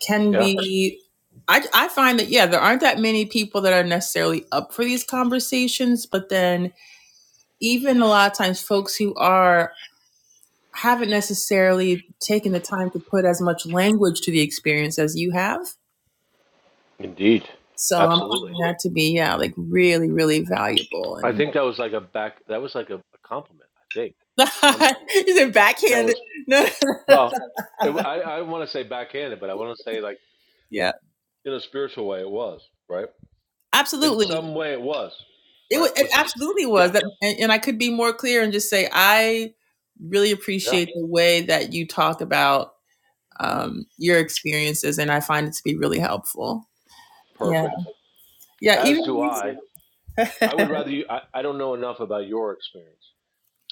can Yeah, be. I, I find that, yeah, there aren't that many people that are necessarily up for these conversations, but then even a lot of times, folks who are haven't necessarily taken the time to put as much language to the experience as you have. indeed, So I'm absolutely. finding that to be, yeah, like really, really valuable. I And think that was like a back. That was like a, a compliment. I think at some level. is it I think that was backhanded? No. Well, it, I I want to say backhanded, but I want to say like yeah, in a spiritual way it was right. In absolutely. some way it was It, wa- right, it which is absolutely was yeah, that, and, and I could be more clear and just say I really yeah, appreciate the way that you talk about um, your experiences, and I find it to be really helpful. Yeah, perfect. yeah. As Even do when I. I would rather you. I, I don't know enough about your experience.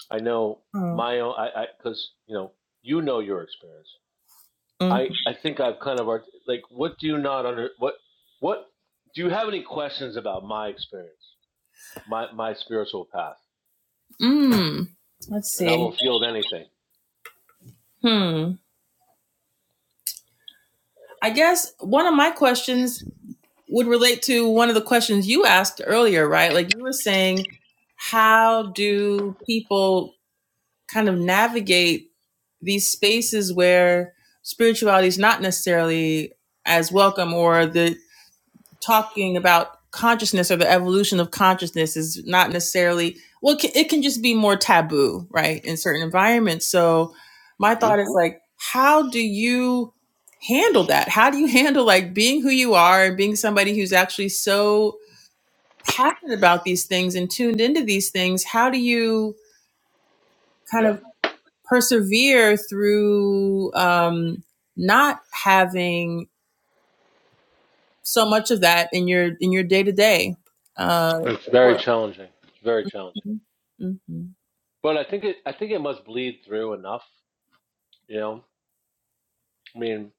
I know Oh, my own. I I because you know you know your experience. mm. I I think I've kind of art- like what do you not under what what do you have any questions about my experience my my spiritual path Mm. let's and I will see. field anything. Hmm. I guess one of my questions would relate to one of the questions you asked earlier, right? Like you were saying, how do people kind of navigate? these spaces where spirituality is not necessarily as welcome or the talking about consciousness or the evolution of consciousness is not necessarily well it can, it can just be more taboo right in certain environments so my hmm thought is like how do you handle that how do you handle like being who you are and being somebody who's actually so passionate about these things and tuned into these things how do you kind Yeah. of? persevere through um, not having so much of that in your in your day to day It's very work. challenging. It's very challenging. Mm-hmm. But I think it I think it must bleed through enough, you know. I mean,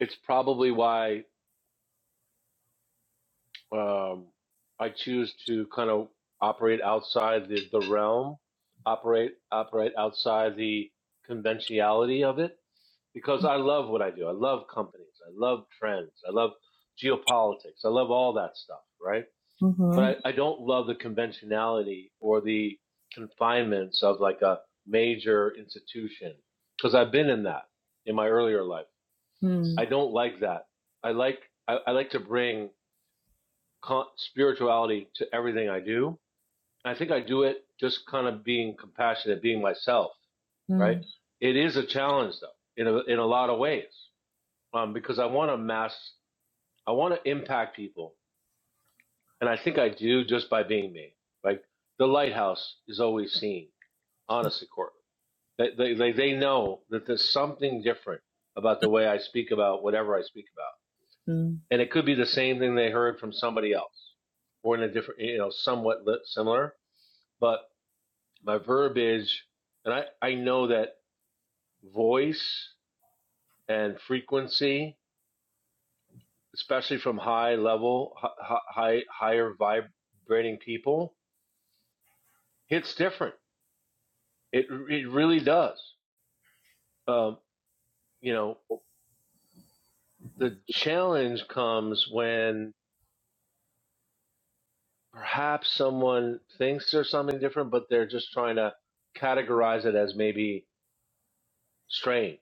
it's probably why um I choose to kind of operate outside the, the realm, operate operate outside the conventionality of it because I love what I do. I love companies. I love trends. I love geopolitics. I love all that stuff, right? Mm-hmm. but I, I don't love the conventionality or the confinements of like a major institution because I've been in that in my earlier life. I Mm-hmm. don't like that. I like I, I like to bring spirituality to everything I do. And I think I do it just kind of being compassionate, being myself, right? It is a challenge though in a, in a lot of ways um, because I want to mass, I want to impact people And I think I do just by being me. Like the lighthouse is always seen, honestly, Courtland. They, they, they, they know that there's something different about the way I speak about whatever I speak about. And it could be the same thing they heard from somebody else or in a different, you know, somewhat li- similar. But my verbiage, and I, I know that voice and frequency, especially from high level, high hi, higher vibrating people, hits different It it really does. Um, you know, the challenge comes when perhaps someone thinks there's something different, but they're just trying to categorize it as maybe strange,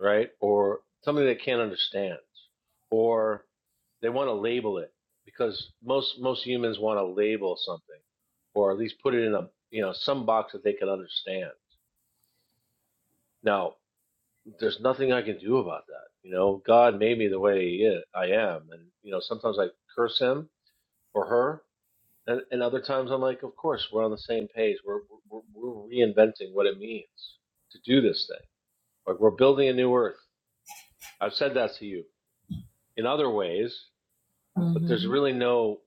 right? Or something they can't understand, or they want to label it because most most humans want to label something, or at least put it in a you know some box that they can understand. Now there's nothing I can do about that. You know, God made me the way he is, I am, and you know, sometimes I curse him or her, and, and other times I'm like, of course, we're on the same page. We're, we're we're reinventing what it means to do this thing. Like we're building a new earth. I've said that to you in other ways, but there's Mm-hmm. really no,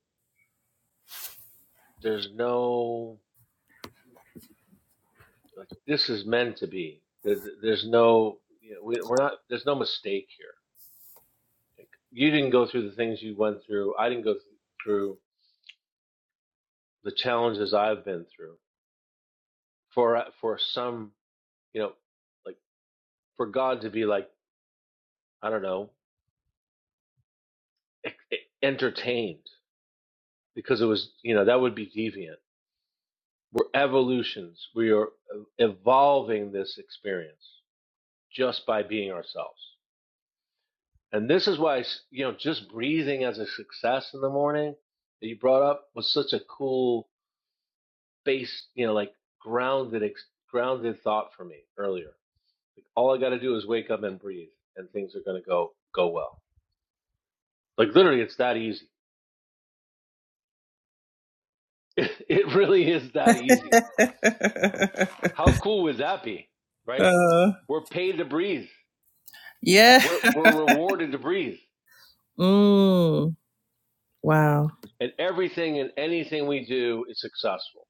there's no, like this is meant to be. There, there's no, you know, we, we're not. There's no mistake here. Like, you didn't go through the things you went through. I didn't go through the challenges I've been through for for some you know like for God to be like I don't know e-, e-, entertained because it was you know that would be deviant. We're evolutions. We are evolving this experience just by being ourselves. And this is why you know just breathing as a success in the morning that you brought up was such a cool base you know like grounded grounded thought for me earlier Like, all I got to do is wake up and breathe, and things are going to go go well. Like literally, it's that easy. It really is that easy. How cool would that be, right? Uh, We're paid to breathe. yeah. We're we're rewarded to breathe, Mm. Wow. and everything and anything we do is successful.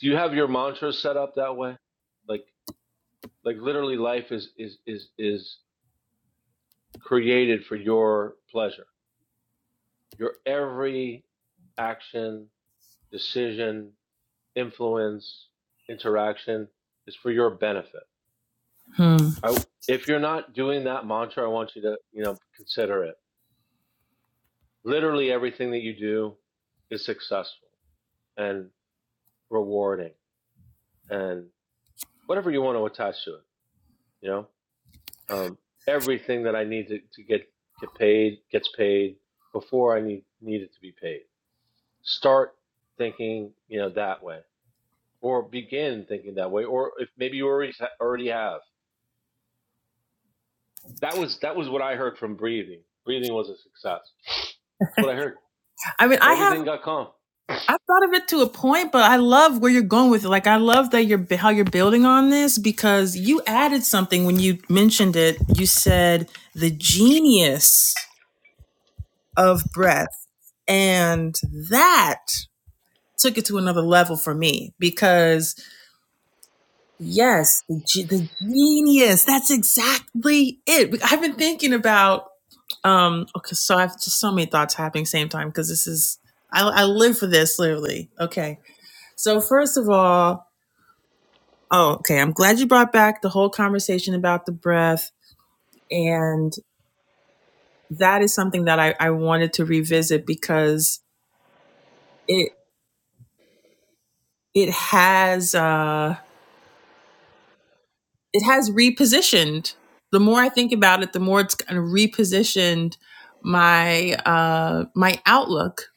Do you have your mantra set up that way? Like like literally, life is is is is created for your pleasure. Your every action, decision, influence, interaction is for your benefit. Hmm. I, if you're not doing that mantra, I want you to, you know, consider it. Literally everything that you do is successful and rewarding and whatever you want to attach to it, you know, um, everything that I need to, to get, get paid gets paid before I need, need it to be paid. Start thinking, you know, that way or begin thinking that way. Or if maybe you already, already have, That was that was what I heard from breathing. Breathing was a success. That's what I heard. I mean, I have Everything got calm. I thought of it to a point, but I love where you're going with it. Like I love that you're how you're building on this because you added something when you mentioned it. You said the genius of breath, and that took it to another level for me because yes, the, ge- the genius. That's exactly it. I've been thinking about um. Okay, so I've just so many thoughts happening same time because this is I, I live for this literally. Okay, so first of all. Oh, okay. I'm glad you brought back the whole conversation about the breath. And that is something that I, I wanted to revisit because it it has uh it has repositioned. The more I think about it, the more it's kind of repositioned my uh my outlook.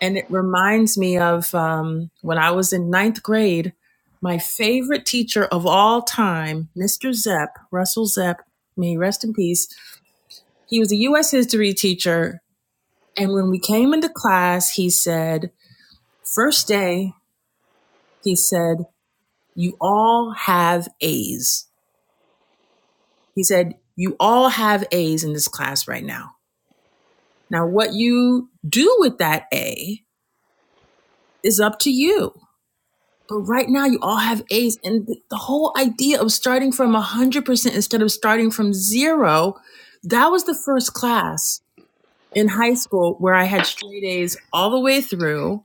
And it reminds me of um when I was in ninth grade, my favorite teacher of all time, Mr. Zepp, Russell Zepp, may he rest in peace he was a U.S. history teacher And when we came into class, he said, first day, he said, you all have A's. He said, you all have A's in this class right now. Now, what you do with that A is up to you. But right now, you all have A's. And the whole idea of starting from 100% instead of starting from zero, that was the first class in high school where I had straight A's all the way through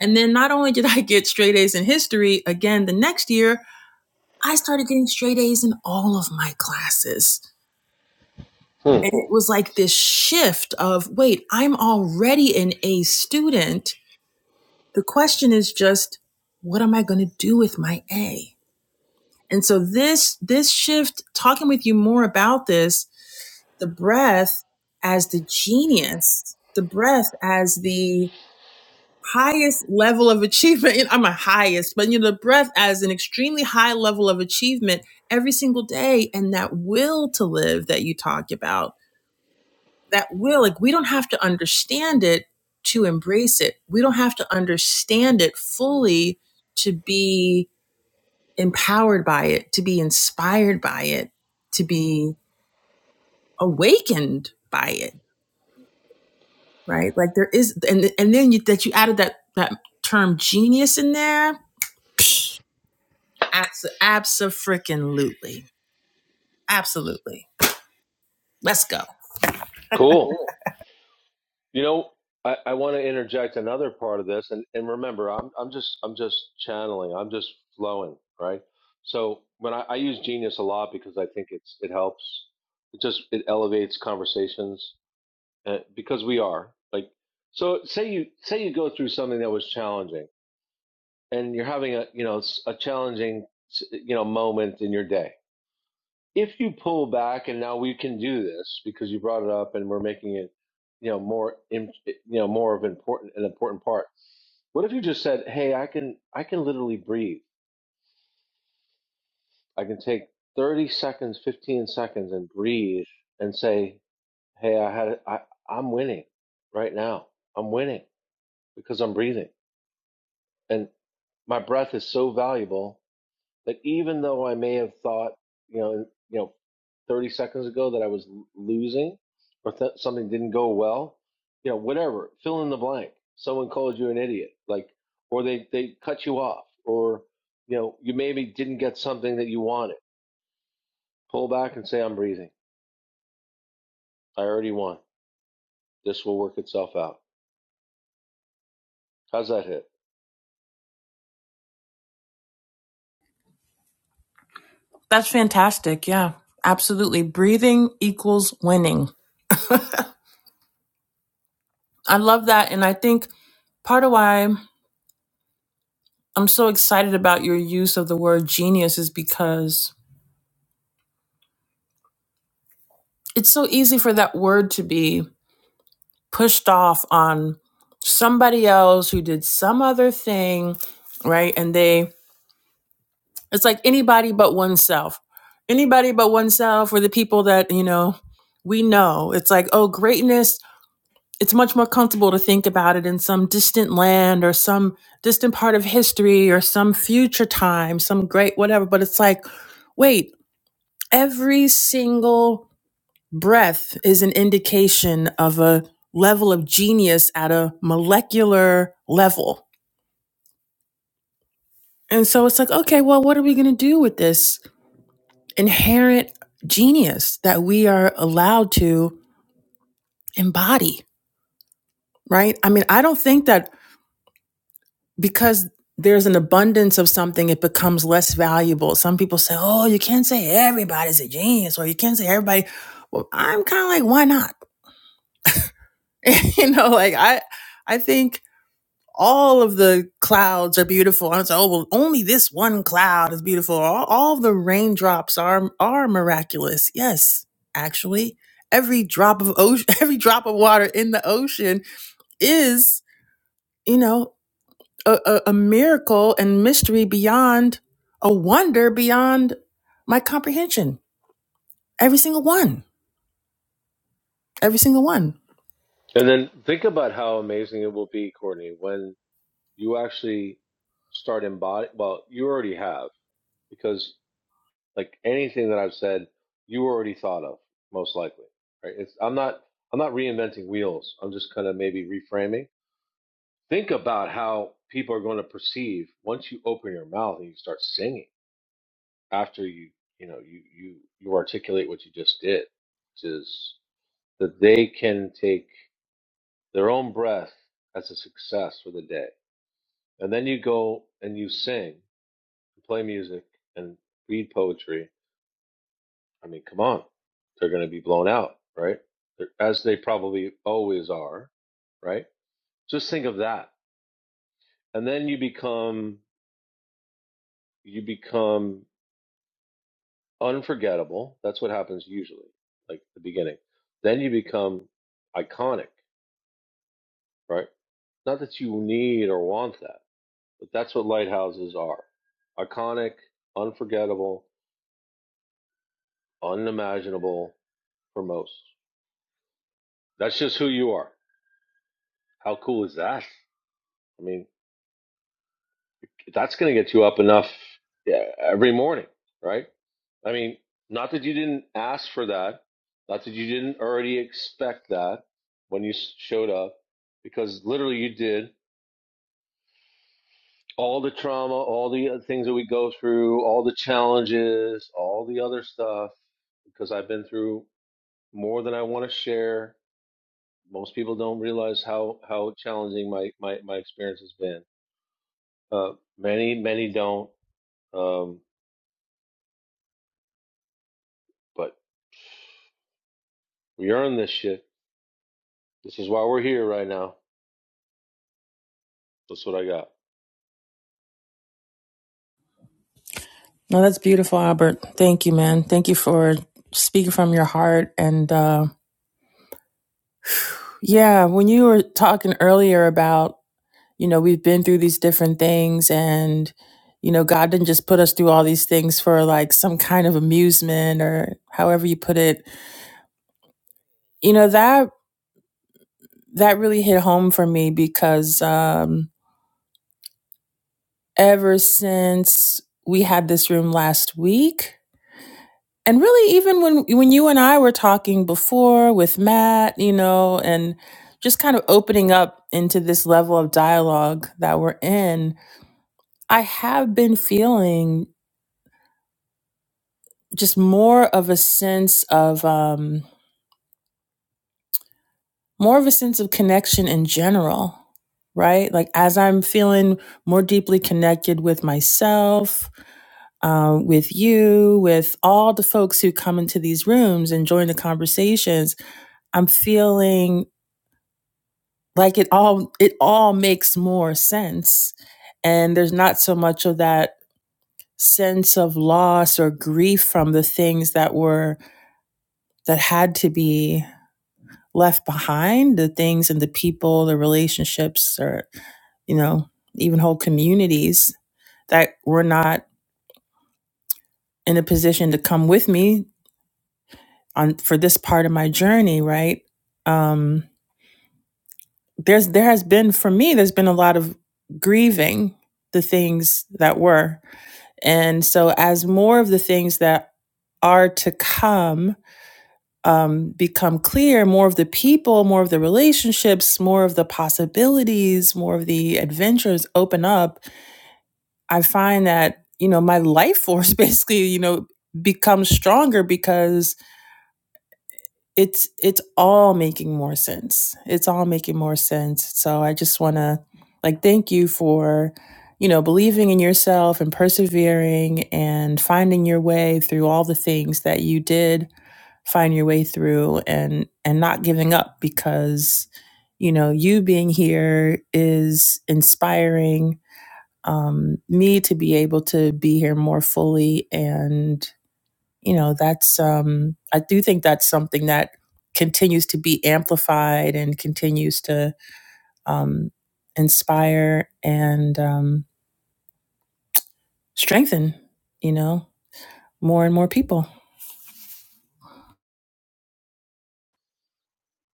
And then not only did I get straight A's in history again the next year, I started getting straight A's in all of my classes. Hmm. And it was like this shift of wait, I'm already an A student. The question is just, what am I going to do with my A? And so this, this shift, talking with you more about this, the breath as the genius, the breath as the highest level of achievement. I'm a highest, but you know, the breath as an extremely high level of achievement every single day. And that will to live that you talk about, that will, like, we don't have to understand it to embrace it. We don't have to understand it fully to be empowered by it, to be inspired by it, to be awakened by it. Right. Like there is, and, and then you, that you added that, that term genius in there Abs- Abso-freaking-lutely. Absolutely. Let's go. Cool. You know, I, I want to interject another part of this, and, and remember, I'm I'm just I'm just channeling. I'm just flowing, right? So when I, I use genius a lot because I think it's it helps. It just it elevates conversations uh, because we are like so. Say you say you go through something that was challenging, and you're having a you know a challenging you know moment in your day if you pull back and now we can do this because you brought it up and we're making it you know more you know more of important an important part what if you just said hey i can i can literally breathe i can take 30 seconds 15 seconds and breathe and say hey i had i i'm winning right now i'm winning because i'm breathing and my breath is so valuable that even though I may have thought, you know, you know, 30 seconds ago that I was losing or th- something didn't go well, you know, whatever, fill in the blank. Someone called you an idiot, like, or they, they cut you off, or, you know, you maybe didn't get something that you wanted. Pull back and say, I'm breathing. I already won. This will work itself out. How's that hit? That's fantastic. Yeah, absolutely. Breathing equals winning. I love that. And I think part of why I'm so excited about your use of the word genius is because it's so easy for that word to be pushed off on somebody else who did some other thing, right? And they It's like anybody but oneself. Anybody but oneself or the people that, you know, we know. It's like, oh, greatness. It's much more comfortable to think about it in some distant land or some distant part of history or some future time, some great whatever. But it's like, wait, every single breath is an indication of a level of genius at a molecular level. And so it's like, okay, well, what are we going to do with this? inherent genius that we are allowed to embody, right? I mean, I don't think that because there's an abundance of something, it becomes less valuable. Some people say, oh, you can't say everybody's a genius or you can't say everybody. Well, I'm kind of like, why not? you know, like I, I think all of the clouds are beautiful. And it's like, oh well, only this one cloud is beautiful. All, all the raindrops are are miraculous. Yes, actually, every drop of ocean, every drop of water in the ocean is, you know, a, a, a miracle and mystery beyond a wonder beyond my comprehension. Every single one. Every single one. And then think about how amazing it will be, Courtney, when you actually start embodying, well, you already have, because Like anything that I've said, you already thought of, most likely. Right? It's, I'm not I'm not reinventing wheels. I'm just kind of maybe reframing. Think about how people are going to perceive once you open your mouth and you start singing after you you know you you you articulate what you just did, which is that they can take their own breath as a success for the day. And then you go and you sing, play music, and read poetry I mean, come on, they're going to be blown out, right? They're- As they probably always are, right? Just think of that, and then you become you become unforgettable. That's what happens usually, like the beginning. Then you become iconic, right? Not that you need or want that, but that's what lighthouses are: iconic, unforgettable, unimaginable for most. That's just who you are. How cool is that? I mean, that's going to get you up enough yeah, every morning, right? I mean, not that you didn't ask for that, not that you didn't already expect that when you s- showed up, because literally you did. All the trauma, all the other things that we go through, all the challenges, all the other stuff, because I've been through more than I want to share. Most people don't realize how, how challenging my, my, my experience has been. Uh, many, many don't. Um, but we earn this shit This is why we're here right now. That's what I got. No, that's beautiful, Albert. Thank you, man. Thank you for speaking from your heart and. Uh, Yeah, when you were talking earlier about, you know, we've been through these different things and, you know, God didn't just put us through all these things for like some kind of amusement or however you put it. You know, that that really hit home for me because um ever since we had this room last week, and really even when when you and I were talking before with Matt, you know, and just kind of opening up into this level of dialogue that we're in I have been feeling just more of a sense of um more of a sense of connection in general, right? Like as I'm feeling more deeply connected with myself, um, with you, with all the folks who come into these rooms and join the conversations, I'm feeling like it all it all makes more sense. And there's not so much of that sense of loss or grief from the things that were that had to be left behind the things and the people the relationships or you know even whole communities that were not in a position to come with me on for this part of my journey right um there's there has been for me there's been a lot of grieving the things that were and so as more of the things that are to come um, become clear more of the people, more of the relationships, more of the possibilities, more of the adventures open up, I find that, you know, my life force basically, you know, becomes stronger because it's it's all making more sense it's all making more sense so i just want to like thank you for you know believing in yourself and persevering and finding your way through all the things that you did find your way through and and not giving up because you know you being here is inspiring um, me to be able to be here more fully and you know that's um i do think that's something that continues to be amplified and continues to um inspire and um strengthen you know more and more people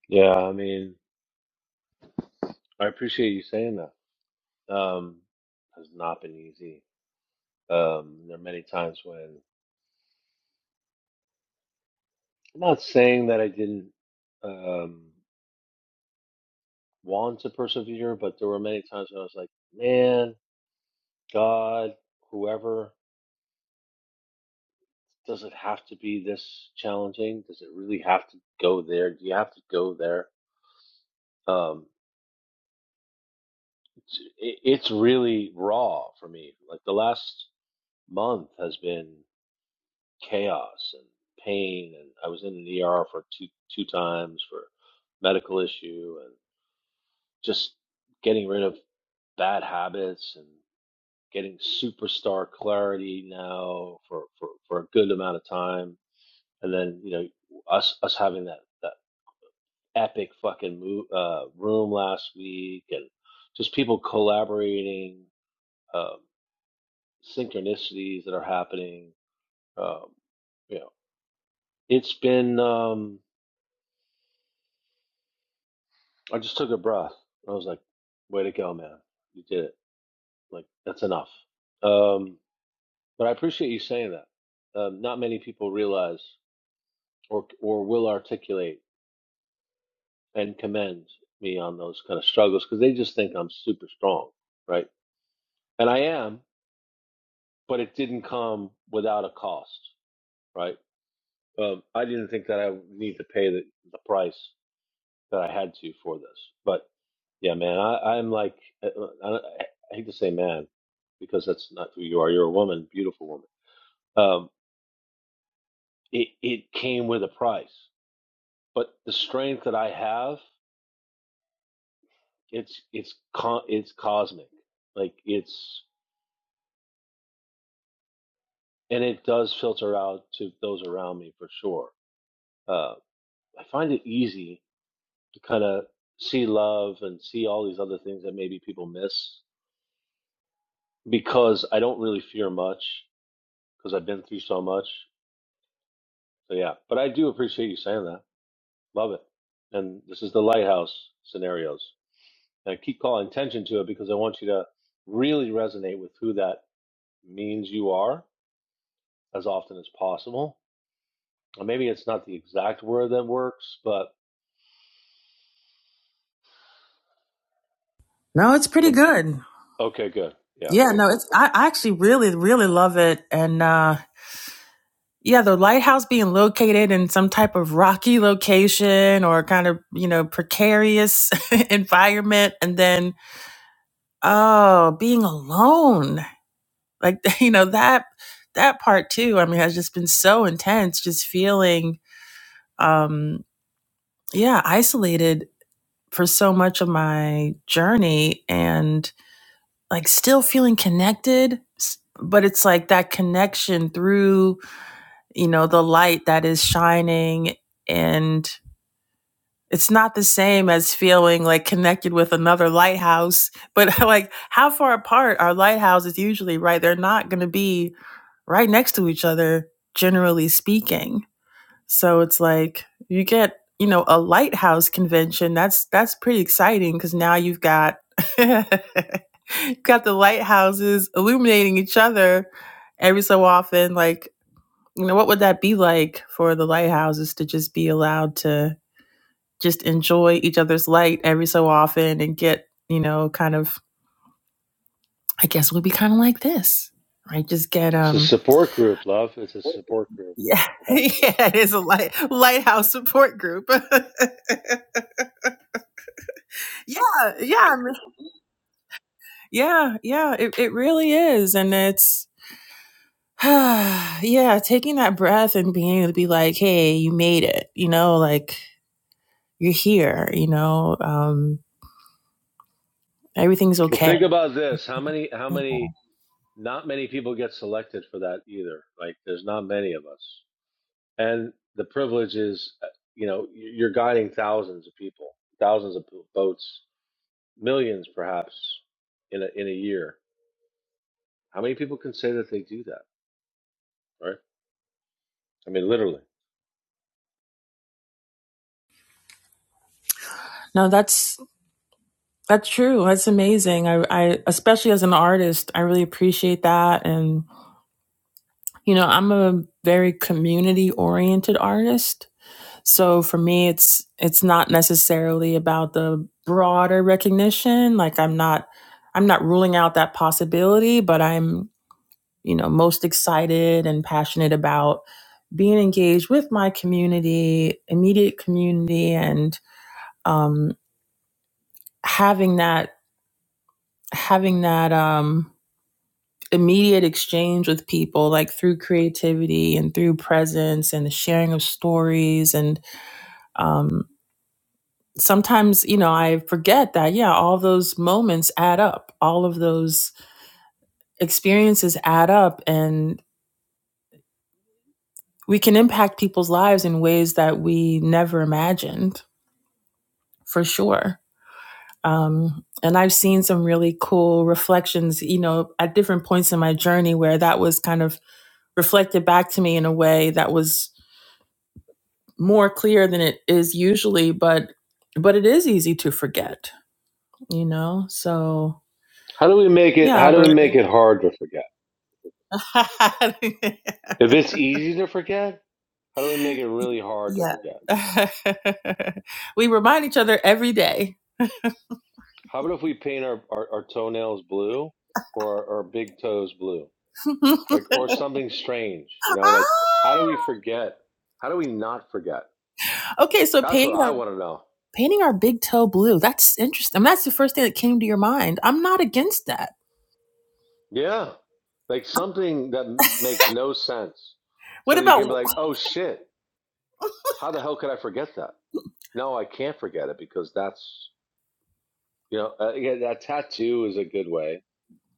Yeah, I mean, I appreciate you saying that. Um, has not been easy. Um, there are many times when I'm not saying that I didn't um want to persevere, but there were many times when I was like, man, God, whoever, does it have to be this challenging? Does it really have to go there? Do you have to go there? Um, it's, it, it's really raw for me. Like the last month has been. chaos and pain and I was in an ER for two two times for medical issue and just getting rid of bad habits and getting superstar clarity now for, for, for a good amount of time and then you know us us having that that epic fucking move, uh, room last week and just people collaborating um, synchronicities that are happening um, you know it's been um, I just took a breath. I was like, way to go, man. You did it. Like, that's enough. Um, but I appreciate you saying that. Um, not many people realize or, or will articulate and commend me on those kind of struggles because they just think I'm super strong, right? And I am, but it didn't come without a cost, right? Um, I didn't think that I would need to pay the, the price that I had to for this. But yeah, man, I, I'm like, I, I, I hate to say man because that's not who you are. You're a woman, beautiful woman. Um, it, it came with a price, but the strength that I have, it's, it's, co- it's cosmic. Like it's, and it does filter out to those around me for sure. Uh, I find it easy to kind of see love and see all these other things that maybe people miss because I don't really fear much. because I've been through so much. So yeah, but I do appreciate you saying that. Love it. And this is the lighthouse scenarios. And I keep calling attention to it because I want you to really resonate with who that means you are as often as possible. And maybe it's not the exact word that works, but no it's pretty the good okay, good. Yeah, yeah okay, no it's cool. i, I actually really really love it and uh yeah, the lighthouse being located in some type of rocky location or kind of, you know, precarious environment. And then, oh, being alone Like you know that that part too. I mean, has just been so intense. Just feeling, um, yeah, isolated for so much of my journey, and like still feeling connected. But it's like that connection through you know the light that is shining and it's not the same as feeling like connected with another lighthouse but like how far apart are lighthouses usually right they're not going to be right next to each other, generally speaking. So it's like you get, you know, a lighthouse convention. That's that's pretty exciting because now you've got you've got the lighthouses illuminating each other every so often. Like, you know, what would that be like for the lighthouses to just be allowed to just enjoy each other's light every so often and get, you know, kind of I guess it would be kind of like this, right? Just get It's a um support group, love. It's a support group. Yeah, Yeah. yeah, it is a light lighthouse support group. yeah, yeah, I mean- yeah, yeah. It it really is, and it's yeah, taking that breath and being able to be like, hey, you made it. You know, like you're here. You know, um, everything's Well, okay. think about this. How many how many not many people get selected for that either. Like there's not many of us. and the privilege is uh, you know you're guiding thousands of people thousands of boats millions perhaps in a, in a year how many people can say that they do that right i mean literally No, that's that's true. That's amazing. I, I especially as an artist, I really appreciate that. And you know, I'm a very community oriented artist. So for me, it's it's not necessarily about the broader recognition. Like I'm not I'm not ruling out that possibility, but I'm you know most excited and passionate about being engaged with my community, immediate community, and um, having that having that um, immediate exchange with people, like through creativity and through presence and the sharing of stories and um, sometimes you know i forget that yeah all those moments add up all of those experiences add up and we can impact people's lives in ways that we never imagined for sure um, and i've seen some really cool reflections you know at different points in my journey where that was kind of reflected back to me in a way that was more clear than it is usually but but it is easy to forget you know so how do we make it yeah how do we albert make it hard to forget if it's easy to forget how do we make it really hard to Yeah. forget we remind each other every day. how about if we paint our, our, our toenails blue or our, our big toes blue like or something strange you know like how do we forget how do we not forget okay, so that's what painting i our want to know painting our big toe blue. That's interesting. I mean, that's the first thing that came to your mind. I'm not against that. Yeah. Like something that m- makes no sense. What So that you about can be like, oh shit, how the hell could I forget that? No, I can't forget it because that's, you know, uh, yeah, that tattoo is a good way,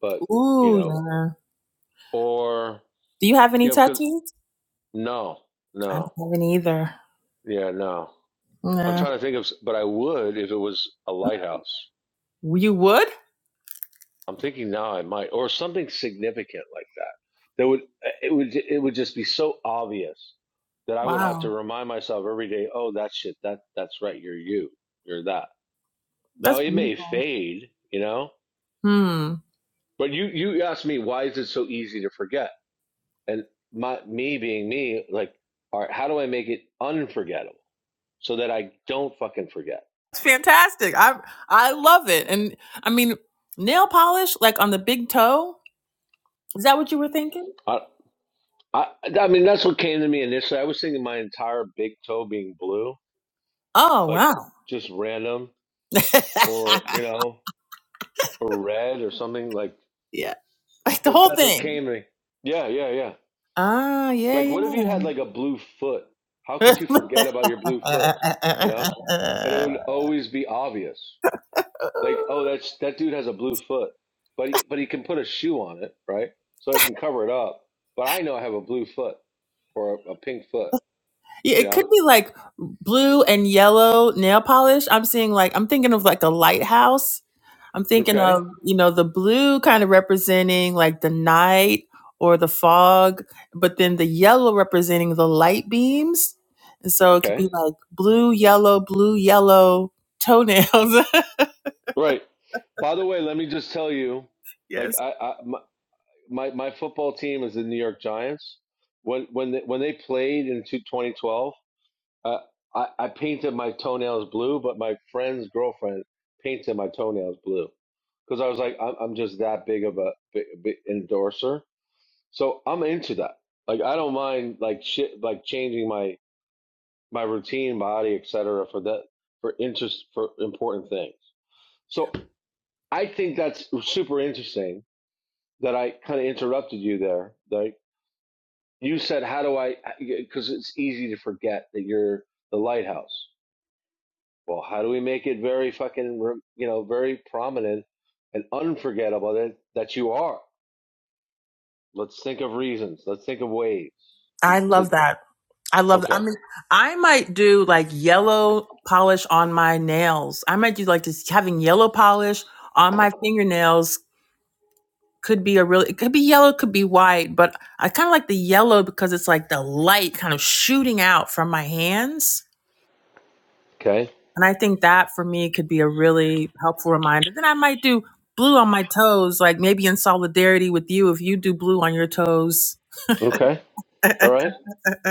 but, you Ooh, know, yeah. or, Do you have any you know, because tattoos? no, I don't no, have any either. yeah, no. I'm Yeah. trying to think of, s- but I would if it was a lighthouse. You would? I'm thinking now I might, or something significant like that. That would it would it would just be so obvious that I would have to Wow. remind myself every day. Oh, that shit. That that's right. You're you. You're that. Now That's it may beautiful. fade, you know. Hmm. But you you asked me why is it so easy to forget, and my me being me, like, all right, how do I make it unforgettable so that I don't fucking forget? It's fantastic. I I love it. And I mean, nail polish like on the big toe? Is that what you were thinking? I I I mean that's what came to me initially. I was thinking my entire big toe being blue, Oh, like wow. just random or you know, or red or something like. yeah, like the But whole that's what thing. came to me. Yeah, yeah, yeah. Ah, yeah, Like, yeah. what if you had like a blue foot? How could you forget about your blue foot? You know, and it would always be obvious. Like, oh, that's that dude has a blue foot, but he, but he can put a shoe on it, right? So I can cover it up. But I know I have a blue foot or a, a pink foot. yeah. You It know? could be like blue and yellow nail polish. I'm seeing like I'm thinking of like a lighthouse. I'm thinking Okay, of you know the blue kind of representing like the night or the fog, but then the yellow representing the light beams. And so it could okay, be like blue, yellow, blue, yellow toenails. right. By the way, let me just tell you, like yes, I, I my- my my football team is the New York Giants. When when they, when they played in 2012, uh, I I painted my toenails blue, but my friend's girlfriend painted my toenails blue because I was like, I'm, I'm just that big of a big, big endorser, so I'm into that. Like I don't mind like shit like changing my my routine, body, etc. for that for interest for important things. So I think that's super interesting that I kind of interrupted you there, like You said, "How do I?" Because it's easy to forget that you're the lighthouse. Well, how do we make it very fucking, you know, very prominent and unforgettable that that you are? Let's think of reasons. Let's think of ways to I love to. that. I love. I Okay. mean, I might do like yellow polish on my nails. I might do like this having yellow polish on my fingernails could be a really. It could be yellow, could be white, but I kind of like the yellow because it's like the light kind of shooting out from my hands, Okay. and I think that for me could be a really helpful reminder. Then I might do blue on my toes, like maybe in solidarity with you if you do blue on your toes, Okay. All right.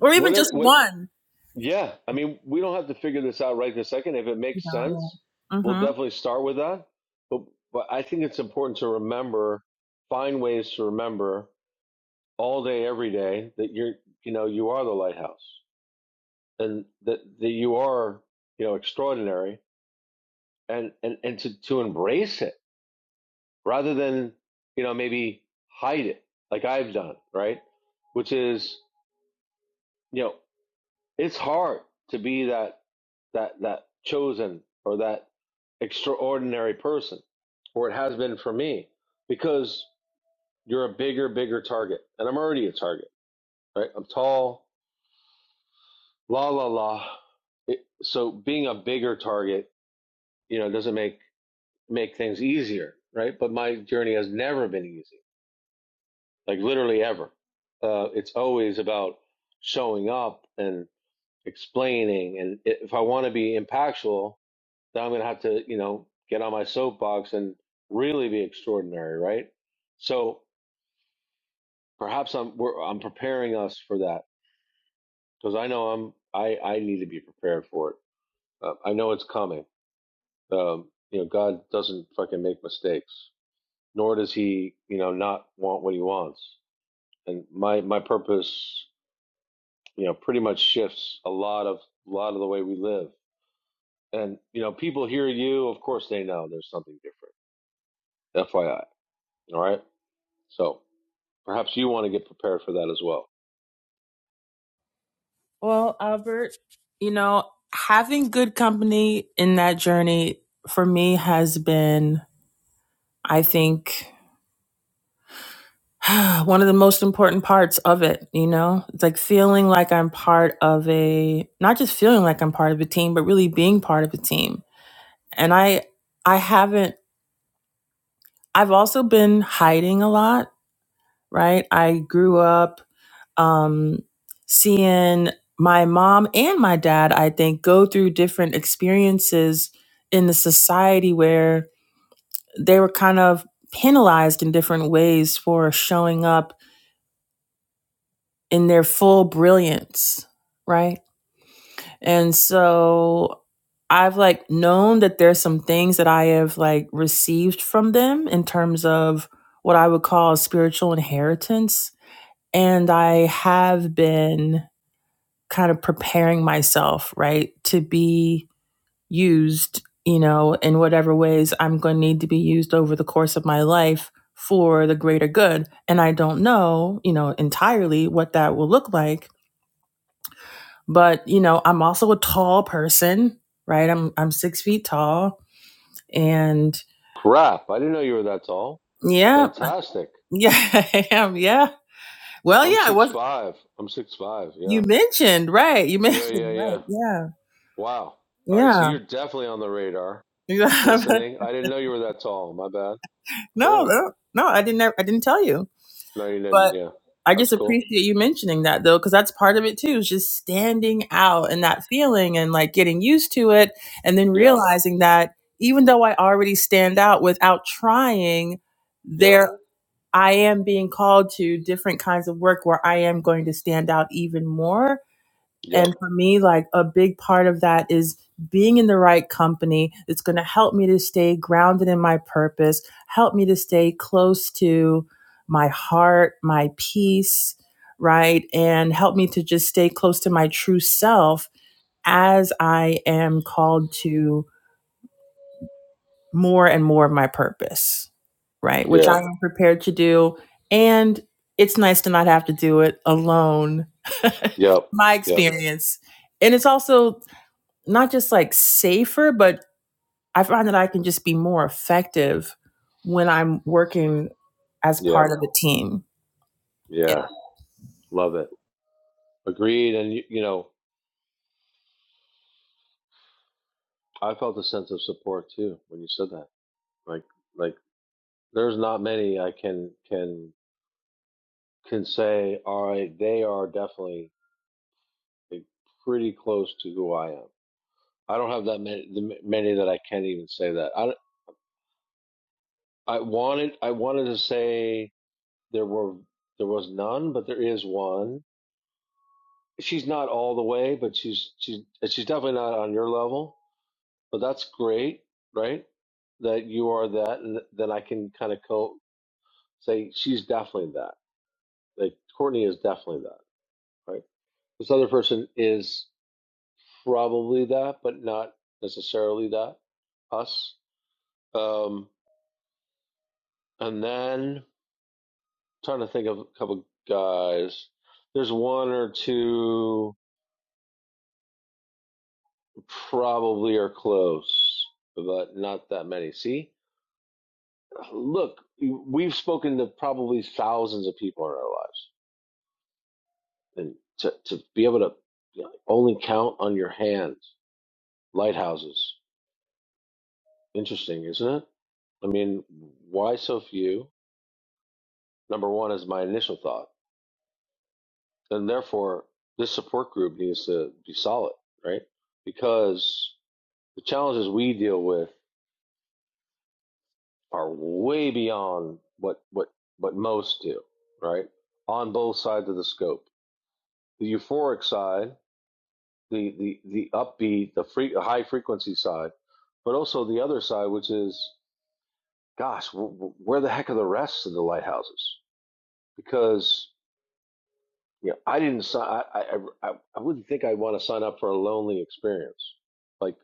or even Whatever. just What? one. Yeah. I mean, we don't have to figure this out right this second. If it You makes know. sense, Yeah. we'll Mm-hmm. definitely start with that. But but I think it's important to remember, find ways to remember all day, every day that you're, you know, you are the lighthouse and that, that you are, you know, extraordinary and, and, and to, to embrace it rather than, you know, maybe hide it like I've done, right? Which is, you know, it's hard to be that, that, that chosen or that extraordinary person, or it has been for me because you're a bigger, bigger target and I'm already a target, right? I'm tall. La la la. It, so being a bigger target, you know, doesn't make make things easier, right? But my journey has never been easy, like literally ever. Uh, it's always about showing up and explaining. And if I want to be impactful, then I'm going to have to, you know, get on my soapbox and really be extraordinary, right? So perhaps I'm we're, I'm preparing us for that because I know I'm I I need to be prepared for it. Uh, I know it's coming Um, you know, God doesn't fucking make mistakes, nor does he, you know, not want what he wants. And my my purpose, you know, pretty much shifts a lot of a lot of the way we live. And you know, people hear you, of course they know there's something different. FYI. All right? So perhaps you want to get prepared for that as well. Well, Albert, you know, having good company in that journey for me has been, I think, one of the most important parts of it. You know, it's like feeling like I'm part of a, not just feeling like I'm part of a team, but really being part of a team. And I, I haven't, I've also been hiding a lot, right? I grew up um, seeing my mom and my dad, I think, go through different experiences in the society where they were kind of penalized in different ways for showing up in their full brilliance, right? And so I've like known that there's some things that I have like received from them in terms of what I would call spiritual inheritance. And I have been kind of preparing myself, right, to be used, you know, in whatever ways I'm going to need to be used over the course of my life for the greater good. And I don't know, you know, entirely what that will look like. But, you know, I'm also a tall person, right? I'm I'm six feet tall. And Crap, I didn't know you were that tall. yeah, Fantastic. yeah, I am. Yeah. Well, I'm yeah, I six was five. I'm six five, you yeah. mentioned, right. You Yeah, yeah, mentioned, yeah. right, yeah. Wow. All right, so Yeah. you're definitely on the radar. Listening. I didn't know you were that tall. My bad. no, Cool. no, no, I didn't I didn't tell you. No, you didn't. But Yeah. I That's just cool. appreciate you mentioning that though, because that's part of it too, is just standing out and that feeling and like getting used to it and then Yep. realizing that even though I already stand out without trying, Yep. there I am being called to different kinds of work where I am going to stand out even more and Yep. for me, like a big part of that is being in the right company. It's going to help me to stay grounded in my purpose, help me to stay close to my heart, my peace, right? And help me to just stay close to my true self as I am called to more and more of my purpose, right? Which Yeah. I am prepared to do. And it's nice to not have to do it alone. Yep. My Yep. experience. And it's also not just like safer, but I find that I can just be more effective when I'm working as Yeah. part of a team. Yeah. Yeah. Love it. Agreed. And you, you know, I felt a sense of support too when you said that. Like, like there's not many I can can can say. All right, they are definitely like, pretty close to who I am. I don't have that many the many that I can't even say that. I I wanted I wanted to say There were there was none, but there is one. She's not all the way, but she's she's she's definitely not on your level. But that's great, right? That you are that, and then I can kind of co say she's definitely that. Like Courtney is definitely that, right? This other person is probably that, but not necessarily that. Us, um, and then trying to think of a couple guys. There's one or two probably are close, but not that many. See, look, we've spoken to probably thousands of people in our lives, and to to be able to you know, only count on your hands lighthouses, interesting, isn't it? I mean, why so few? Number one is my initial thought, and therefore this support group needs to be solid, right? Because the challenges we deal with are way beyond what what what most do, right? On both sides of the scope. The euphoric side, the the the upbeat, the free, high frequency side, but also the other side, which is, gosh, where the heck are the rest of the lighthouses? Because you know, I didn't sign. I I I, I I wouldn't think I'd want to sign up for a lonely experience. Like,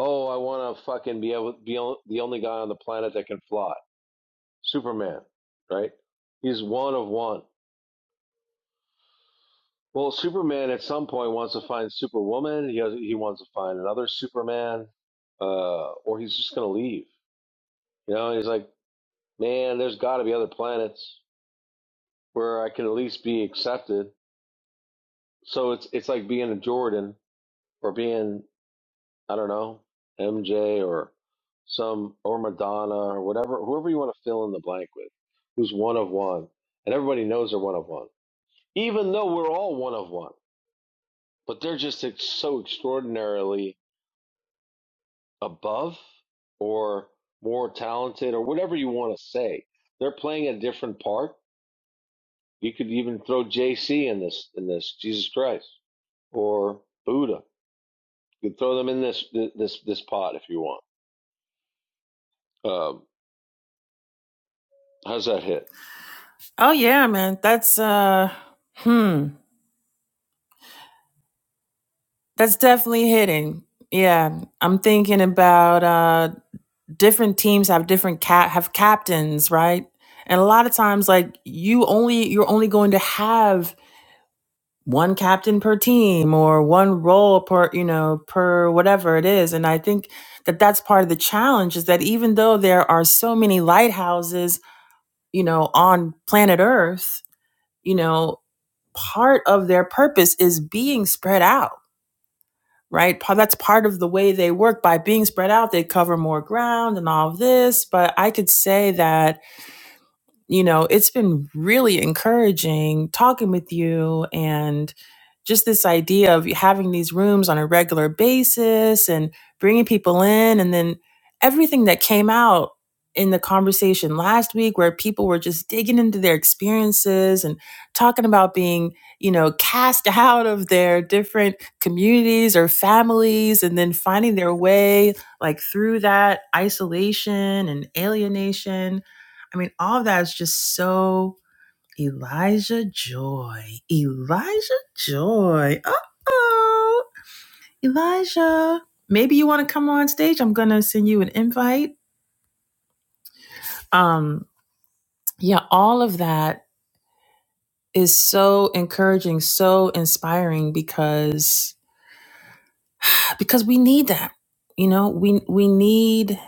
oh, I want to fucking be able be on, the only guy on the planet that can fly Superman, right? He's one of one. Well, Superman at some point wants to find Superwoman. He has, he wants to find another Superman, uh, or he's just gonna leave. You know, he's like, man, there's got to be other planets where I can at least be accepted. So it's it's like being a Jordan or being I don't know MJ or some or Madonna or whatever whoever you want to fill in the blank with, who's one of one, and everybody knows they're one of one, even though we're all one of one. but they're just so extraordinarily above or more talented or whatever you want to say. They're playing a different part. You could even throw JC in this in this Jesus Christ or Buddha. You could throw them in this this this pot if you want. Um, how's that hit? Oh yeah, man. That's uh hmm. That's definitely hitting. Yeah. I'm thinking about uh different teams have different cap have captains, right? And a lot of times like you only you're only going to have one captain per team or one role per you know per whatever it is and i think that that's part of the challenge is that even though there are so many lighthouses you know on planet earth you know part of their purpose is being spread out right that's part of the way they work by being spread out they cover more ground and all of this but i could say that you know, it's been really encouraging talking with you and just this idea of having these rooms on a regular basis and bringing people in. And then everything that came out in the conversation last week, where people were just digging into their experiences and talking about being, you know, cast out of their different communities or families and then finding their way like through that isolation and alienation I mean, all of that is just so Elijah Joy. Elijah Joy. Uh oh. Elijah. Maybe you want to come on stage. I'm gonna send you an invite. Um, yeah, all of that is so encouraging, so inspiring because because we need that. You know, we we need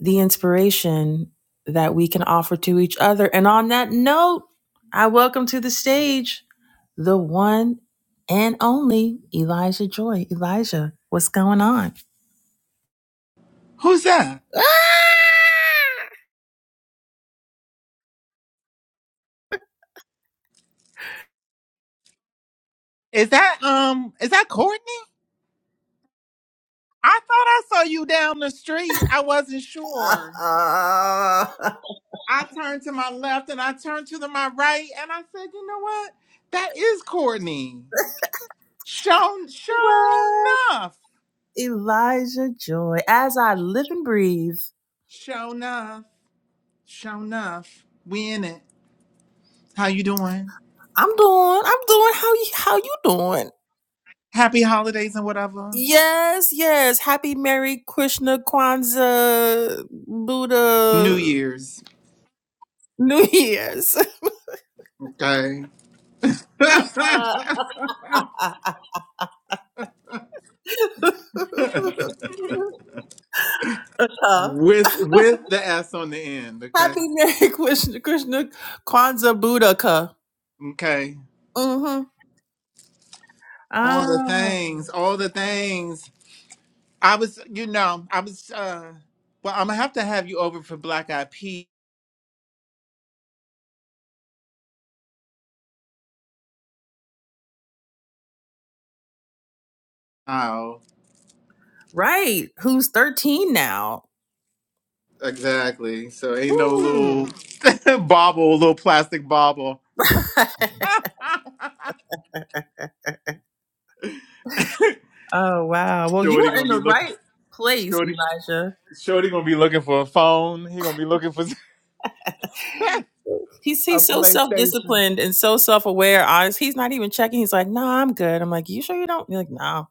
the inspiration that we can offer to each other. And on that note, I welcome to the stage the one and only Elijah Joy. Elijah, what's going on? Who's that? Is that um is that Courtney? I thought I saw you down the street. I wasn't sure. Ah! I turned to my left and I turned to the, my right and I said, you know what? That is Courtney. Shown shown What? enough. Elijah Joy. As I live and breathe, Show enough. Show enough. We in it. How you doing? I'm doing, I'm doing how you how you doing? Happy holidays and whatever. Yes, yes. Happy Merry Krishna Kwanzaa New Buddha Year's. New Year's. Okay. Uh, uh-huh. with with the S on the end, okay? Happy Merry Krishna, Krishna Kwanzaa Buddhaka. Okay. Mm-hmm. All the things, Oh, all the things. I was, you know, I was. uh Well, I'm gonna have to have you over for Black Eyed Peas. Oh, right. Who's 13 now? exactly. So ain't no Ooh. little bobble, little plastic bobble. oh, wow. Well, you Shorty were gonna in be the looking. right place, Shorty, Elijah. Shorty gonna be looking for a phone. He gonna be looking for He's a he's so self PlayStation. disciplined and so self aware. Honest, he's not even checking. He's like, "No, nah, I'm good." I'm like, "You sure you don't?" You're like, "No." Nah.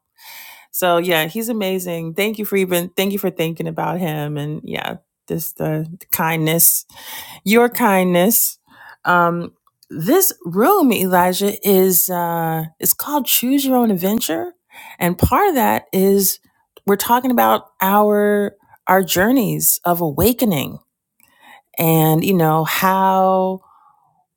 So yeah, he's amazing. Thank you for even thank you for thinking about him and yeah, just the kindness your kindness. Um, this room, Elijah, is uh, it's called Choose Your Own Adventure, and part of that is we're talking about our our journeys of awakening, and you know how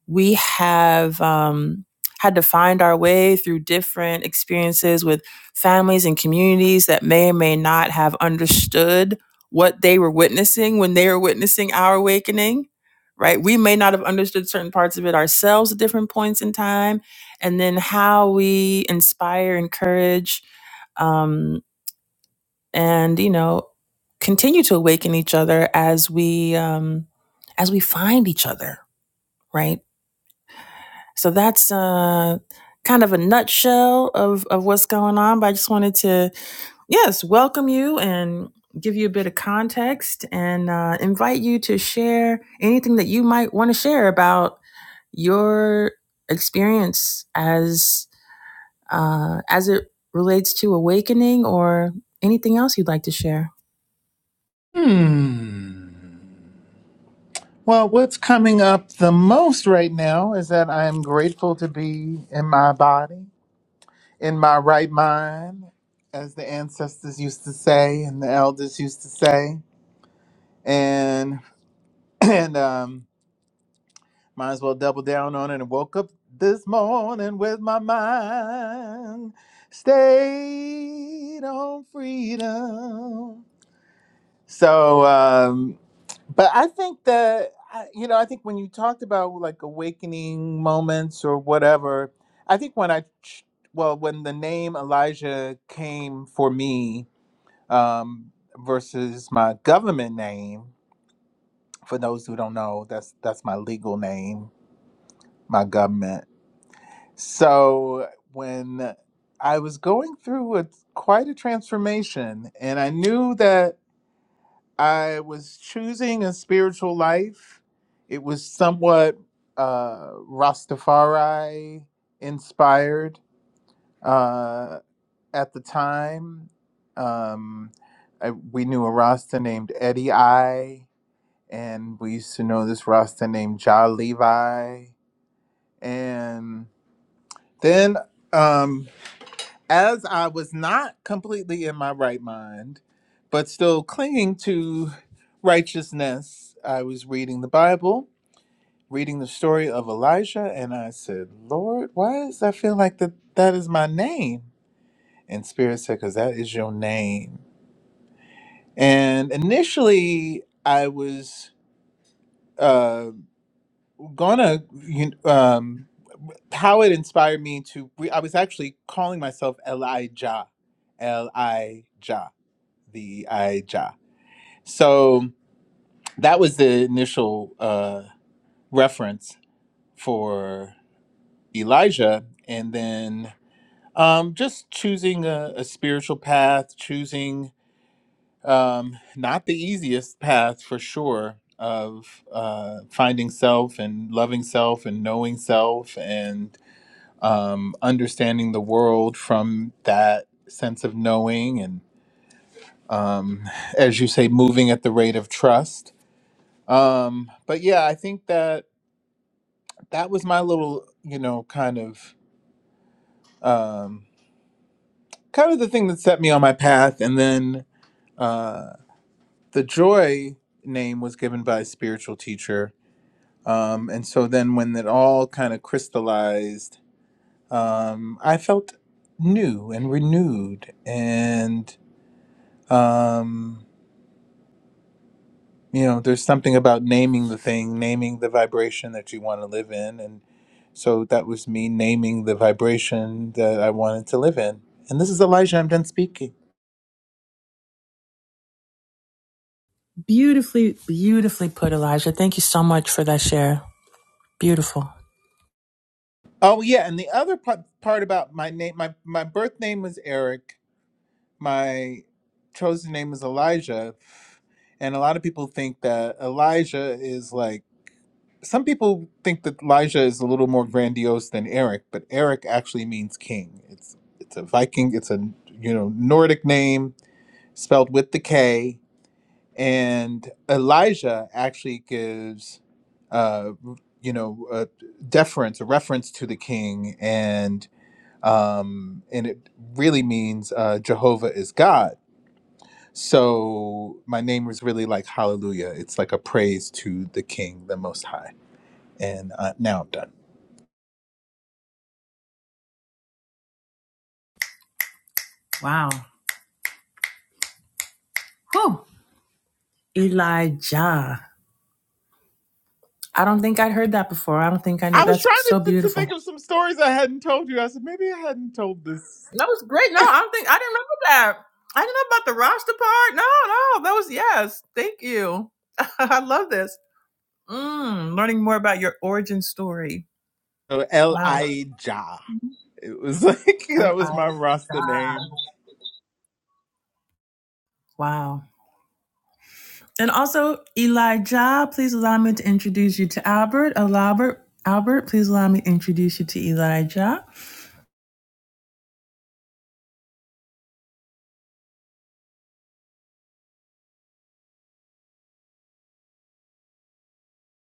we have um, had to find our way through different experiences with families and communities that may or may not have understood what they were witnessing when they were witnessing our awakening right we may not have understood certain parts of it ourselves at different points in time and then how we inspire encourage um, and you know continue to awaken each other as we um, as we find each other right so that's uh, kind of a nutshell of, of what's going on. But I just wanted to, yes, welcome you and give you a bit of context and uh, invite you to share anything that you might want to share about your experience as uh, as it relates to awakening or anything else you'd like to share. Hmm. Well, what's coming up the most right now is that I am grateful to be in my body. in my right mind, as the ancestors used to say and the elders used to say. And and um, might as well double down on it. And woke up this morning with my mind stayed on freedom. So, um, but I think that I- you know, I think when you talked about like awakening moments or whatever, I think when I ch- well, when the name Elijah came for me, um, versus my government name. For those who don't know, that's that's my legal name, my government. So when I was going through a, quite a transformation, and I knew that I was choosing a spiritual life. It was somewhat uh, Rastafari inspired uh, at the time. Um, I, we knew a Rasta named Eddie I. and we used to know this roster named Ja Levi. And then, um, as I was not completely in my right mind, but still clinging to righteousness, I was reading the Bible, reading the story of Elijah, and I said, Lord, why does I feel like that, that is my name? And Spirit said, Because that is your name. And initially, I was uh, gonna you, um, how it inspired me to re- i was actually calling myself elijah elijah the ijah so that was the initial uh, reference for elijah and then um, just choosing a, a spiritual path choosing um, not the easiest path for sure of uh, finding self and loving self and knowing self and. um, understanding the world from that sense of knowing and um, as you say moving at the rate of trust um, but yeah i think that that was my little you know kind of um, kind of the thing that set me on my path and then uh, the joy name was given by a spiritual teacher um, and so then when it all kind of crystallized um, i felt new and renewed and um, you know there's something about naming the thing naming the vibration that you want to live in and so that was me naming the vibration that i wanted to live in and this is elijah i'm done speaking Beautifully, beautifully put, Elijah. Thank you so much for that share. Beautiful. oh yeah and the other part, part about my name my, my birth name was eric my chosen name was elijah and a lot of people think that elijah is like some people think that Elijah is a little more grandiose than Eric, but Eric actually means king. It's it's a Viking. It's a you know Nordic name spelled with the K, and Elijah actually gives uh, you know a deference, a reference to the king, and um, and it really means uh, Jehovah is God. So my name is really like hallelujah. It's like a praise to the King, the Most High. And uh, now I'm done. Wow. Whew. Elijah. I don't think I'd heard that before. I don't think I knew. I was That's trying so to, to, to beautiful. think of some stories I hadn't told you. I said maybe I hadn't told this. That was great. No, I don't think I didn't remember that. I didn't know about the roster part. No, no, that was yes. Thank you. I love this. Mm, learning more about your origin story. So L Wow. I Ja. It was like L that I. was my Rasta name. Wow. And also, Elijah, please allow me to introduce you to Albert. Oh, Albert, Albert, please allow me to introduce you to Elijah.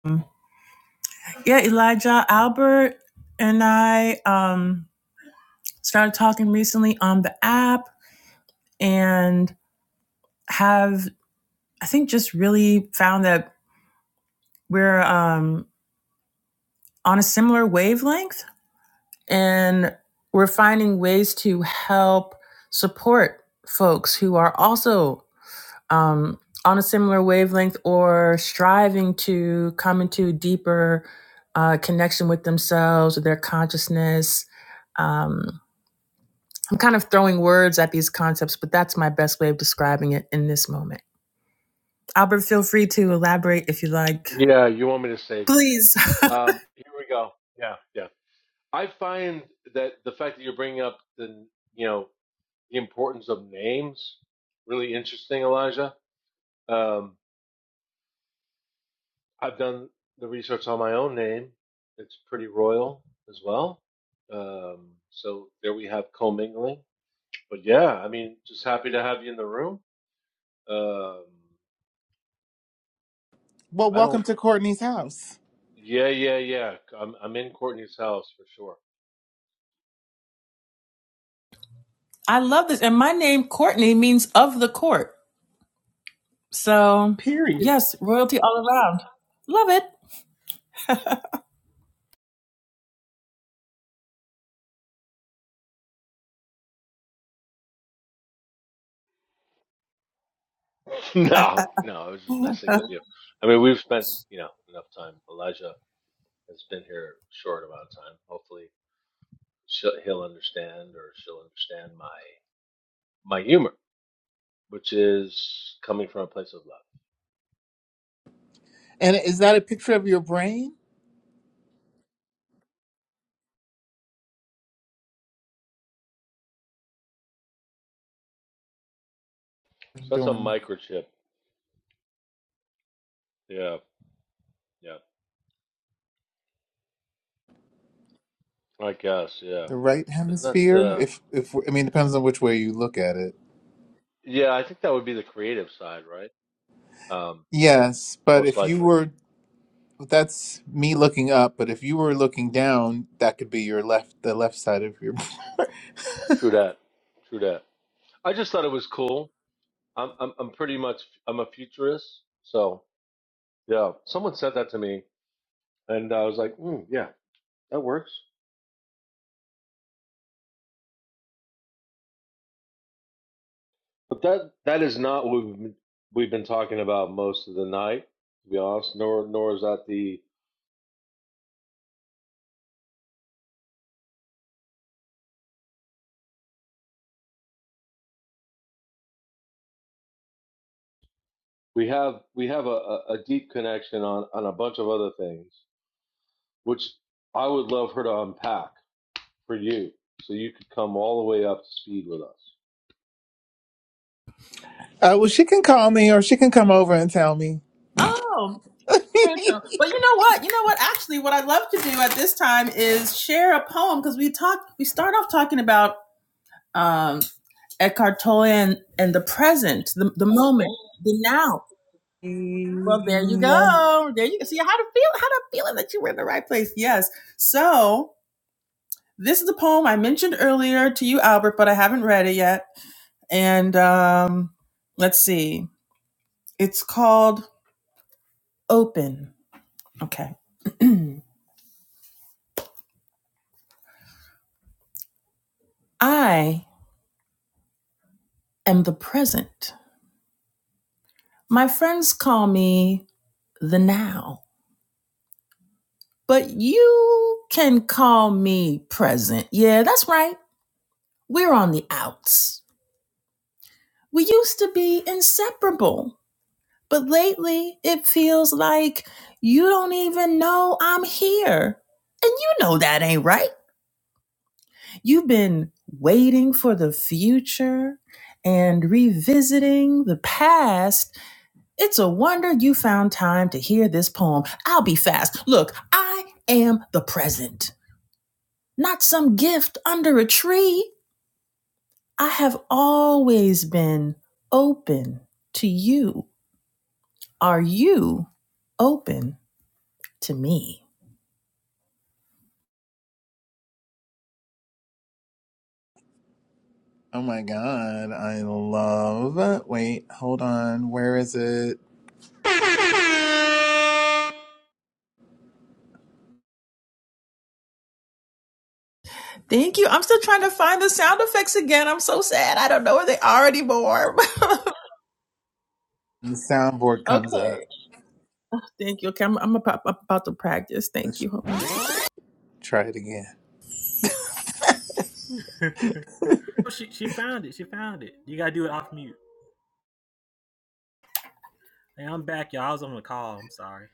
Um, Yeah, Elijah, Albert, and I um, started talking recently on the app and have I think just really found that we're um, on a similar wavelength and we're finding ways to help support folks who are also um, on a similar wavelength or striving to come into a deeper uh, connection with themselves or their consciousness. Um, I'm kind of throwing words at these concepts, but that's my best way of describing it in this moment. Albert, feel free to elaborate if you like. Yeah, you want me to save you. Please. Um, here we go. Yeah, yeah. I find that the fact that you're bringing up the you know the importance of names really interesting, Elijah. Um, I've done the research on my own name. It's pretty royal as well. Um, so there we have commingling. But yeah, I mean, just happy to have you in the room. Um, Well, I welcome don't. to Courtney's house. Yeah, yeah, yeah. I'm I'm in Courtney's house for sure. I love this. And my name, Courtney, means of the court. So, Period. yes, royalty all around. Love it. no, no, I was just messing with you. I mean, we've spent you know enough time. Elijah has been here a short amount of time. Hopefully, she'll, he'll understand or she'll understand my my humor, which is coming from a place of love. And is that a picture of your brain? So that's a Doing microchip. Yeah, yeah. I guess, yeah. the right Isn't that hemisphere. uh If if I mean depends on which way you look at it. yeah, I think that would be the creative side, right? Um, Yes, but most if you likely. were But That's me looking up, but if you were looking down, that could be your left, the left side of your. True that. True that. I just thought it was cool. I'm I'm I'm pretty much I'm a futurist, so yeah. Someone said that to me and I was like, mm, yeah, that works. But that that is not what we've been, we've been talking about most of the night, to be honest, nor nor is that the we have we have a, a a deep connection on, on a bunch of other things which I would love her to unpack for you, so you could come all the way up to speed with us. Uh, well, she can call me, or she can come over and tell me. Oh, true, true. But you know what? You know what? Actually, what I love to do at this time is share a poem because we talk, we start off talking about um, Eckhart Tolle and, and the present, the, the moment, the now. Well, there you Yeah. go. There you go. See how to feel, how to feeling that you were in the right place. Yes. So this is a poem I mentioned earlier to you, Albert, but I haven't read it yet. And um, let's see, it's called Open. Okay. I am the present. My friends call me the now, but you can call me present. Yeah, that's right. We're on the outs. We used to be inseparable, but lately it feels like you don't even know I'm here. And you know that ain't right. You've been waiting for the future and revisiting the past. It's a wonder you found time to hear this poem. I'll be fast. Look, I am the present, not some gift under a tree. I have always been open to you. Are you open to me? Oh my god, I love. Wait, hold on. Where is it? Thank you. I'm still trying to find the sound effects again. I'm so sad. I don't know where they are anymore. The soundboard comes okay. up. Thank you. Okay, I'm, I'm about I'm about to practice. Thank Let's you. Hold on. try it again. Oh, she she found it. She found it. You gotta do it off mute. Hey, I'm back, y'all. I was on the call. I'm sorry.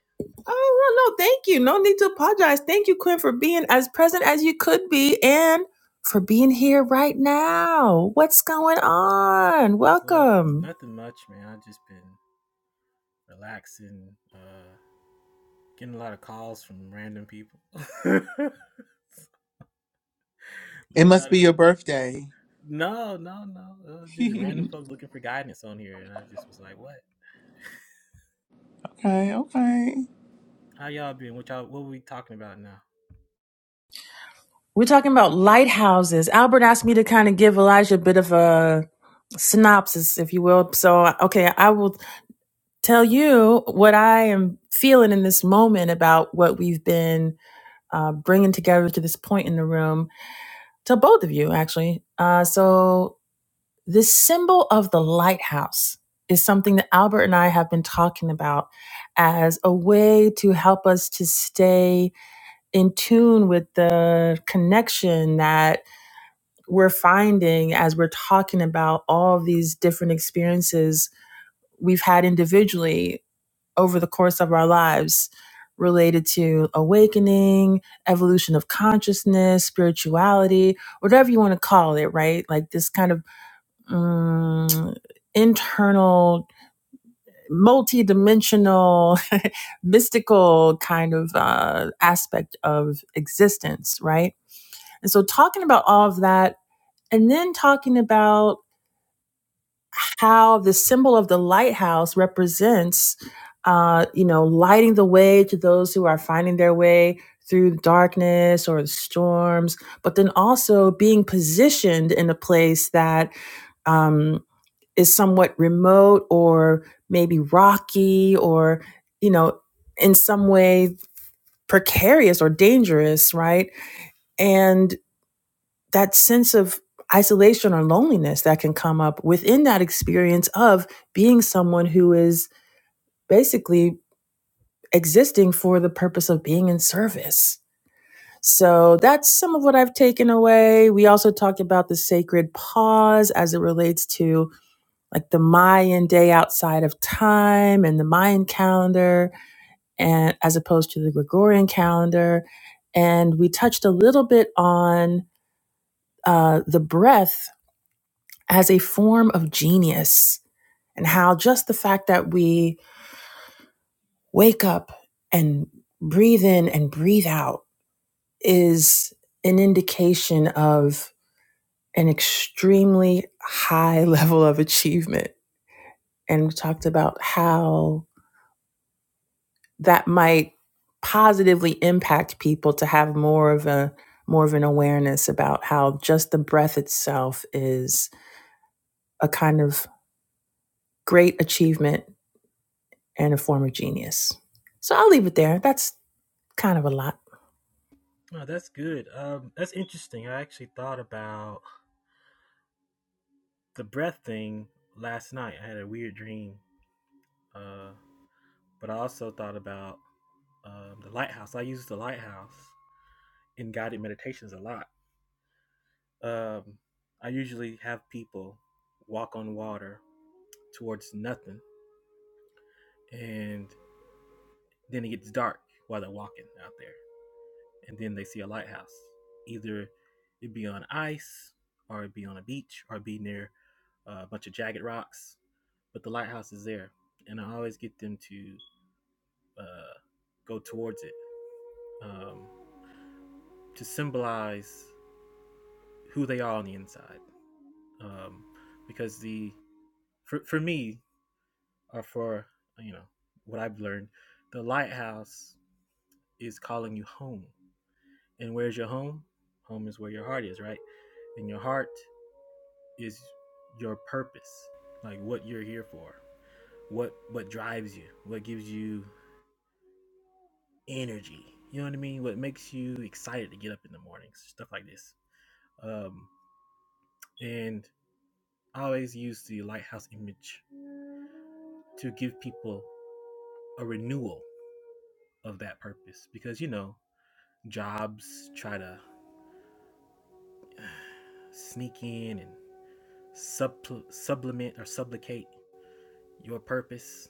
Oh no, no, thank you. No need to apologize. Thank you, Quinn, for being as present as you could be and for being here right now. What's going on? Welcome. Welcome. Nothing much, man. I've just been relaxing. Uh, getting a lot of calls from random people. It must be your birthday. no, no, no. Uh, just random okay, folks looking for guidance on here, and I just was like, "What? okay. How y'all been? What y'all? What were we talking about now?" We're talking about lighthouses. Albert asked me to kind of give Elijah a bit of a synopsis, if you will. So, okay, I will tell you what I am feeling in this moment about what we've been uh, bringing together to this point in the room to both of you, actually. Uh, so, this symbol of the lighthouse is something that Albert and I have been talking about as a way to help us to stay in tune with the connection that we're finding as we're talking about all of these different experiences we've had individually over the course of our lives related to awakening, evolution of consciousness, spirituality, whatever you want to call it, right? Like this kind of mm, internal, multi-dimensional, mystical kind of uh, aspect of existence, right? And so talking about all of that and then talking about how the symbol of the lighthouse represents, uh, you know, lighting the way to those who are finding their way through the darkness or the storms, but then also being positioned in a place that um, is somewhat remote or maybe rocky or, you know, in some way precarious or dangerous, right? And that sense of isolation or loneliness that can come up within that experience of being someone who is basically existing for the purpose of being in service. So that's some of what I've taken away. We also talked about the sacred pause as it relates to like the Mayan day outside of time and the Mayan calendar and as opposed to the Gregorian calendar. And we touched a little bit on uh, the breath as a form of genius and how just the fact that we wake up and breathe in and breathe out is an indication of an extremely high level of achievement. And we talked about how that might positively impact people to have more of a more of an awareness about how just the breath itself is a kind of great achievement and a former genius. So I'll leave it there. That's kind of a lot. Oh, that's good. Um, that's interesting. I actually thought about the breath thing last night. I had a weird dream, uh, but I also thought about um, the lighthouse. I use the lighthouse in guided meditations a lot. Um, I usually have people walk on water towards nothing, and then it gets dark while they're walking out there, and then they see a lighthouse. Either it be on ice, or it be on a beach, or it be near uh, a bunch of jagged rocks, but the lighthouse is there, and I always get them to uh, go towards it um, to symbolize who they are on the inside. Um, because the for, for me or for you know what I've learned, the lighthouse is calling you home. And where's your home? Home is where your heart is, right? And your heart is your purpose, like what you're here for, what what drives you, what gives you energy. You know what I mean? What makes you excited to get up in the morning? stuff like this. Um, and I always use the lighthouse image to give people a renewal of that purpose because you know jobs try to sneak in and sub sublimate or supplicate your purpose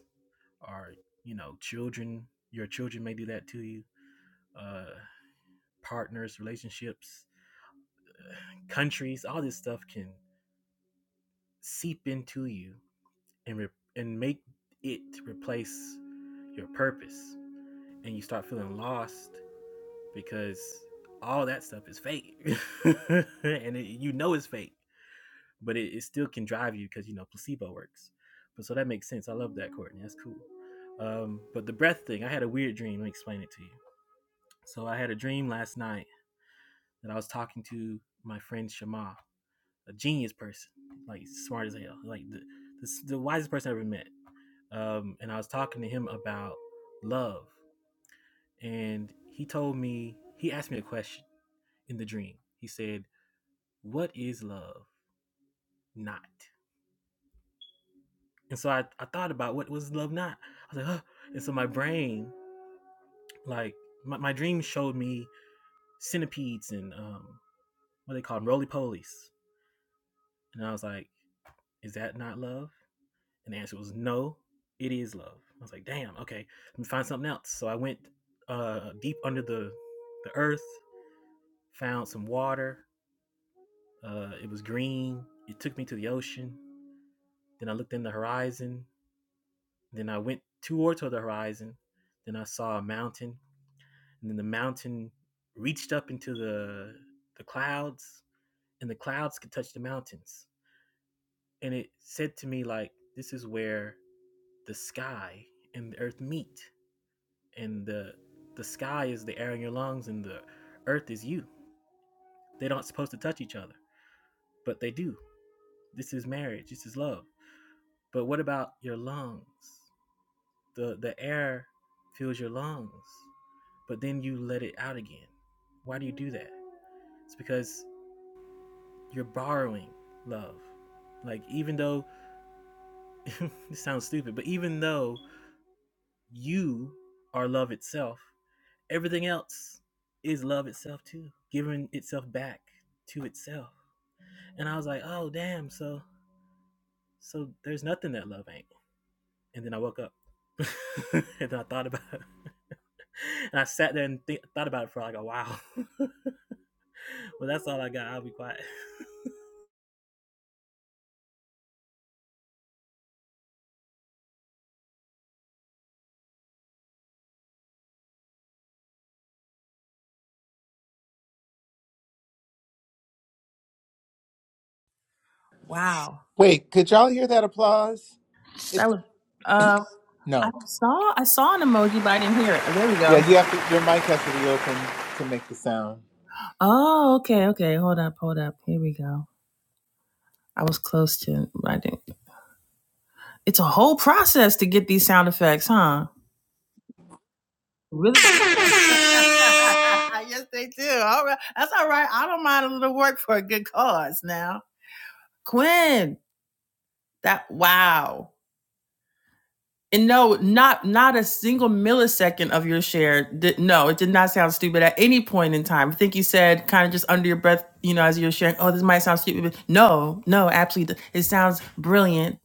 or you know children your children may do that to you uh partners relationships countries all this stuff can seep into you and re- and make it replace your purpose and you start feeling lost because all that stuff is fake and it, you know it's fake but it, it still can drive you because you know placebo works but so that makes sense i love that courtney that's cool um, but the breath thing i had a weird dream let me explain it to you so i had a dream last night that i was talking to my friend shama a genius person like smart as hell like the, the, the wisest person i ever met um, and i was talking to him about love and he told me he asked me a question in the dream he said what is love not? And so I, I thought about what was love not. I was like, huh. and so my brain, like my, my dream showed me centipedes and um, what they call them, roly polies. And I was like, is that not love? And the answer was no, it is love. I was like, damn, okay, let me find something else. So I went uh, deep under the the earth, found some water. Uh, it was green. It took me to the ocean. Then I looked in the horizon. Then I went towards the horizon. Then I saw a mountain, and then the mountain reached up into the the clouds, and the clouds could touch the mountains. And it said to me like, "This is where the sky and the earth meet, and the the sky is the air in your lungs, and the earth is you. They don't supposed to touch each other, but they do. This is marriage. This is love. But what about your lungs? The the air fills your lungs but then you let it out again. Why do you do that? It's because you're borrowing love. Like, even though this sounds stupid, but even though you are love itself, everything else is love itself too, giving itself back to itself. And I was like, oh, damn. So, so there's nothing that love ain't. And then I woke up and then I thought about it. And I sat there and th- thought about it for like a while. well, that's all I got. I'll be quiet. Wow, Wait, could y'all hear that applause? It that was. Um, I no. saw I saw an emoji, but I didn't hear it. Oh, there we Yeah, go. you have to your mic has to be open to make the sound. Oh, okay, okay. Hold up, hold up. Here we go. I was close to. I didn't. It's a whole process to get these sound effects, huh? Really? yes, they do. All right, that's all right. I don't mind a little work for a good cause. Now, Quinn, that wow. And no, not not a single millisecond of your share. Did, no, it did not sound stupid at any point in time. I think you said kind of just under your breath, you know, as you were sharing. Oh, this might sound stupid, but no, no, absolutely, it sounds brilliant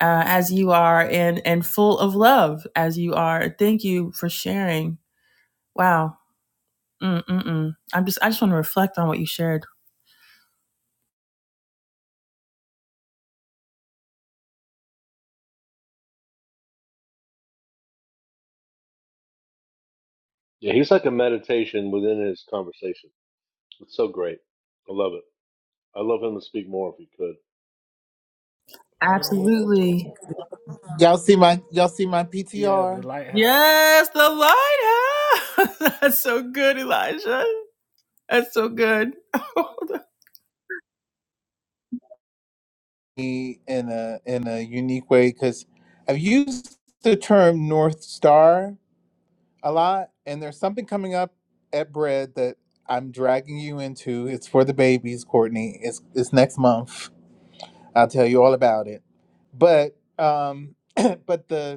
uh, as you are, and and full of love as you are. Thank you for sharing. Wow Mm, mm, mm. I'm just, I just want to reflect on what you shared. Yeah, he's like a meditation within his conversation. It's so great. I love it. I love him to speak more if he could. Well, I don't know what Absolutely. Y'all see my y'all see my Yeah, the PTR lighthouse. Yes, the lighthouse. That's so good, Elijah. That's so good. I E- in a in a unique way because I've used the term North Star a lot. And there's something coming up at Bread that I'm dragging you into. It's for the babies, Courtney. It's it's next month. I'll tell you all about it. But um, but the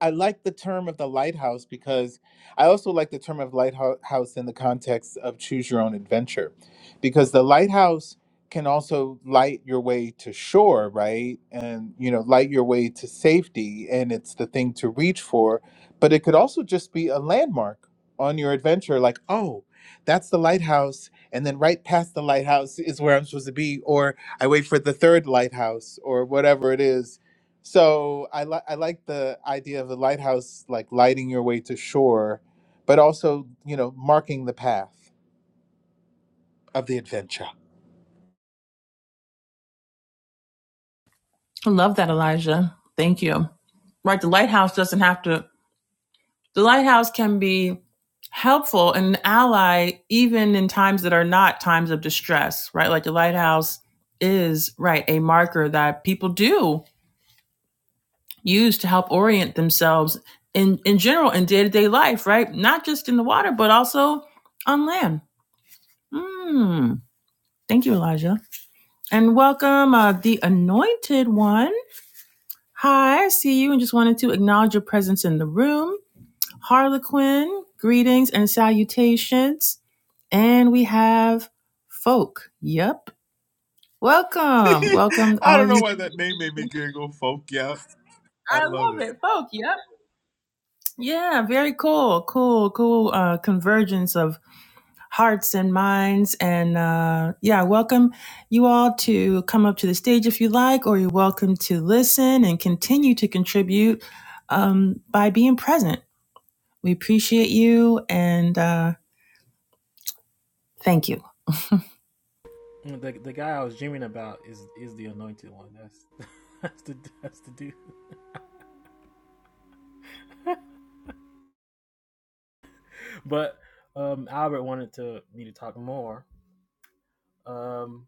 I like the term of the lighthouse because I also like the term of lighthouse in the context of choose your own adventure, because the lighthouse can also light your way to shore, right? And, you know, light your way to safety. And it's the thing to reach for. But it could also just be a landmark on your adventure, like, oh, that's the lighthouse. And then right past the lighthouse is where I'm supposed to be. Or I wait for the third lighthouse or whatever it is so I like I like the idea of the lighthouse like lighting your way to shore, but also, you know, marking the path of the adventure. love that, Elijah. Thank you. Right. The lighthouse doesn't have to, the lighthouse can be helpful and an ally even in times that are not times of distress, right? Like the lighthouse is, right, a marker that people do use to help orient themselves in, in general in day to day life, right? Not just in the water, but also on land. Mm. Thank you, Elijah. And welcome, uh, the anointed one. Hi, I see you and just wanted to acknowledge your presence in the room. Harlequin, greetings and salutations. And we have folk. Yep. Welcome. Welcome, I all don't of know you. why that name made me giggle, folk. Yeah. I I love love it. it. Folk. Yep. Yeah, very cool. Cool, cool uh, convergence of hearts and minds. And uh, yeah, welcome you all to come up to the stage if you like, or you're welcome to listen and continue to contribute um, by being present. We appreciate you and uh, thank you. The the guy I was dreaming about is is the anointed one. That's that's the that's the dude. But um, Albert wanted to me to talk more. Um,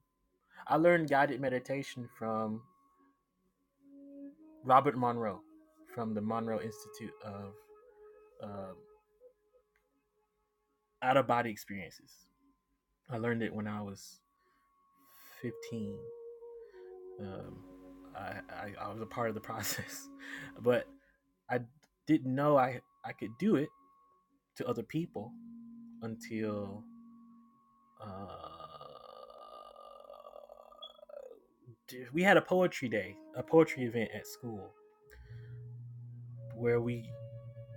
I learned guided meditation from Robert Monroe from the Monroe Institute of uh, Out of Body Experiences. I learned it when I was 15. Um, I, I, I was a part of the process, but I didn't know I, I could do it to other people until uh, we had a poetry day, a poetry event at school where we,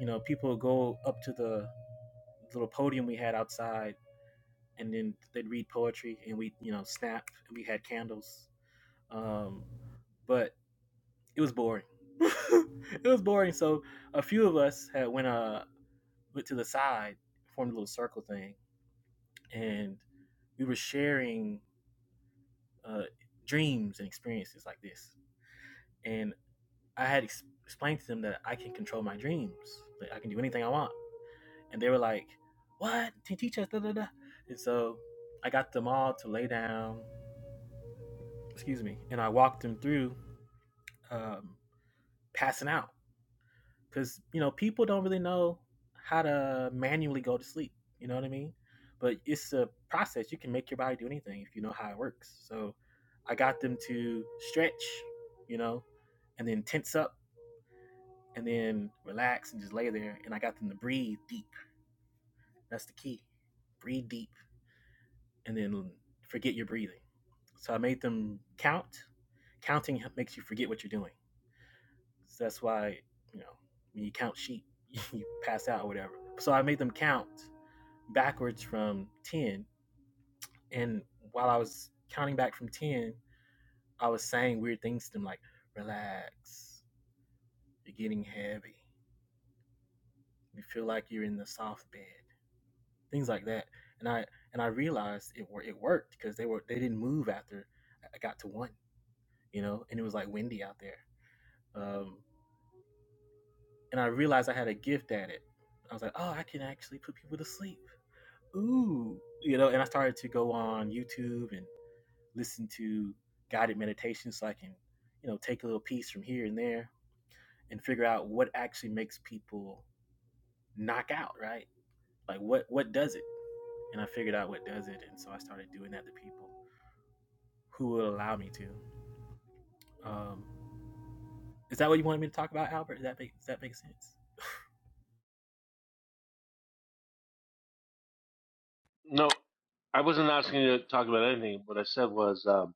you know, people would go up to the little podium we had outside and then they'd read poetry and we, you know, snap and we had candles. Um, but it was boring. it was boring. So a few of us had went uh went to the side, formed a little circle thing, and we were sharing uh, dreams and experiences like this. and I had ex- explained to them that I can control my dreams, like I can do anything I want, and they were like, "What? Teach us?" Da, da, da. And so I got them all to lay down, excuse me, and I walked them through um, passing out because you know people don't really know how to manually go to sleep. You know what I mean? But it's a process. You can make your body do anything if you know how it works. So I got them to stretch, you know, and then tense up and then relax and just lay there. And I got them to breathe deep. That's the key. Breathe deep and then forget your breathing. So I made them count. Counting makes you forget what you're doing. So that's why, you know, when you count sheep, you pass out or whatever. So I made them count backwards from 10. And while I was counting back from 10, I was saying weird things to them like, relax, you're getting heavy. You feel like you're in the soft bed things like that. And I and I realized it wor- it worked because they were they didn't move after I got to one, you know, and it was like windy out there. Um, and I realized I had a gift at it. I was like, oh, I can actually put people to sleep. Ooh, you know. And I started to go on YouTube and listen to guided meditations so I can, you know, take a little piece from here and there and figure out what actually makes people knock out, right? Like what what does it? And I figured out what does it, and so I started doing that to people. who will allow me to. Um, is that what you wanted me to talk about, Albert? Does that make, does that make sense? No, I wasn't asking you to talk about anything. What I said was um,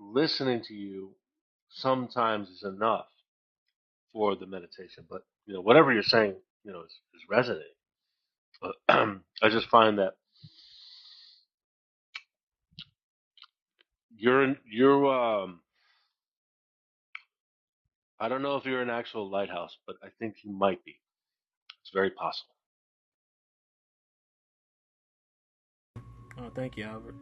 listening to you sometimes is enough for the meditation. But you know, whatever you're saying, you know, is, is resonating. But I just find that you're you're um I don't know if you're an actual lighthouse, but I think you might be. It's very possible. oh, thank you, Albert.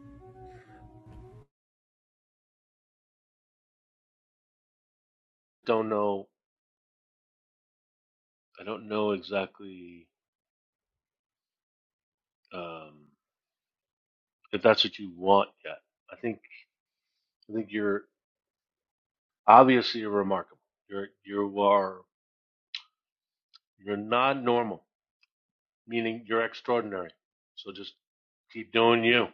Don't know. I don't know exactly um, if that's what you want yet. I think I think you're obviously you're remarkable. You're you are you're not normal, meaning you're extraordinary. So just keep doing you.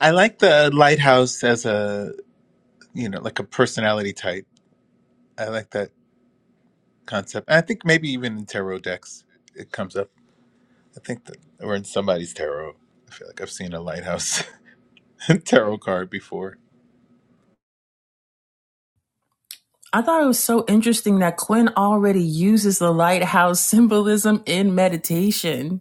I like the lighthouse as a, you know, like a personality type. I like that concept. I think maybe even in tarot decks it comes up. I think that or in somebody's tarot. I feel like I've seen a lighthouse tarot card before. I thought it was so interesting that Quinn already uses the lighthouse symbolism in meditation.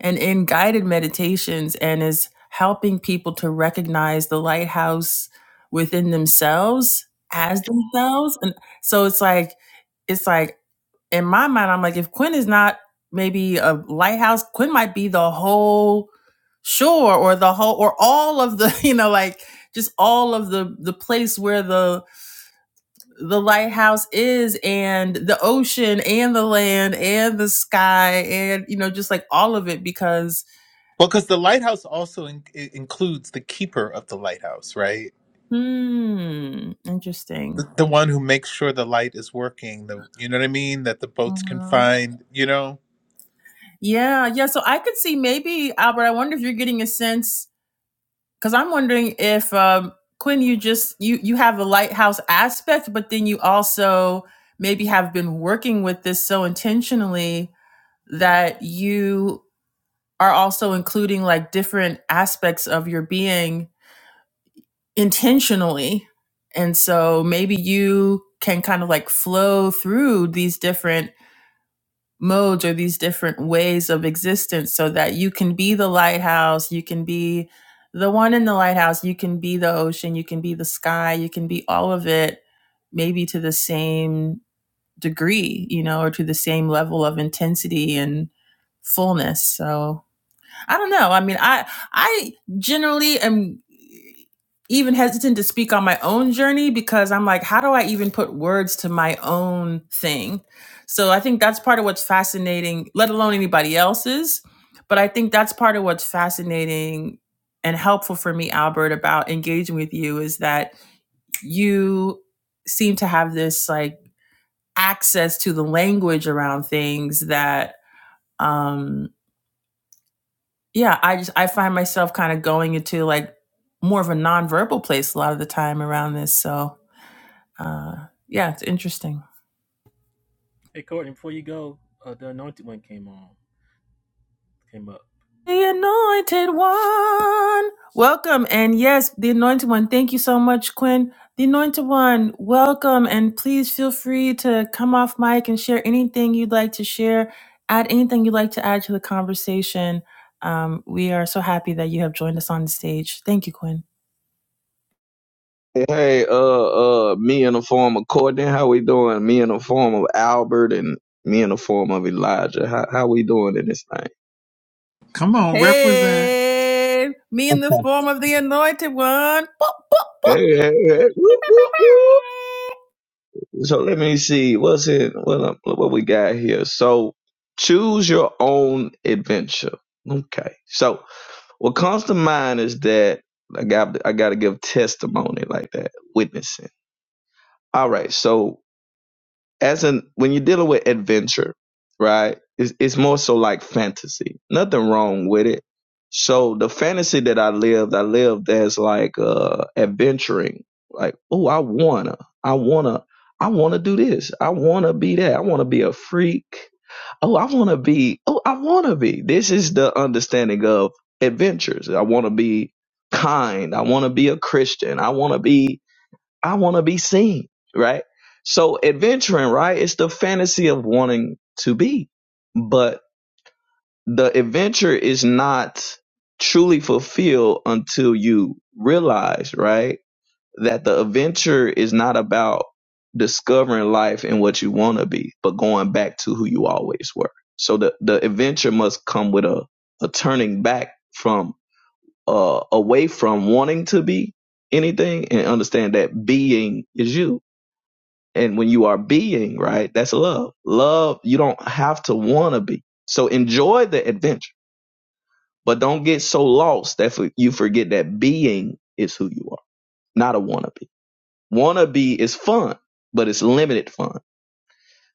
And in guided meditations, and is helping people to recognize the lighthouse within themselves as themselves. And so it's like, it's like in my mind, I'm like, if Quinn is not maybe a lighthouse, Quinn might be the whole shore or the whole or all of the, you know, like just all of the the place where the the lighthouse is and the ocean and the land and the sky and you know just like all of it because Well, because the lighthouse also in- i- includes the keeper of the lighthouse, right? Hmm. Interesting. The, the one who makes sure the light is working. The you know what I mean? That the boats can Mhm. find. You know. Yeah, yeah. So I could see maybe Albert. I wonder if you're getting a sense because I'm wondering if um, Quinn, you just you you have the lighthouse aspect, but then you also maybe have been working with this so intentionally that you are also including like different aspects of your being intentionally, and so maybe you can kind of like flow through these different modes or these different ways of existence so that you can be the lighthouse, you can be the one in the lighthouse, you can be the ocean, you can be the sky, you can be all of it, maybe to the same degree, you know, or to the same level of intensity and fullness. So I don't know. I mean, I I generally am even hesitant to speak on my own journey because I'm like, how do I even put words to my own thing? So I think that's part of what's fascinating, let alone anybody else's. But I think that's part of what's fascinating and helpful for me, Albert, about engaging with you is that you seem to have this like access to the language around things that um yeah, I just I find myself kind of going into like more of a nonverbal place a lot of the time around this. So uh yeah, it's interesting. Hey, Courtney, before you go, uh, the Anointed One came on, came up. The anointed one. Welcome and yes, the anointed one. Thank you so much, Quinn. The anointed one, welcome and please feel free to come off mic and share anything you'd like to share, add anything you'd like to add to the conversation. Um, we are so happy that you have joined us on the stage. Thank you, Quinn. Hey, uh, uh, me in the form of Courtney, how we doing? Me in the form of Albert, and me in the form of Elijah. How how we doing in this thing? Come on, represent. Hey, me in the Okay. form of the anointed one. Boop, boop, boop. Hey, hey, hey, whoop, whoop, whoop. So let me see what's in what uh, what we got here. So choose your own adventure. Okay. So what comes to mind is that I got I got to give testimony like that, witnessing. All right. So as an when you're dealing with adventure, right? It's it's more so like fantasy. Nothing wrong with it. So the fantasy that I lived, I lived as like uh adventuring. Like, oh, I wanna, I wanna, I wanna do this. I wanna be that. I wanna be a freak. Oh, I wanna be. Oh, I wanna be. This is the understanding of adventures. I wanna be kind. I wanna be a Christian. I wanna be I want to be seen, right? So adventuring, right? It's the fantasy of wanting to be, but the adventure is not truly fulfilled until you realize, right? That the adventure is not about discovering life and what you want to be, but going back to who you always were. So the, the adventure must come with a, a turning back from, uh, away from wanting to be anything and understand that being is you and when you are being right that's love love you don't have to want to be so enjoy the adventure but don't get so lost that for, you forget that being is who you are not a wannabe wannabe is fun but it's limited fun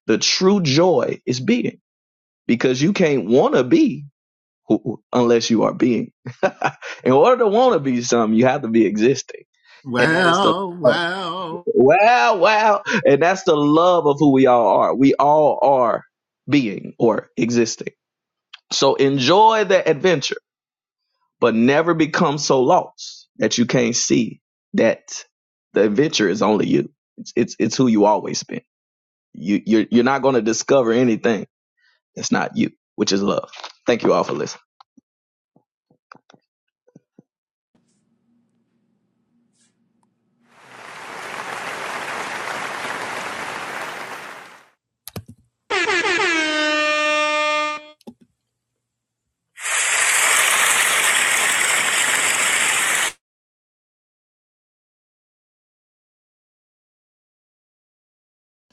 the true joy is being because you can't want to be who, unless you are being in order to want to be something you have to be existing and that is the Well, well. Wow, wow. And that's the love of who we all are. We all are being or existing. So enjoy the adventure, but never become so lost that you can't see that the adventure is only you. It's it's, it's who you always been. You you're you're not going to discover anything that's not you, which is love. Thank you all for listening.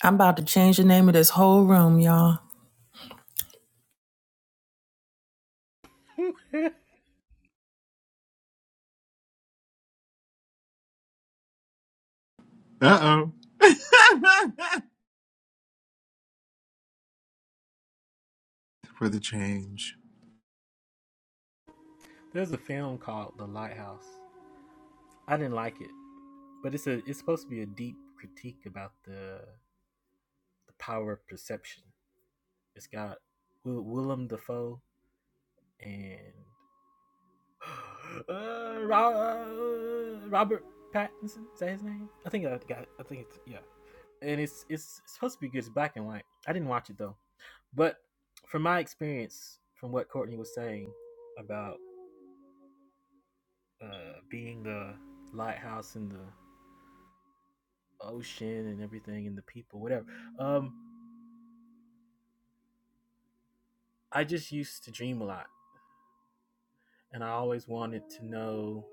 I'm about to change the name of this whole room, y'all. Uh oh. For the change. There's a film called The Lighthouse. I didn't like it, but it's a it's supposed to be a deep critique about the the power of perception. It's got Willem Dafoe and Uh, Ro- uh, Robert Pattinson is that his name? I think I got. I think it's yeah. And it's it's it's supposed to be good. It's black and white. I didn't watch it though, but from my experience, from what Courtney was saying about uh, being the lighthouse in the ocean and everything and the people, whatever. Um, I just used to dream a lot, and I always wanted to know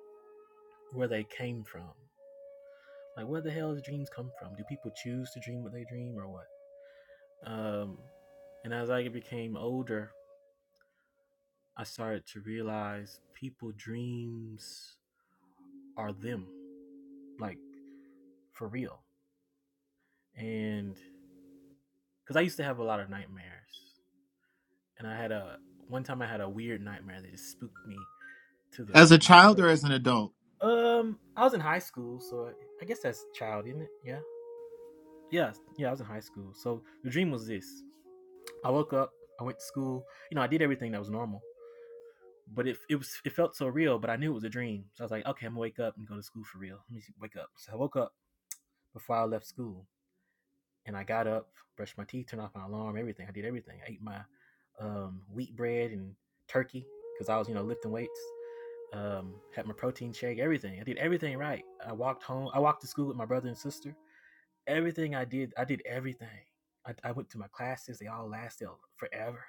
where they came from. Like, where the hell do dreams come from? Do people choose to dream what they dream, or what? Um, and as I became older, I started to realize people dreams are them, like for real. And because I used to have a lot of nightmares, and I had a one time I had a weird nightmare that just spooked me to the As a to my child core. or as an adult? Um, I was in high school, so I guess that's child, isn't it? Yeah, yeah, yeah. I was in high school, so the dream was this: I woke up, I went to school. You know, I did everything that was normal. but it it was it felt so real, but I knew it was a dream. So I was like, okay, I'm gonna wake up and go to school for real. Let me wake up. So I woke up before I left school, and I got up, brushed my teeth, turned off my alarm, everything. I did everything. I ate my um, wheat bread and turkey because I was you know lifting weights. Um, had my protein shake, everything. I did everything right. I walked home. I walked to school with my brother and sister. Everything I did, I did everything. I, I went to my classes. They all lasted forever.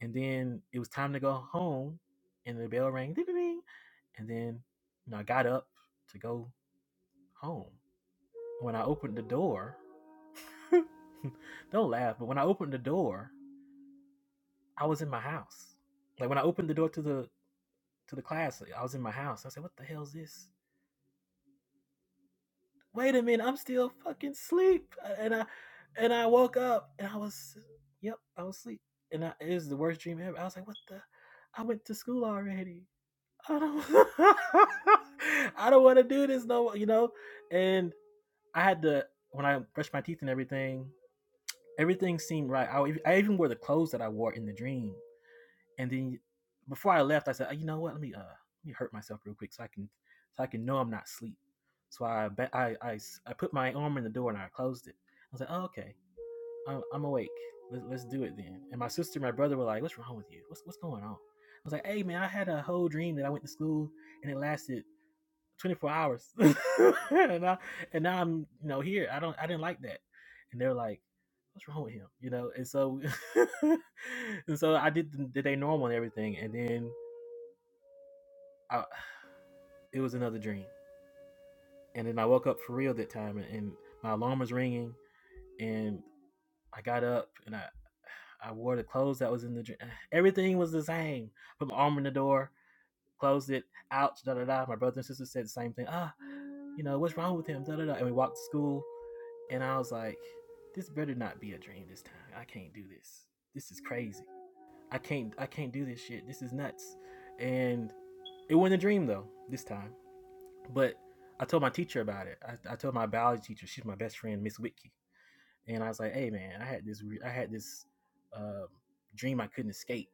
And then it was time to go home, and the bell rang, ding, ding, ding. and then you know I got up to go home. When I opened the door, don't laugh, but when I opened the door, I was in my house. Like when I opened the door to the to the class, I was in my house. I said, "What the hell is this? Wait a minute, I'm still fucking asleep." Uh, And I and I woke up and I was, yep, I was asleep. And I, it was the worst dream ever. I was like, "What the? I went to school already." I don't, I don't want to do this no, you know. And I had to when I brushed my teeth and everything, everything seemed right. I, I even wore the clothes that I wore in the dream. And then before I left, I said, oh, you know what? Let me uh, let me hurt myself real quick so I can so I can know I'm not asleep. So I I I I put my arm in the door and I closed it. I was like, oh okay, I'm, I'm awake. Let's, let's do it then. And my sister, and my brother were like, what's wrong with you? What's what's going on? I was like, hey man, I had a whole dream that I went to school and it lasted 24 hours and I, and now i'm you know here i don't i didn't like that and they're like what's wrong with him you know and so and so i did the, the day normal and everything and then I, it was another dream and then i woke up for real that time and, and my alarm was ringing and i got up and i i wore the clothes that was in the dream everything was the same put my arm in the door closed it ouch da da da my brother and sister said the same thing ah you know what's wrong with him da da da and we walked to school And I was like, this better not be a dream this time. I can't do this. This is crazy. I can't I can't do this shit. This is nuts. And it wasn't a dream though this time. But I told my teacher about it. I, I told my biology teacher. She's my best friend, Miss Whitkey. And I was like, hey man, I had this re- I had this um, dream I couldn't escape.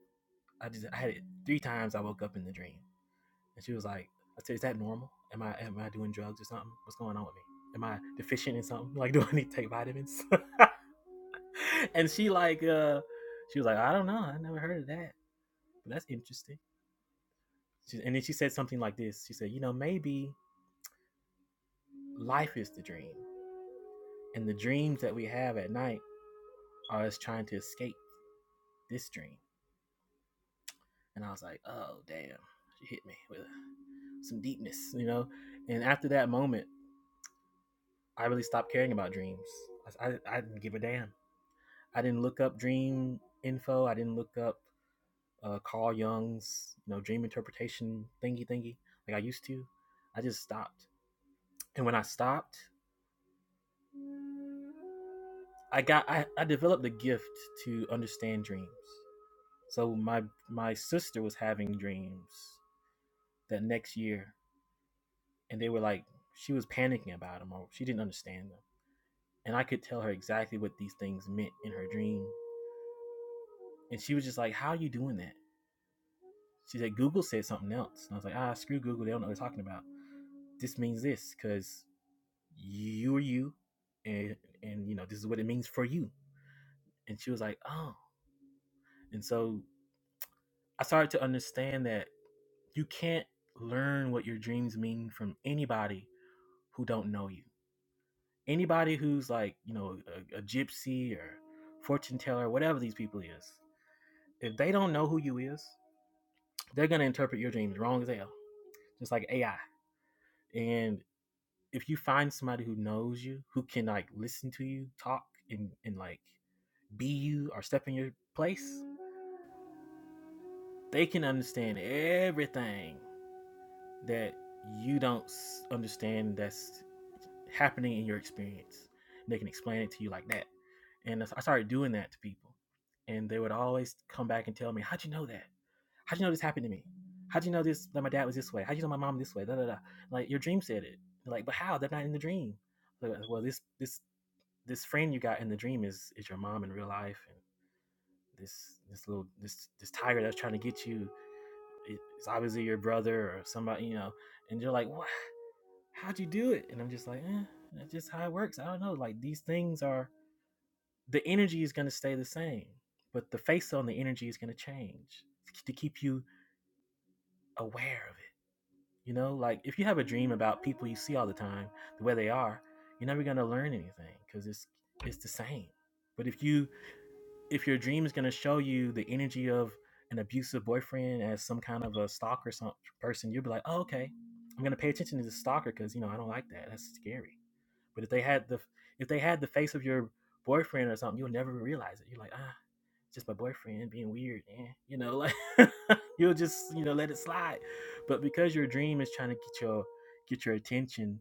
I just I had it three times. I woke up in the dream, and she was like, I said, is that normal? Am I am I doing drugs or something? What's going on with me? Am I deficient in something? Like, do I need to take vitamins? and she like uh she was like, I don't know, I never heard of that. But that's interesting. She, and then she said something like this. She said, you know, maybe life is the dream. And the dreams that we have at night are us trying to escape this dream. And I was like, oh damn. She hit me with some deepness, you know? And after that moment, I really stopped caring about dreams. I, I, I didn't give a damn. I didn't look up dream info. I didn't look up uh, Carl Jung's you know dream interpretation thingy thingy like I used to. I just stopped, and when I stopped, I got I, I developed a gift to understand dreams. So my my sister was having dreams that next year, and they were like she was panicking about them or she didn't understand them, and I could tell her exactly what these things meant in her dream, and she was just like, "How are you doing that?" She said, "Google said something else," and I was like, "Ah, screw Google, they don't know what they're talking about. This means this because you are you and and you know this is what it means for you and she was like oh and so i started to understand that you can't learn what your dreams mean from anybody who don't know you anybody who's like you know a, a gypsy or fortune teller whatever these people is if they don't know who you is they're going to interpret your dreams wrong as hell just like ai and if you find somebody who knows you who can like listen to you talk and, and like be you or step in your place They can understand everything that you don't understand that's happening in your experience. And they can explain it to you like that. And I started doing that to people. And they would always come back and tell me, How'd you know that? How'd you know this happened to me? How'd you know this that my dad was this way? How'd you know my mom this way? Da da da. Like your dream said it. They're like, but how? They're not in the dream. Like, well, this this this friend you got in the dream is is your mom in real life, and this this little this this tiger that's trying to get you it's obviously your brother or somebody, you know, and you're like, what? How'd you do it? And I'm just like, eh, that's just how it works. I don't know. Like these things are, the energy is going to stay the same, but the face on the energy is going to change to keep you aware of it. You know, like if you have a dream about people you see all the time, the way they are, you're never going to learn anything because it's, it's the same. But if you if your dream is going to show you the energy of an abusive boyfriend as some kind of a stalker some person, you'll be like, oh, okay, I'm going to pay attention to this stalker because you know I don't like that. That's scary. But if they had the if they had the face of your boyfriend or something, you'll never realize it. You're like, ah, just my boyfriend being weird, eh. you know, like you'll just you know let it slide. But because your dream is trying to get your get your attention,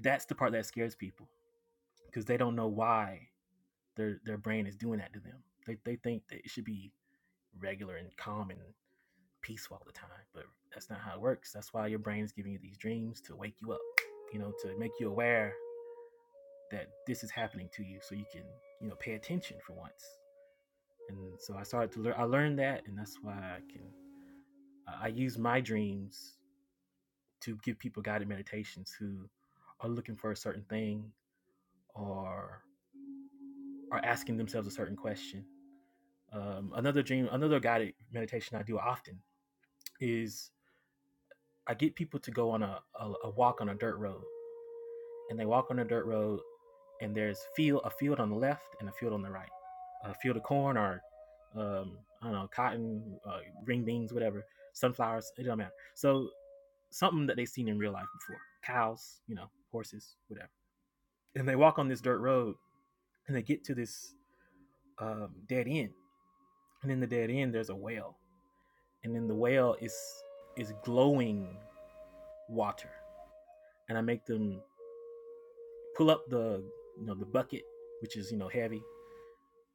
that's the part that scares people because they don't know why their their brain is doing that to them. They they think that it should be regular and calm and peaceful all the time. But that's not how it works. That's why your brain is giving you these dreams to wake you up, you know, to make you aware that this is happening to you so you can, you know, pay attention for once. And so I started to learn, I learned that, and that's why I can, I use my dreams to give people guided meditations who are looking for a certain thing or are asking themselves a certain question. Um, another dream, another guided meditation I do often is I get people to go on a, a, a walk on a dirt road, and they walk on a dirt road, and there's field a field on the left and a field on the right, a field of corn or um, I don't know cotton, uh, green beans, whatever, sunflowers. It don't matter. So something that they've seen in real life before, cows, you know, horses, whatever. And they walk on this dirt road, and they get to this um, dead end, and in the dead end there's a well, and then the well is is glowing water, and I make them pull up the you know the bucket, which is you know heavy,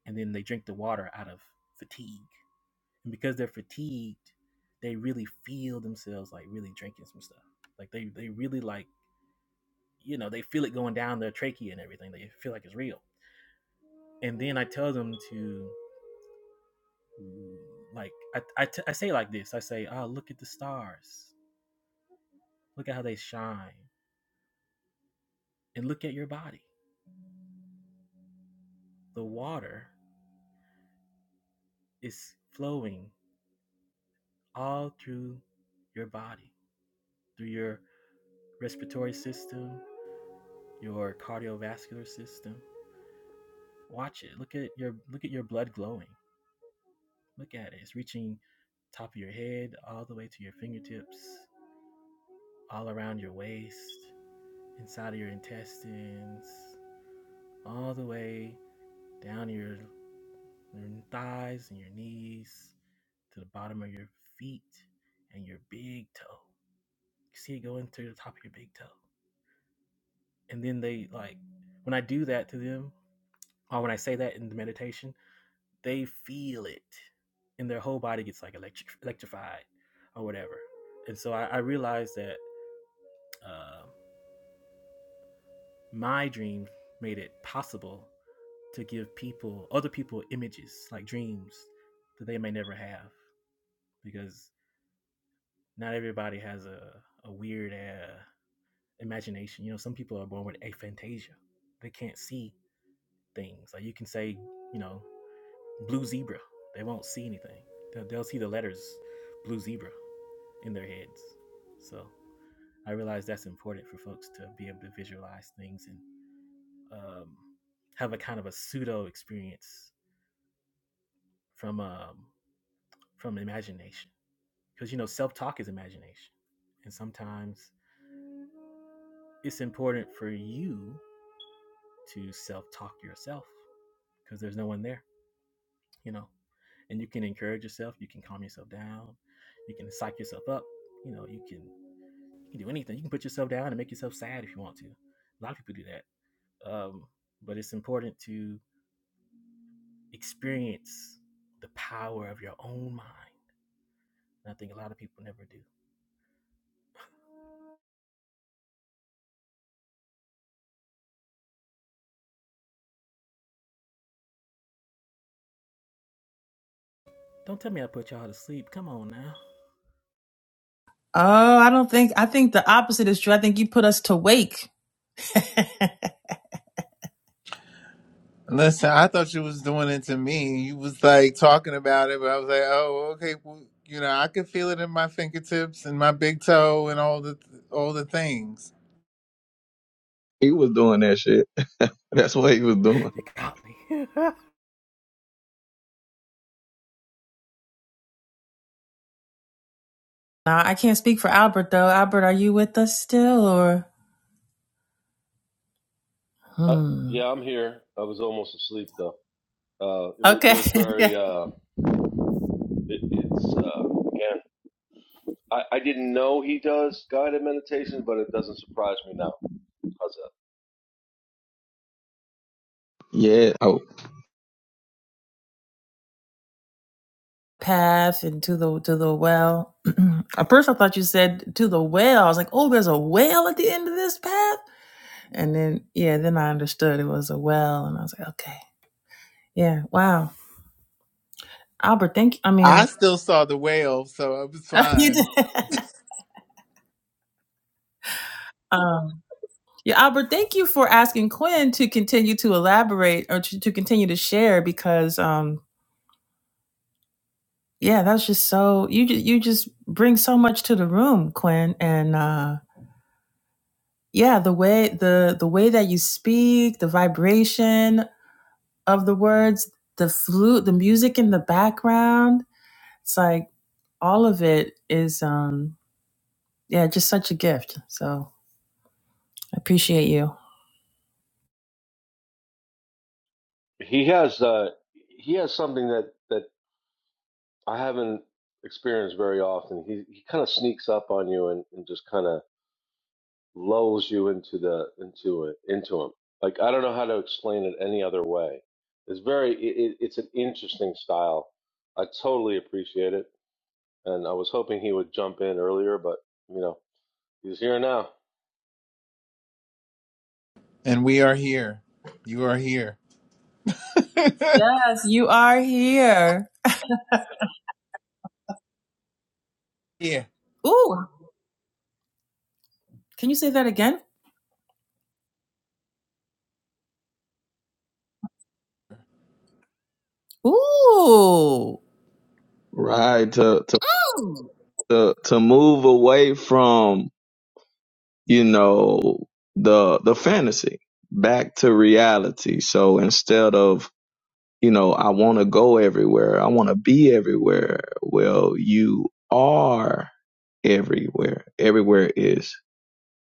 and then they drink the water out of fatigue. And because they're fatigued, they really feel themselves like really drinking some stuff. Like they they really like you know they feel it going down their trachea and everything. They feel like it's real. And then I tell them to like I I, t- I say like this. I say, oh look at the stars. Look at how they shine. And look at your body. The water is flowing all through your body, through your respiratory system, your cardiovascular system. Watch it. Look at your look at your blood glowing. Look at it. It's reaching top of your head all the way to your fingertips, all around your waist, inside of your intestines, all the way down your, your thighs and your knees to the bottom of your feet and your big toe. You see it going to the top of your big toe. And then they like when I do that to them, or when I say that in the meditation, they feel it and their whole body gets like electric electrified or whatever and so i, I realized that uh, my dream made it possible to give people other people images like dreams that they may never have because not everybody has a, a weird uh, imagination you know some people are born with aphantasia they can't see things like you can say you know blue zebra they won't see anything they'll, they'll see the letters blue zebra in their heads. So I realize that's important for folks to be able to visualize things and um, have a kind of a pseudo experience from um, from imagination, because you know self talk is imagination, and sometimes it's important for you to self talk yourself because there's no one there, you know, and you can encourage yourself, you can calm yourself down, you can psych yourself up, you know, you can you can do anything, you can put yourself down and make yourself sad if you want to. A lot of people do that Um, but it's important to experience the power of your own mind. And I think a lot of people never do. Don't tell me I put y'all to sleep. Come on now. Oh, I don't think, I think the opposite is true. I think you put us to wake. Listen, I thought you was doing it to me. You was like talking about it, but I was like, oh, okay. Well, you know, I could feel it in my fingertips and my big toe and all the all the things. He was doing that shit. That's what he was doing. You got me. Nah, I can't speak for Albert though. Albert, are you with us still or? Uh, Hmm. yeah, I'm here. I was almost asleep though. Uh, it was it Okay. was okay. very uh, it, it's uh, again. I, I didn't know he does guided meditation, but it doesn't surprise me now because Yeah. Oh, Path into the to the well. at first, I thought you said to the well. I was like, oh, there's a well at the end of this path. And then, yeah, then I understood it was a well, and I was like, okay. Yeah. Wow. Albert, thank you. I mean, I still saw the whale, so it was you fine. did. Um, yeah, Albert, thank you for asking Quinn to continue to elaborate or to, to continue to share because, um, yeah, that's just so you ju- you just bring so much to the room, Quinn, and uh, yeah, the way the the way that you speak, the vibration of the words, the flute, the music in the background, it's like all of it is, um, yeah, just such a gift. So I appreciate you. of he has uh, he has something that that I haven't experienced very often. He he kind of sneaks up on you and, and just kind of lulls you into the into it into him. Like I don't know how to explain it any other way. It's very it, it, it's an interesting style. I totally appreciate it, and I was hoping he would jump in earlier, but you know he's here now. And we are here. You are here. Yes, you are here. yeah. Ooh, can you say that again? Ooh. right. To to Mm. to to move away from you know the the fantasy back to reality. So instead of you know I want to go everywhere, I want to be everywhere. Well, you are everywhere. Everywhere is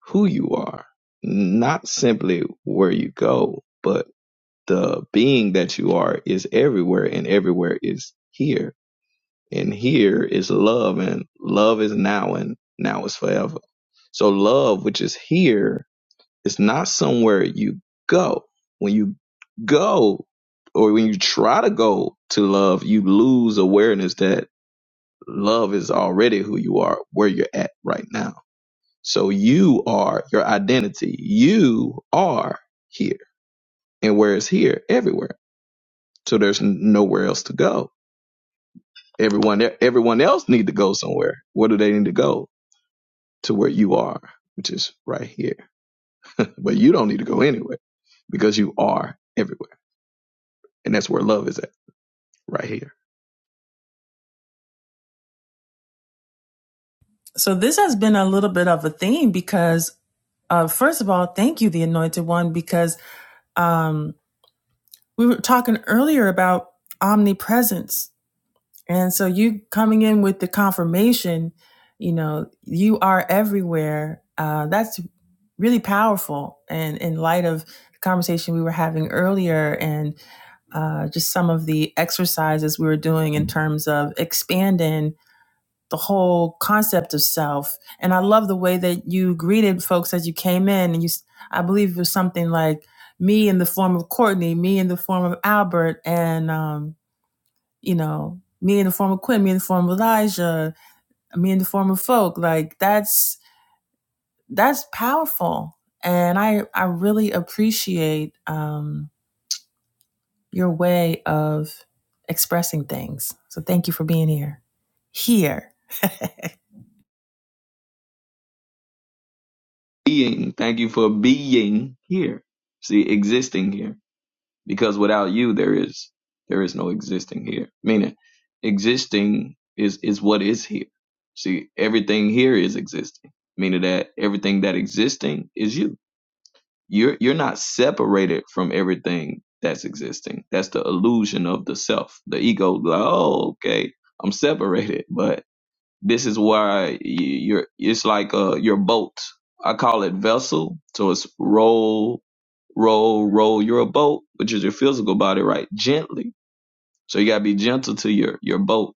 who you are, not simply where you go, but the being that you are is everywhere and everywhere is here and here is love and love is now and now is forever so love which is here is not somewhere you go when you go or when you try to go to love you lose awareness that love is already who you are where you're at right now so you are your identity you are here and where it's here everywhere So there's n- nowhere else to go. Everyone, e-, everyone else need to go somewhere. Where do they need to go? To where you are, which is right here. But you don't need to go anywhere because you are everywhere. And that's where love is at, right here. So this has been a little bit of a theme because uh first of all, thank you the anointed one because um we were talking earlier about omnipresence And so you coming in with the confirmation, you know, you are everywhere. Uh, that's really powerful. And in light of the conversation we were having earlier and uh, just some of the exercises we were doing in terms of expanding the whole concept of self. And I love the way that you greeted folks as you came in. And you, s- I believe it was something like me in the form of Courtney, me in the form of Albert, and, um, you know, me in the form of Quinn, me in the form of Elijah, me in the form of folk. Like that's that's powerful. And I I really appreciate um your way of expressing things. So thank you for being here. Here. Being, thank you for being here. See, existing here. Because without you, there is, there is no existing here. Meaning, existing is, is what is here. See, everything here is existing. Meaning that everything that existing is you You're you're not separated from everything that's existing. That's the illusion of the self. The ego, like, oh, okay, I'm separated, but this is why y- you're. It's like uh, your boat. I call it vessel. So it's roll, roll, roll. You're a boat, which is your physical body, right? Gently. So you gotta be gentle to your your boat,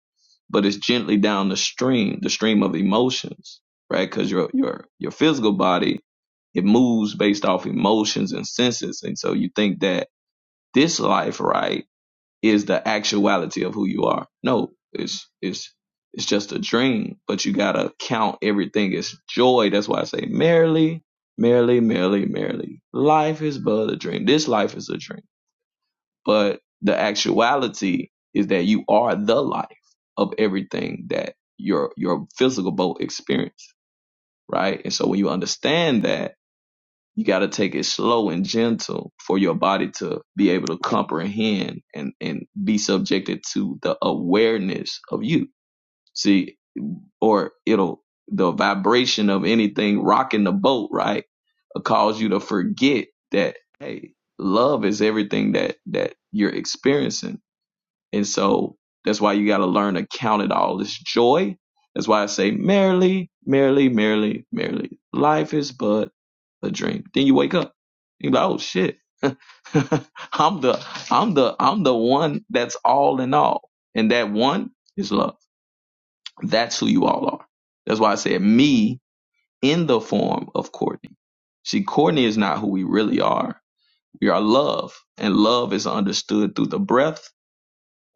but it's gently down the stream, the stream of emotions, right? Because your your your physical body it moves based off emotions and senses. And so you think that this life, right, is the actuality of who you are. No, it's it's it's just a dream, but you gotta count everything as joy. That's why I say merrily, merrily, merrily, merrily. Life is but a dream. This life is a dream. But the actuality is that you are the life of everything that your your physical boat experience, right? And so when you understand that you got to take it slow and gentle for your body to be able to comprehend and and be subjected to the awareness of you see or it'll the vibration of anything rocking the boat right will cause you to forget that hey love is everything that that you're experiencing and so that's why you got to learn to count it all as joy. That's why I say, merrily, merrily, merrily, merrily. Life is but a dream. Then you wake up. You're like, oh shit. I'm the I'm the I'm the one that's all in all. And that one is love. That's who you all are. That's why I said me in the form of Courtney. See, Courtney is not who we really are. We are love. And love is understood through the breath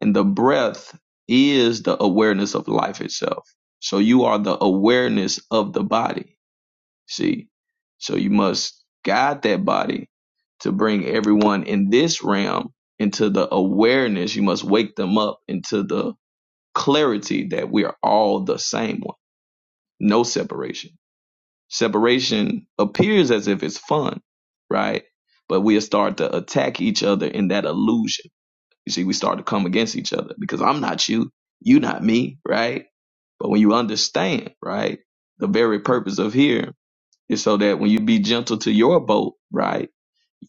and the breath is the awareness of life itself. So you are the awareness of the body. See? So you must guide that body to bring everyone in this realm into the awareness. You must wake them up into the clarity that we are all the same one. No separation. Separation appears as if it's fun, right? But we'll start to attack each other in that illusion you see, we start to come against each other because I'm not you, you not me, right? But when you understand, right, the very purpose of here is so that when you be gentle to your boat, right,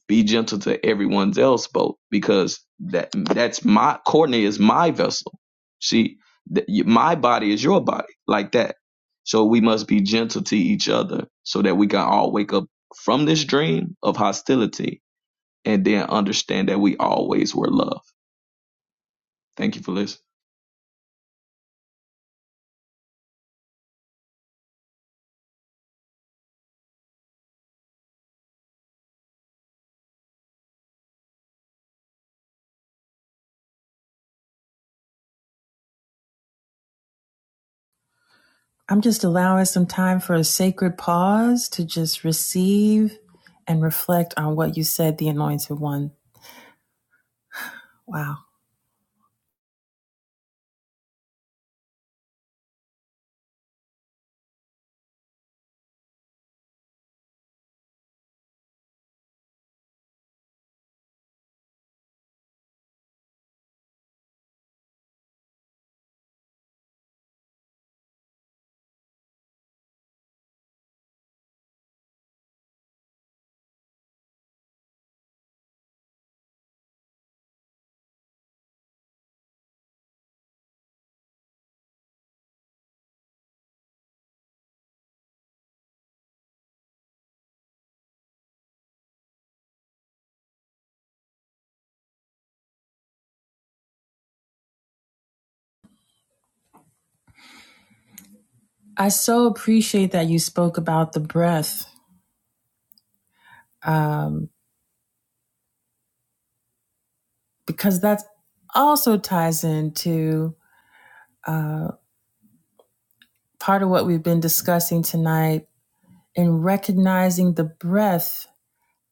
be gentle to everyone's else boat because that that's my Courtney is my vessel. See, th- y- my body is your body, like that. So we must be gentle to each other so that we can all wake up from this dream of hostility and then understand that we always were loved Thank you for listening. I'm just allowing some time for a sacred pause to just receive and reflect on what you said, the Anointed One. Wow. I so appreciate that you spoke about the breath um, because that also ties into uh, part of what we've been discussing tonight in recognizing the breath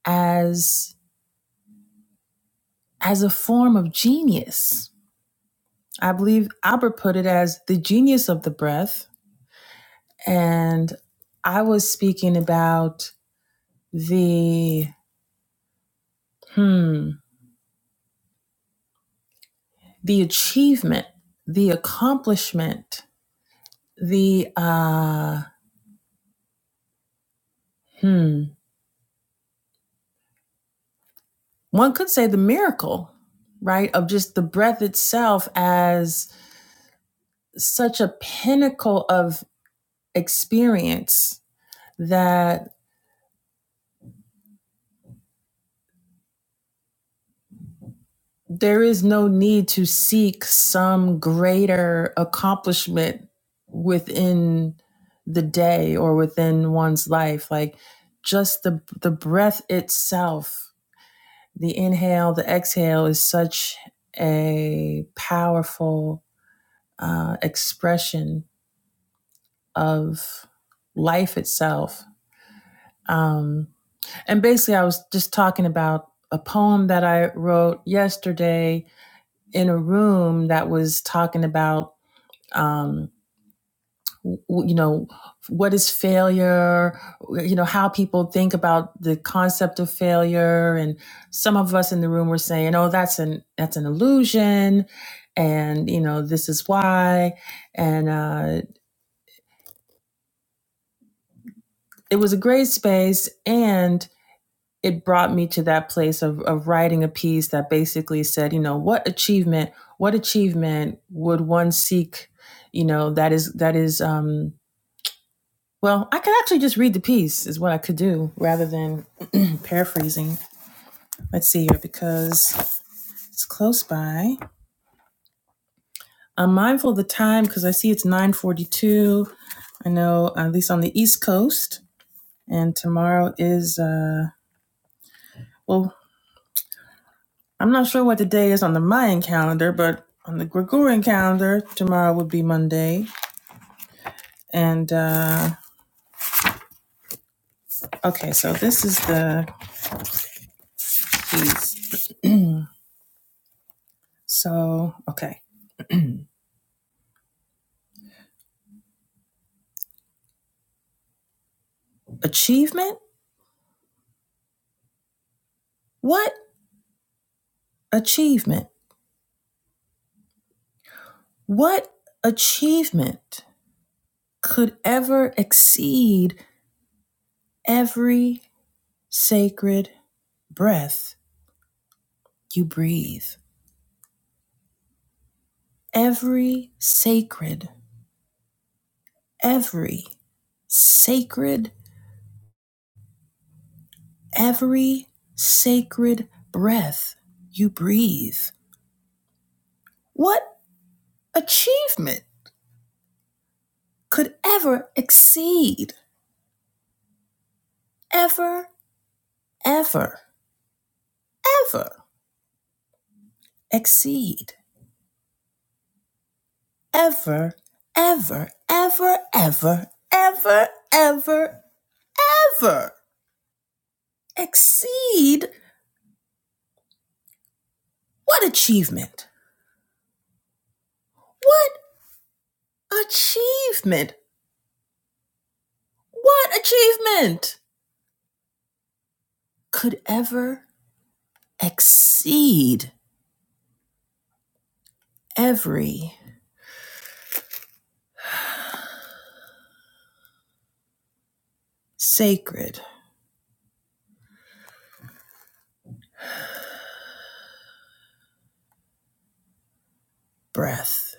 as as a form of genius. I believe Albert put it as the genius of the breath and I was speaking about the hmm, the achievement, the accomplishment, the uh, hmm, one could say the miracle, right, of just the breath itself as such a pinnacle of experience that. there is no need to seek some greater accomplishment within the day or within one's life like just the the breath itself the inhale the exhale is such a powerful uh, expression of life itself um, and basically i was just talking about a poem that i wrote yesterday in a room that was talking about um, you know, what is failure, you know, how people think about the concept of failure. And some of us in the room were saying, oh, that's an, that's an illusion. And, you know, this is why. And uh, it was a great space. And it brought me to that place of, of writing a piece that basically said, you know, what achievement, what achievement would one seek, you know, that is, that is, um, Well, I could actually just read the piece, is what I could do, rather than paraphrasing. Let's see here, because it's close by. I'm mindful of the time because I see it's 9:42. I know at least on the East Coast, and tomorrow is uh well, I'm not sure what the day is on the Mayan calendar, but on the Gregorian calendar, tomorrow would be Monday. And uh okay, so this is the piece. so, okay. Achievement? What? achievement. What achievement could ever exceed every sacred breath you breathe? Every sacred, every sacred, every sacred breath you breathe. What achievement could ever exceed, ever, ever, ever exceed ever, ever, ever, ever, ever, ever, ever exceed what achievement? What achievement? What achievement could ever exceed every sacred breath?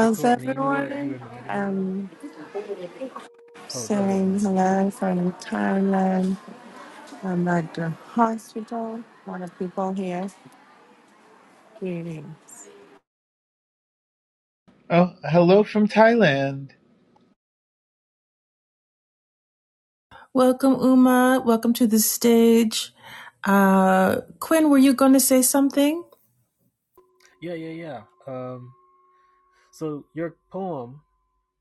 hey, Courtney, you know what you everyone? reminded me of? I'm Oh, go ahead, saying Uma. hello from Thailand. I'm at the hospital. One of people here. Greetings. Oh, hello from Thailand, Welcome, Uma. Welcome to the stage. Uh, Quinn, were you going to say something? Yeah, yeah, yeah. Um, so your poem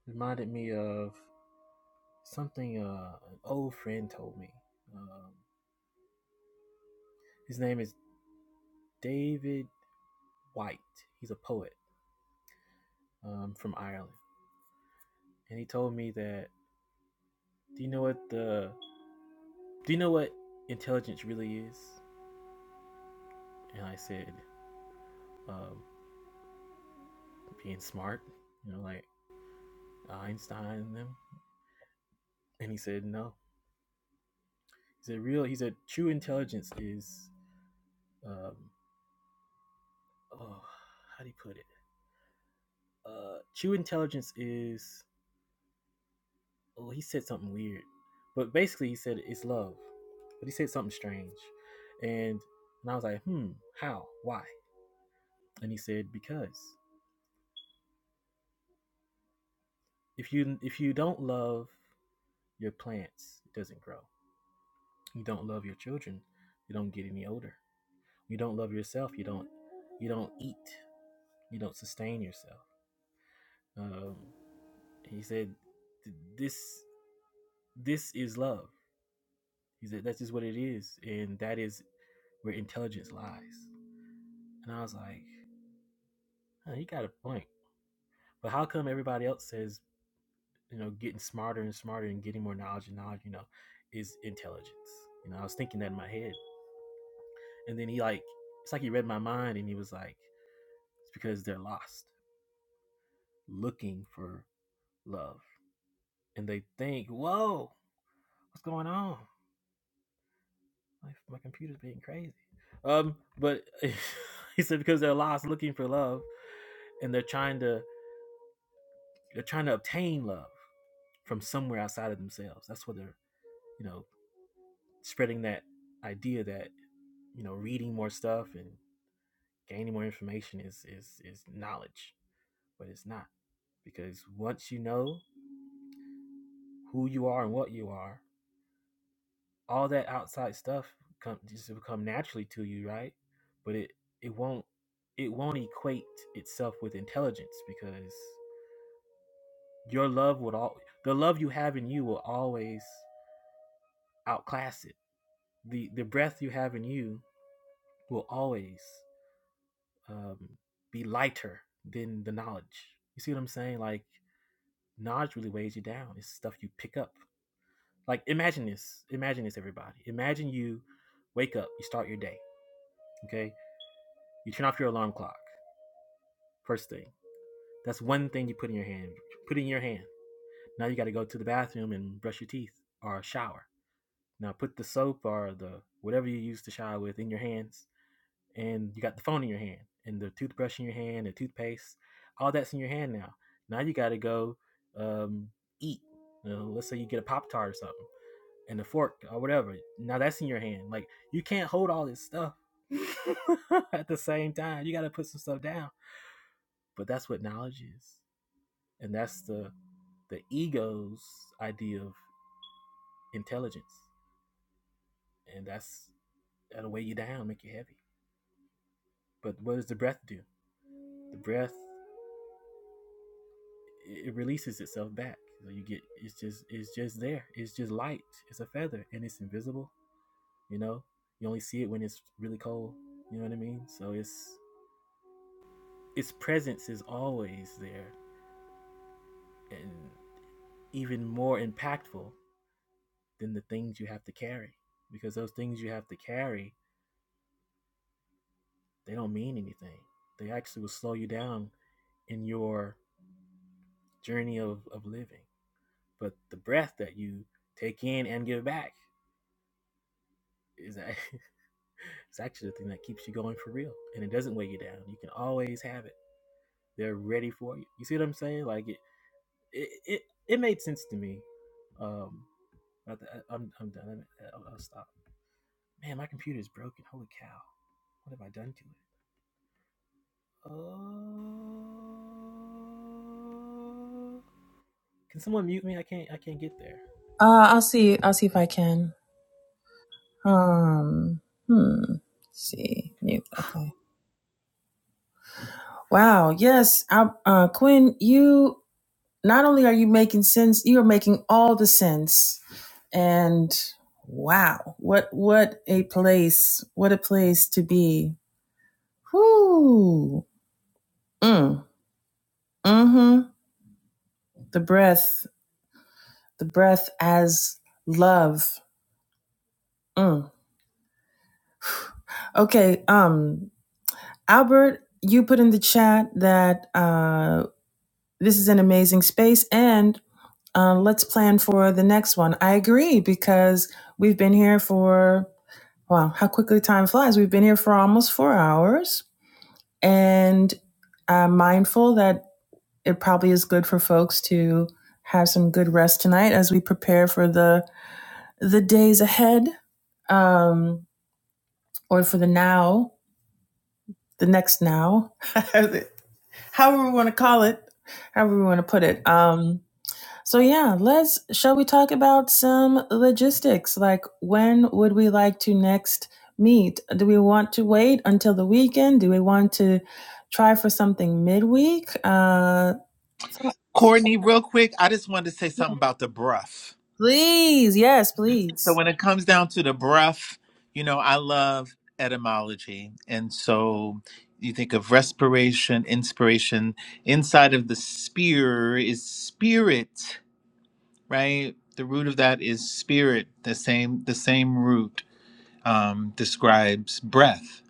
reminded me of something uh, an old friend told me. Um, his name is David White. He's a poet um, from Ireland. And he told me that, do you know what the do you know what intelligence really is? And I said, um, being smart, you know, like Einstein and them. And he said, no. He said, real, he said, true intelligence is, um, oh, how do you put it? Uh, true intelligence is, oh, he said something weird. But basically, he said it's love. But he said something strange. And, and I was like, hmm, how? Why? And he said, because if you if you don't love your plants, it doesn't grow. You don't love your children, you don't get any older. You don't love yourself, you don't you don't eat, you don't sustain yourself. Um, he said, "This this is love." He said, "That's just what it is, and that is where intelligence lies." And I was like, huh, "He got a point." But how come everybody else says, you know, getting smarter and smarter and getting more knowledge and knowledge, you know, is intelligence? You know, I was thinking that in my head, and then he like, it's like he read my mind, and he was like, "It's because they're lost." looking for love and they think, "Whoa, what's going on? My, my computer's being crazy." Um, but he said because they're lost looking for love, and they're trying to they're trying to obtain love from somewhere outside of themselves. That's what they're you know spreading that idea that you know reading more stuff and gaining more information is is is knowledge, but it's not because once you know who you are and what you are, all that outside stuff come just will come naturally to you, right? But it it won't it won't equate itself with intelligence because your love would all the love you have in you will always outclass it. The the breath you have in you will always um, be lighter than the knowledge. You see what I'm saying? Like knowledge really weighs you down. It's stuff you pick up. Like imagine this. Imagine this, everybody. Imagine you wake up. You start your day. Okay. You turn off your alarm clock. First thing. That's one thing you put in your hand. Put it in your hand. Now you got to go to the bathroom and brush your teeth or shower. Now put the soap or the whatever you use to shower with in your hands, and you got the phone in your hand, and the toothbrush in your hand, the toothpaste, all that's in your hand now. Now you got to go um, eat. You know, let's say you get a pop tart or something, and a fork or whatever. Now that's in your hand. Like you can't hold all this stuff at the same time. You got to put some stuff down. But that's what knowledge is, and that's the the ego's idea of intelligence, and that's that'll weigh you down, make you heavy. But what does the breath do? The breath it releases itself back. So you get it's just it's just there. It's just light. It's a feather, and it's invisible. You know, you only see it when it's really cold. You know what I mean? So it's its presence is always there, and even more impactful than the things you have to carry, because those things you have to carry they don't mean anything. They actually will slow you down in your journey of, of living. But the breath that you take in and give back is a- it's actually the thing that keeps you going for real, and it doesn't weigh you down. You can always have it. They're ready for you. You see what I'm saying? Like it, it, it, it made sense to me. Um, I, I- am I'm done. I'll, I'll stop. Man, my computer is broken. Holy cow! What have I done to it? Oh, uh, can someone mute me? I can't. I can't get there. Uh, I'll see. I'll see if I can. Um, hmm. Let's see, mute. Okay. Wow. Yes. I, uh, Quinn, you not only are you making sense, you are making all the sense. And wow, what what a place! What a place to be. Whoo. Mm. Mm-hmm. The breath. The breath as love. Mm. Okay. Um, Albert, you put in the chat that uh, this is an amazing space, and Uh, let's plan for the next one. I agree because we've been here for, wow, how quickly time flies. We've been here for almost four hours. And I'm mindful that it probably is good for folks to have some good rest tonight as we prepare for the the days ahead um, or for the now, the next now, however we want to call it, however we want to put it. Um, So yeah, let's shall we talk about some logistics? Like when would we like to next meet? Do we want to wait until the weekend? Do we want to try for something midweek? Uh so- Courtney. Real quick, I just wanted to say something about the breath. please, yes, So please. when it comes down to the breath, you know, I love etymology. And so you think of respiration, inspiration. Inside of the spear is spirit, right? The root of that is spirit. The same the same root um, describes breath.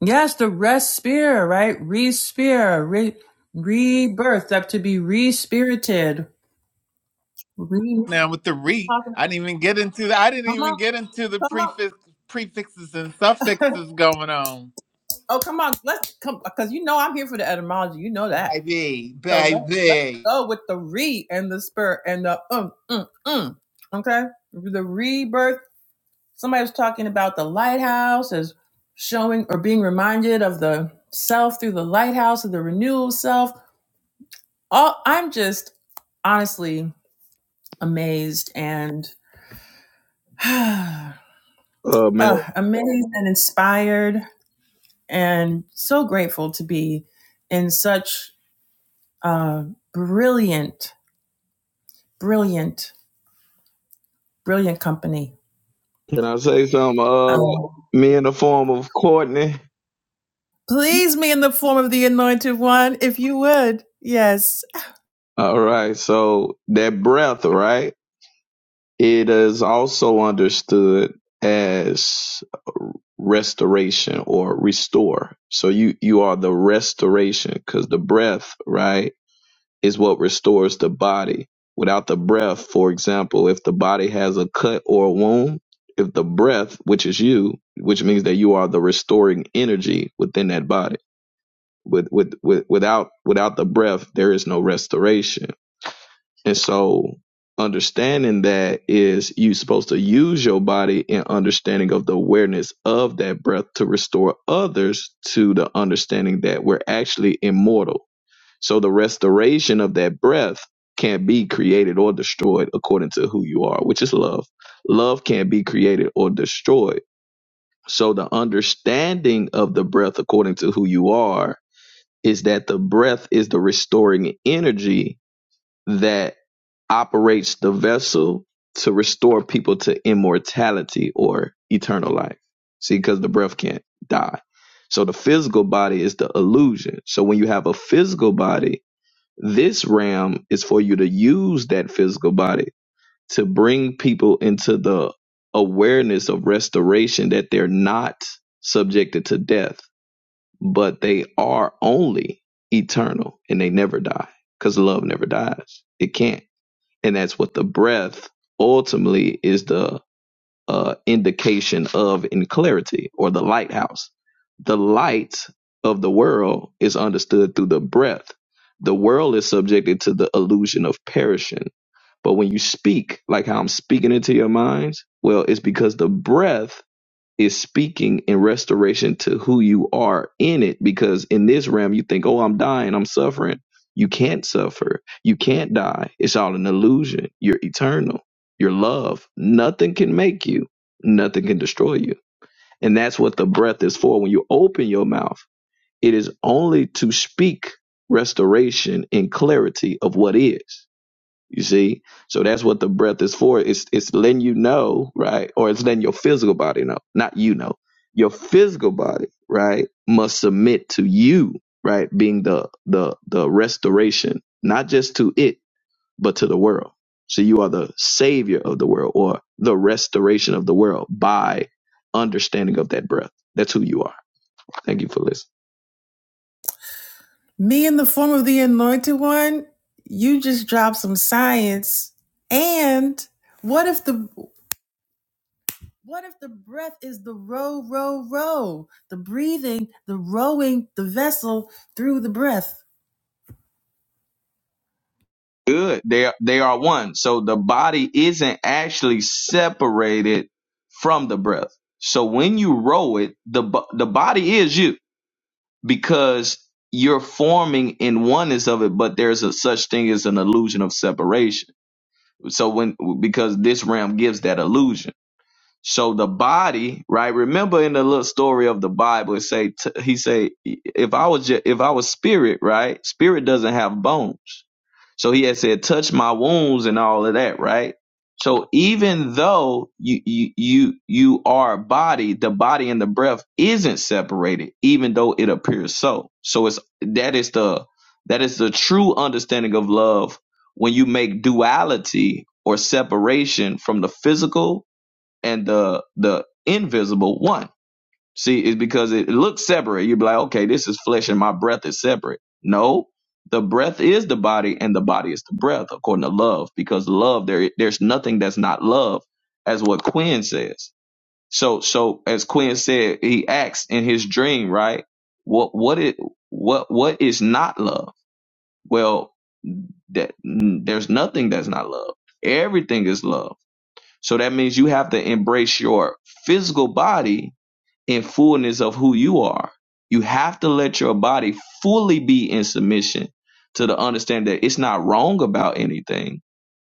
Yes, the rest spear, right? Re-spear, re rebirth, up to be re-spirited. Re- Now with the re, I didn't even get into the, I didn't come even on, get into the come prefix prefixes and on. suffixes going on. oh, come on. Let's come because you know I'm here for the etymology. You know that. Baby, So let's, let's baby. go with the re and the spirit and the um, mm, mm. Okay? The rebirth. Somebody was talking about the lighthouse as showing or being reminded of the self through the lighthouse of the renewal self. All, I'm just honestly amazed and uh, Uh, man, amazed and inspired and so grateful to be in such uh, brilliant, brilliant, brilliant company. can I say something? Uh, Um, me in the form of Courtney. Please, me in the form of the anointed one, if you would. Yes. All right, so that breath, right? It is also understood as restoration or restore. So you you are the restoration because the breath, right? is what restores the body. Without the breath, for example, if the body has a cut or a wound, if the breath, which is you, which means that you are the restoring energy within that body. With, with, with without without the breath, there is no restoration. And so understanding that is you supposed to use your body in understanding of the awareness of that breath to restore others to the understanding that we're actually immortal so the restoration of that breath can't be created or destroyed according to who you are, which is love. Love can't be created or destroyed. So the understanding of the breath according to who you are is that the breath is the restoring energy that operates the vessel to restore people to immortality or eternal life. See, because the breath can't die. So the physical body is the illusion. So when you have a physical body, this realm is for you to use that physical body to bring people into the awareness of restoration that they're not subjected to death, but they are only eternal and they never die because love never dies. It can't. And that's what the breath ultimately is the uh, indication of in clarity or the lighthouse. The light of the world is understood through the breath. The world is subjected to the illusion of perishing. But when you speak, like how I'm speaking into your minds, well, it's because the breath is speaking in restoration to who you are in it because in this realm you think oh i'm dying i'm suffering you can't suffer you can't die it's all an illusion you're eternal you're love nothing can make you nothing can destroy you and that's what the breath is for when you open your mouth it is only to speak restoration and clarity of what is you see? So that's what the breath is for. It's it's letting you know, right? Or it's letting your physical body know. Not you know. Your physical body, right, must submit to you, right, being the the the restoration, not just to it, but to the world. So you are the savior of the world or the restoration of the world by understanding of that breath. That's who you are. Thank you for listening. Me in the form of the anointed one, you just dropped some science. And what if the what if the breath is the row, row, row? The breathing, the rowing, the vessel through the breath. good. They are, they are one. So the body isn't actually separated from the breath. So when you row it, the bo- the body is you because you're forming in oneness of it, but there's a such thing as an illusion of separation. So when because this realm gives that illusion. So the body, right? Remember in the little story of the Bible, it say t- he say, if I was ju- if I was spirit, right? Spirit doesn't have bones. So he had said, touch my wounds and all of that, right? So even though you you you you are a body, the body and the breath isn't separated, even though it appears so. So it's that is the that is the true understanding of love when you make duality or separation from the physical and the the invisible one. See, it's because it looks separate. You'd be like, okay, this is flesh and my breath is separate. No, the breath is the body and the body is the breath, according to love, because love, there there's nothing that's not love, as what Quinn says. So so as Quinn said, he acts in his dream, right? What what it what what is not love? Well, that there's nothing that's not love. Everything is love so that means you have to embrace your physical body in fullness of who you are. You have to let your body fully be in submission to the understanding that it's not wrong about anything,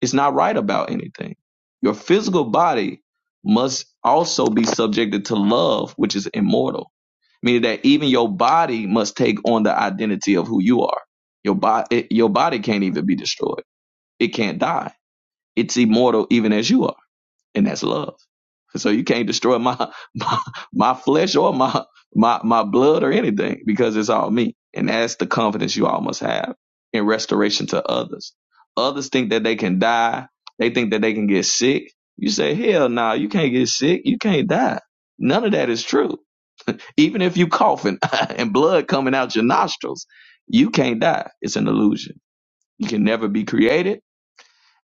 it's not right about anything. Your physical body must also be subjected to love, which is immortal, meaning that even your body must take on the identity of who you are. Your, body, your body can't even be destroyed, it can't die. It's immortal even as you are and that's love. So you can't destroy my my, my flesh or my, my my blood or anything because it's all me. And that's the confidence you all must have in restoration to others. Others think that they can die. They think that they can get sick. You say, hell no, you can't get sick. You can't die. None of that is true. Even if you coughing and blood coming out your nostrils, you can't die. It's an illusion. You can never be created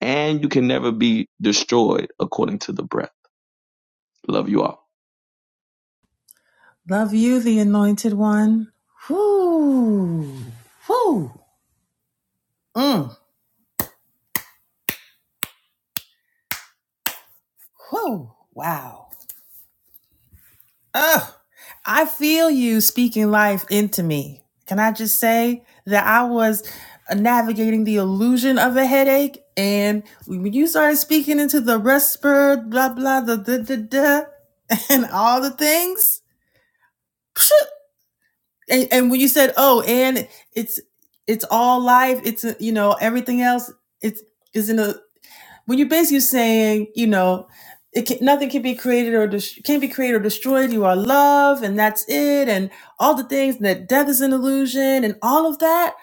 and you can never be destroyed according to the breath. Love you all. Love you, the anointed one. Whoo. Whoo. Mm. Whoo. Wow. Oh, I feel you speaking life into me. Can I just say that I was navigating the illusion of a headache, and when you started speaking into the respir, blah blah, the da da da, and all the things, and, and when you said, "Oh, and it's it's all life," it's uh, you know everything else, it's isn't when you're basically saying, you know, it can, nothing can be created or des- can't be created or destroyed. You are love, and that's it. And all the things that death is an illusion, and all of that.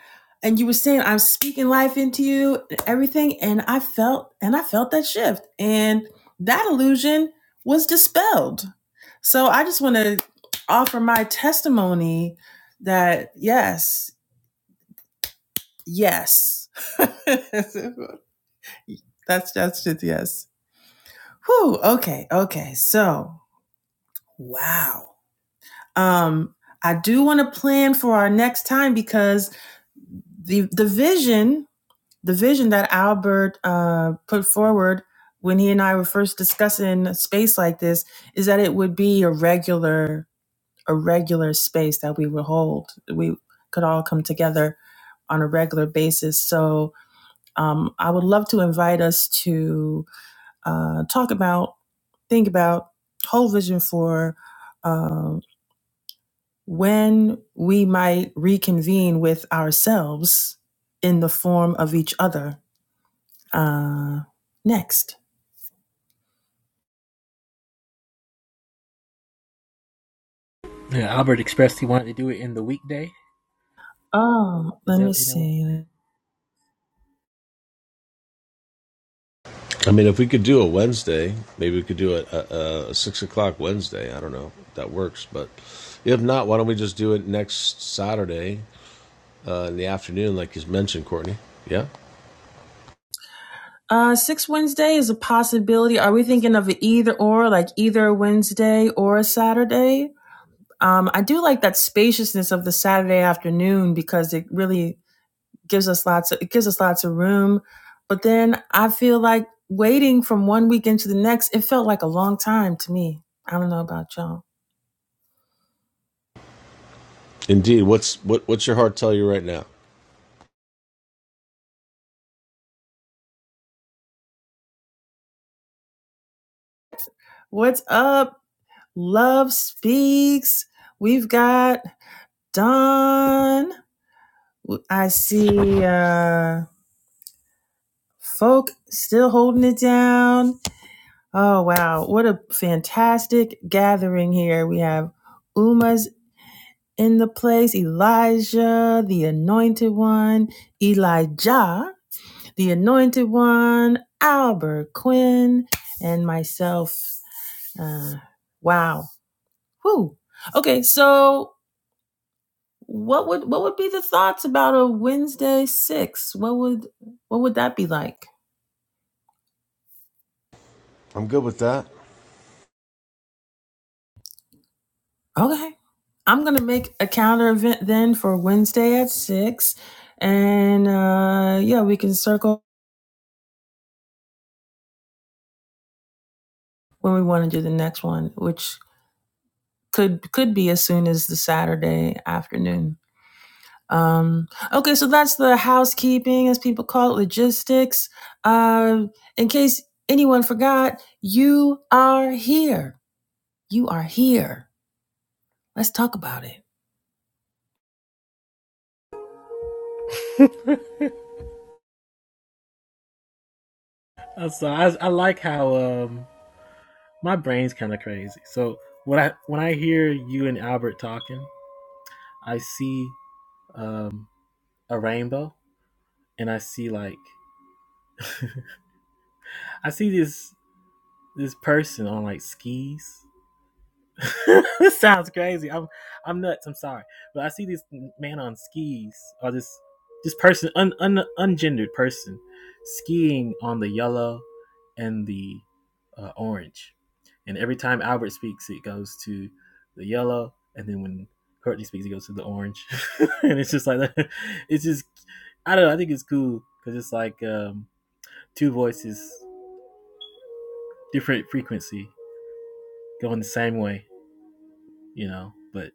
And you were saying, I'm speaking life into you, and everything. And I felt, and I felt that shift, and that illusion was dispelled. So I just want to offer my testimony that yes, yes, that's that's just yes. Whew, okay, okay. So, wow. Um, I do want to plan for our next time because the the vision, the vision that Albert uh, put forward when he and I were first discussing a space like this is that it would be a regular a regular space that we would hold. We could all come together on a regular basis. So um, I would love to invite us to uh, talk about think about whole vision for um, when we might reconvene with ourselves in the form of each other. Uh, next. Yeah, Albert expressed he wanted to do it in the weekday. Oh, Is let that me isn't that what? see. I mean, if we could do a Wednesday, maybe we could do a, a, a six o'clock Wednesday. I don't know if that works, but if not, why don't we just do it next Saturday uh, in the afternoon, like you mentioned, Courtney. Yeah, Uh, six Wednesday is a possibility. Are we thinking of it either or, like either a Wednesday or a Saturday? Um, I do like that spaciousness of the Saturday afternoon because it really gives us lots of it gives us lots of room. But then I feel like waiting from one weekend to the next, it felt like a long time to me. I don't know about y'all. indeed. What's what? What's your heart tell you right now? What's up? Love speaks. We've got Don. I see uh folk still holding it down. Oh wow, what a fantastic gathering here. We have Uma's in the place, Elijah, the anointed one, Elijah. the Anointed One, Albert Quinn, and myself. Uh, wow. Whoo. Okay, so what would what would be the thoughts about a Wednesday six? What would what would that be like? I'm good with that. Okay. I'm gonna make a calendar event then for Wednesday at six. And uh yeah, we can circle when we want to do the next one, which could could be as soon as the Saturday afternoon. Um, okay, so that's the housekeeping, as people call it, logistics. Um, in case anyone forgot, you are here. You are here. Let's talk about it. Uh, So I I like how um my brain's kind of crazy. So when I when I hear you and Albert talking, I see um a rainbow and I see like I see this this person on like skis Sounds crazy. I'm I'm nuts. I'm sorry, but I see this man on skis or this this person un, un ungendered person skiing on the yellow and the uh, orange, and every time Albert speaks, it goes to the yellow, and then when Courtney speaks, it goes to the orange, and it's just like that. It's just I don't know. I think it's cool because it's like um, two voices, different frequency, going the same way, you know. But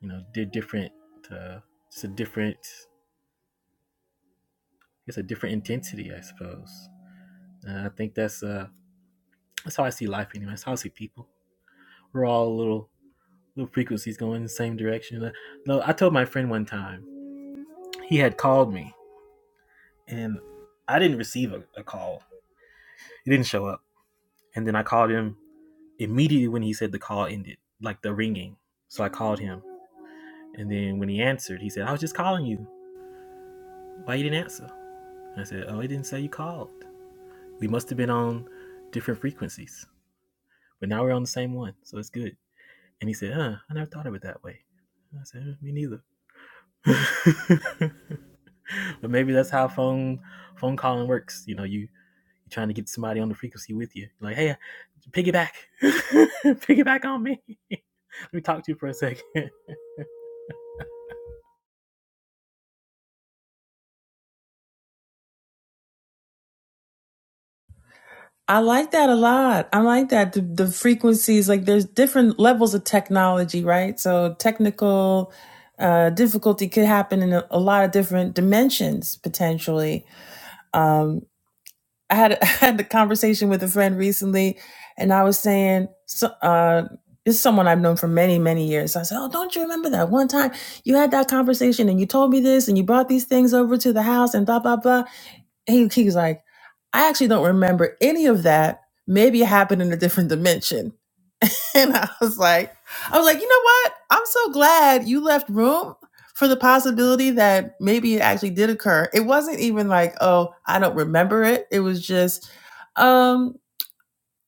you know, did different, uh, just a different, it's a different intensity, I suppose. And I think that's uh, that's how I see life anyway. That's how I see people. We're all little little frequencies going in the same direction. Uh, No, I told my friend one time he had called me, and I didn't receive a, a call. It didn't show up, and then I called him immediately when he said the call ended, like the ringing. So I called him, and then when he answered, he said, "I was just calling you. Why you didn't answer?" And I said, "Oh, it didn't say you called." We must have been on different frequencies, but now we're on the same one, so it's good. And he said, Huh, I never thought of it that way. And I said, "Eh, Me neither. but maybe that's how phone phone calling works. You know, you you're trying to get somebody on the frequency with you. You're Like, hey, piggyback, piggyback on me. Let me talk to you for a second. Do I like that a lot. I like that the, the frequencies. Like, there's different levels of technology, right? So technical uh, difficulty could happen in a, a lot of different dimensions potentially. Um, I had I had a conversation with a friend recently, and I was saying, so, uh, it's someone I've known for many many years. I said, "Oh, don't you remember that one time you had that conversation and you told me this and you brought these things over to the house and blah blah blah." And he, he was like, "I actually don't remember any of that. Maybe it happened in a different dimension." And I was like, I was like, you know what? I'm so glad you left room for the possibility that maybe it actually did occur. It wasn't even like, oh, I don't remember it. It was just, um,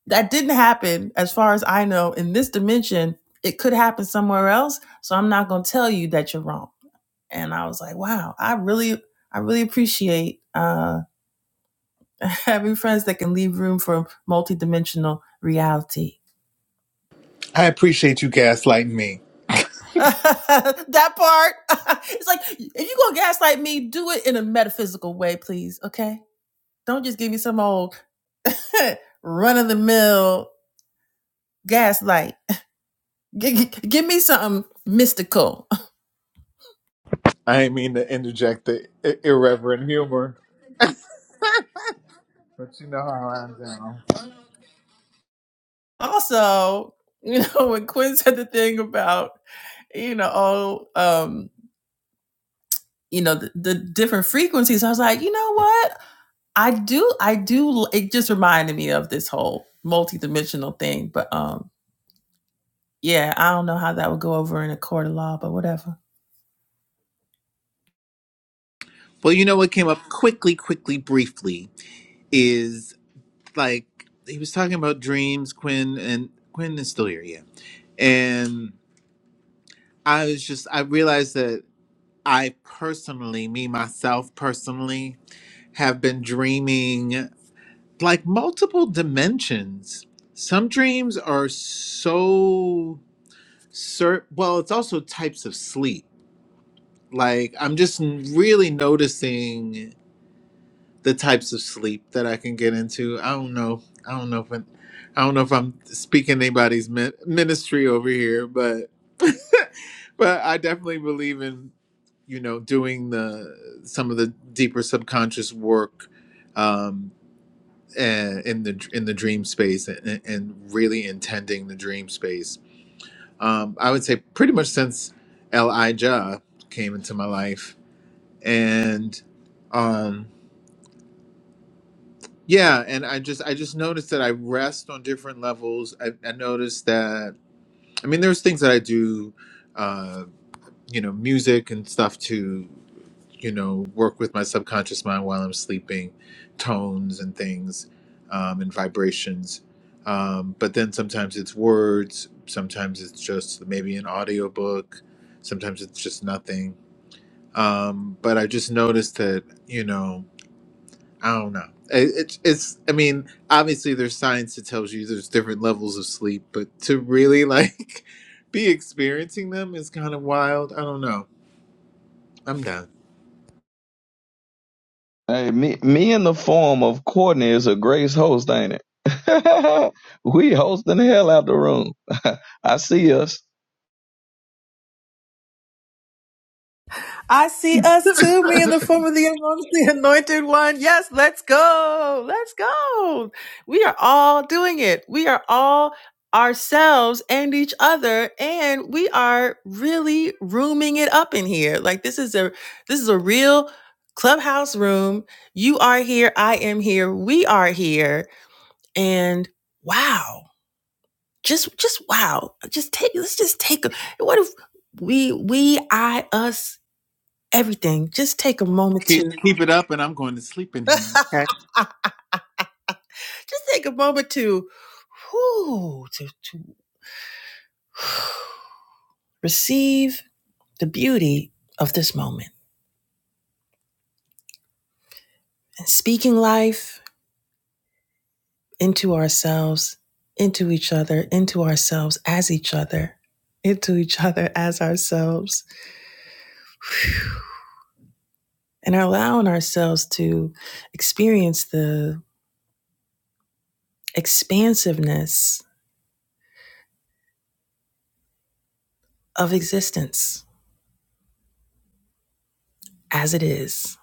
that didn't happen as far as I know in this dimension. It could happen somewhere else. So I'm not gonna tell you that you're wrong. And I was like, wow, I really, I really appreciate uh having friends that can leave room for multidimensional reality. I appreciate you gaslighting me. that part. it's like if you're gonna gaslight me, do it in a metaphysical way, please. Okay, don't just give me some old run of the mill gaslight. G- g- give me something mystical. I ain't mean to interject the i- irreverent humor, but you know how I'm down. also, you know when Quinn said the thing about you know all um you know the, the different frequencies, I was like, you know what? I do, I do. It just reminded me of this whole multidimensional thing, but um Yeah, I don't know how that would go over in a court of law, but whatever. Well, you know what came up quickly, quickly, briefly is like he was talking about dreams, Quinn, and Quinn is still here, yeah. And I was just, I realized that I personally, me, myself personally, have been dreaming like multiple dimensions. Some dreams are so, cer- well, it's also types of sleep Like I'm just really noticing the types of sleep that I can get into. I don't know. I don't know if I'm, I i do not know if I'm speaking anybody's min- ministry over here, but but I definitely believe in you know doing the some of the deeper subconscious work um and in the in the dream space and, and really intending the dream space um i would say pretty much since elijah came into my life and um yeah and i just i just noticed that i rest on different levels i, I noticed that i mean there's things that i do uh you know music and stuff to you know work with my subconscious mind while i'm sleeping tones and things um, and vibrations um, but then sometimes it's words sometimes it's just maybe an audiobook sometimes it's just nothing um, but i just noticed that you know I don't know. It- It's it's. I mean, obviously, there's science that tells you there's different levels of sleep, but to really like be experiencing them is kind of wild. I don't know. I'm done. Hey, me, me in the form of Courtney is a grace host, ain't it? we hosting the hell out the room. I see us. I see us too, me in the form of the anointed the anointed one. Yes, let's go. Let's go. We are all doing it. We are all ourselves and each other and we are really rooming it up in here. Like this is a this is a real clubhouse room. You are here, I am here, we are here and wow. Just, just wow. Just take. Let's just take. A, what if we, we, I, us, everything? Just take a moment to. Keep keep it up, and I'm going to sleep in here. just Okay. take a moment to, whoo, to to receive the beauty of this moment. And speaking life into ourselves, into each other, into ourselves as each other, into each other as ourselves, and allowing ourselves to experience the expansiveness of existence as it is.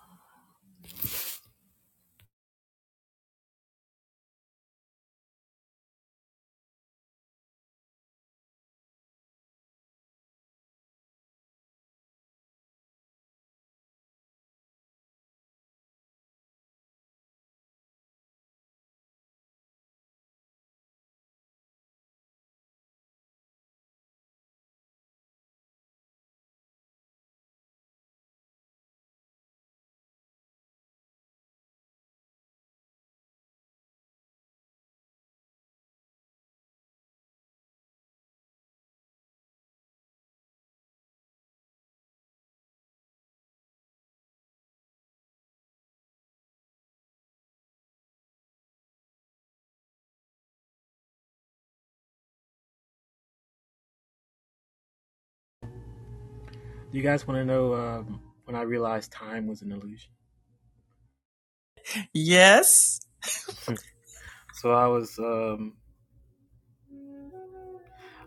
you guys want to know um, when I realized time was an illusion? Yes. So I was, um,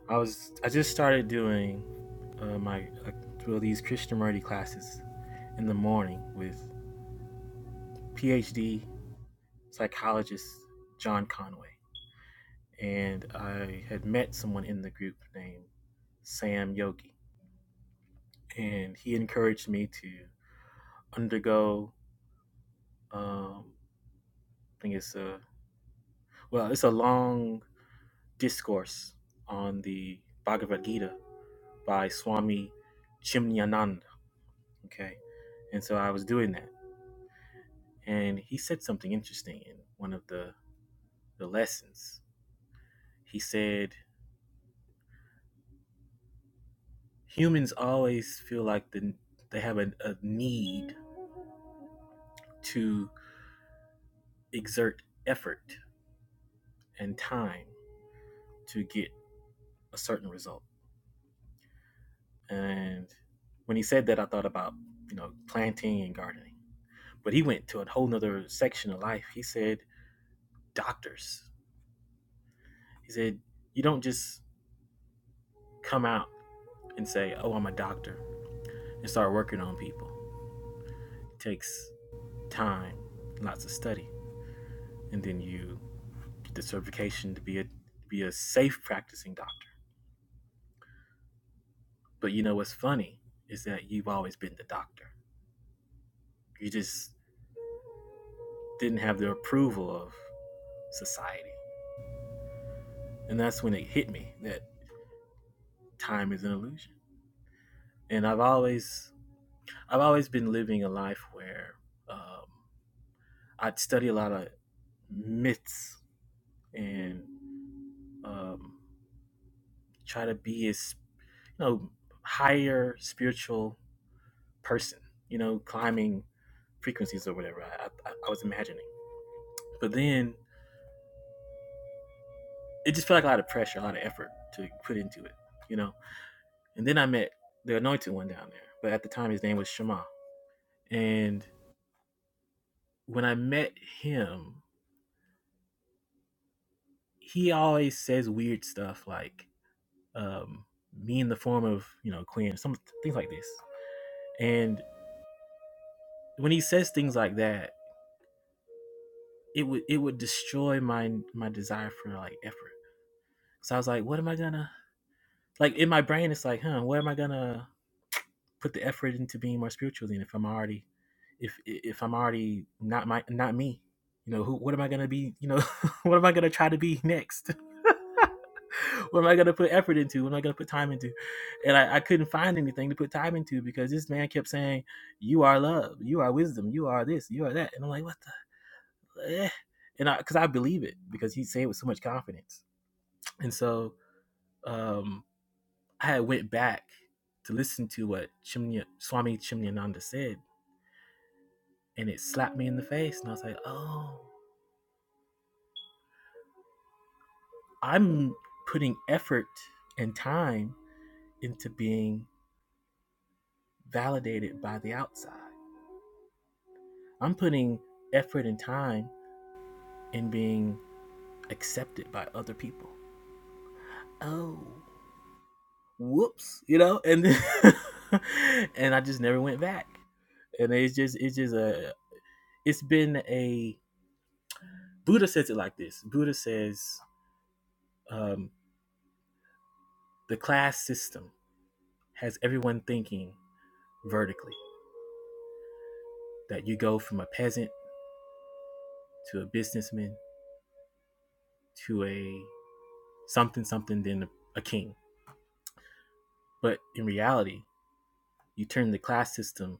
I was, I just started doing uh, my like well, these Krishnamurti classes in the morning with PhD psychologist John Conway. And I had met someone in the group named Sam Yogi. And he encouraged me to undergo, um, I think it's a, well, it's a long discourse on the Bhagavad Gita by Swami Chimnyananda. Okay. And so I was doing that. And he said something interesting in one of the, the lessons. He said, humans always feel like the, they have a, a need to exert effort and time to get a certain result. And when he said that, I thought about, you know, planting and gardening. But he went to a whole nother section of life. He said, doctors. He said, you don't just come out and say, oh, I'm a doctor and start working on people. It takes time, lots of study, and then you get the certification to be a, to be a safe practicing doctor. But you know what's funny is that you've always been the doctor. You just didn't have the approval of society. And that's when it hit me that time is an illusion. And I've always I've always been living a life where um, I'd study a lot of myths and um, try to be as you know higher spiritual person. You know, climbing frequencies or whatever I, I, I was imagining. But then it just felt like a lot of pressure, a lot of effort to put into it, you know. And then I met the anointed one down there, but at the time his name was Shema. And when I met him, he always says weird stuff like um, "me in the form of you know queer," some things like this. And when he says things like that, it would it would destroy my my desire for like effort. So I was like, what am I gonna like in my brain? It's like, huh, what am I gonna put the effort into being more spiritual then if i'm already if if i'm already not my not me you know who what am i going to be you know what am i going to try to be next what am i going to put effort into what am i going to put time into and I, I couldn't find anything to put time into because this man kept saying you are love you are wisdom you are this you are that and i'm like what the eh. and i because i believe it because he's saying it with so much confidence and so um i had went back to listen to what Chimnya, swami chimnyananda said and it slapped me in the face and i was like oh i'm putting effort and time into being validated by the outside i'm putting effort and time in being accepted by other people oh whoops you know and then and i just never went back and it's just it's just a it's been a buddha says it like this buddha says um, the class system has everyone thinking vertically that you go from a peasant to a businessman to a something something then a, a king. But in reality, you turn the class system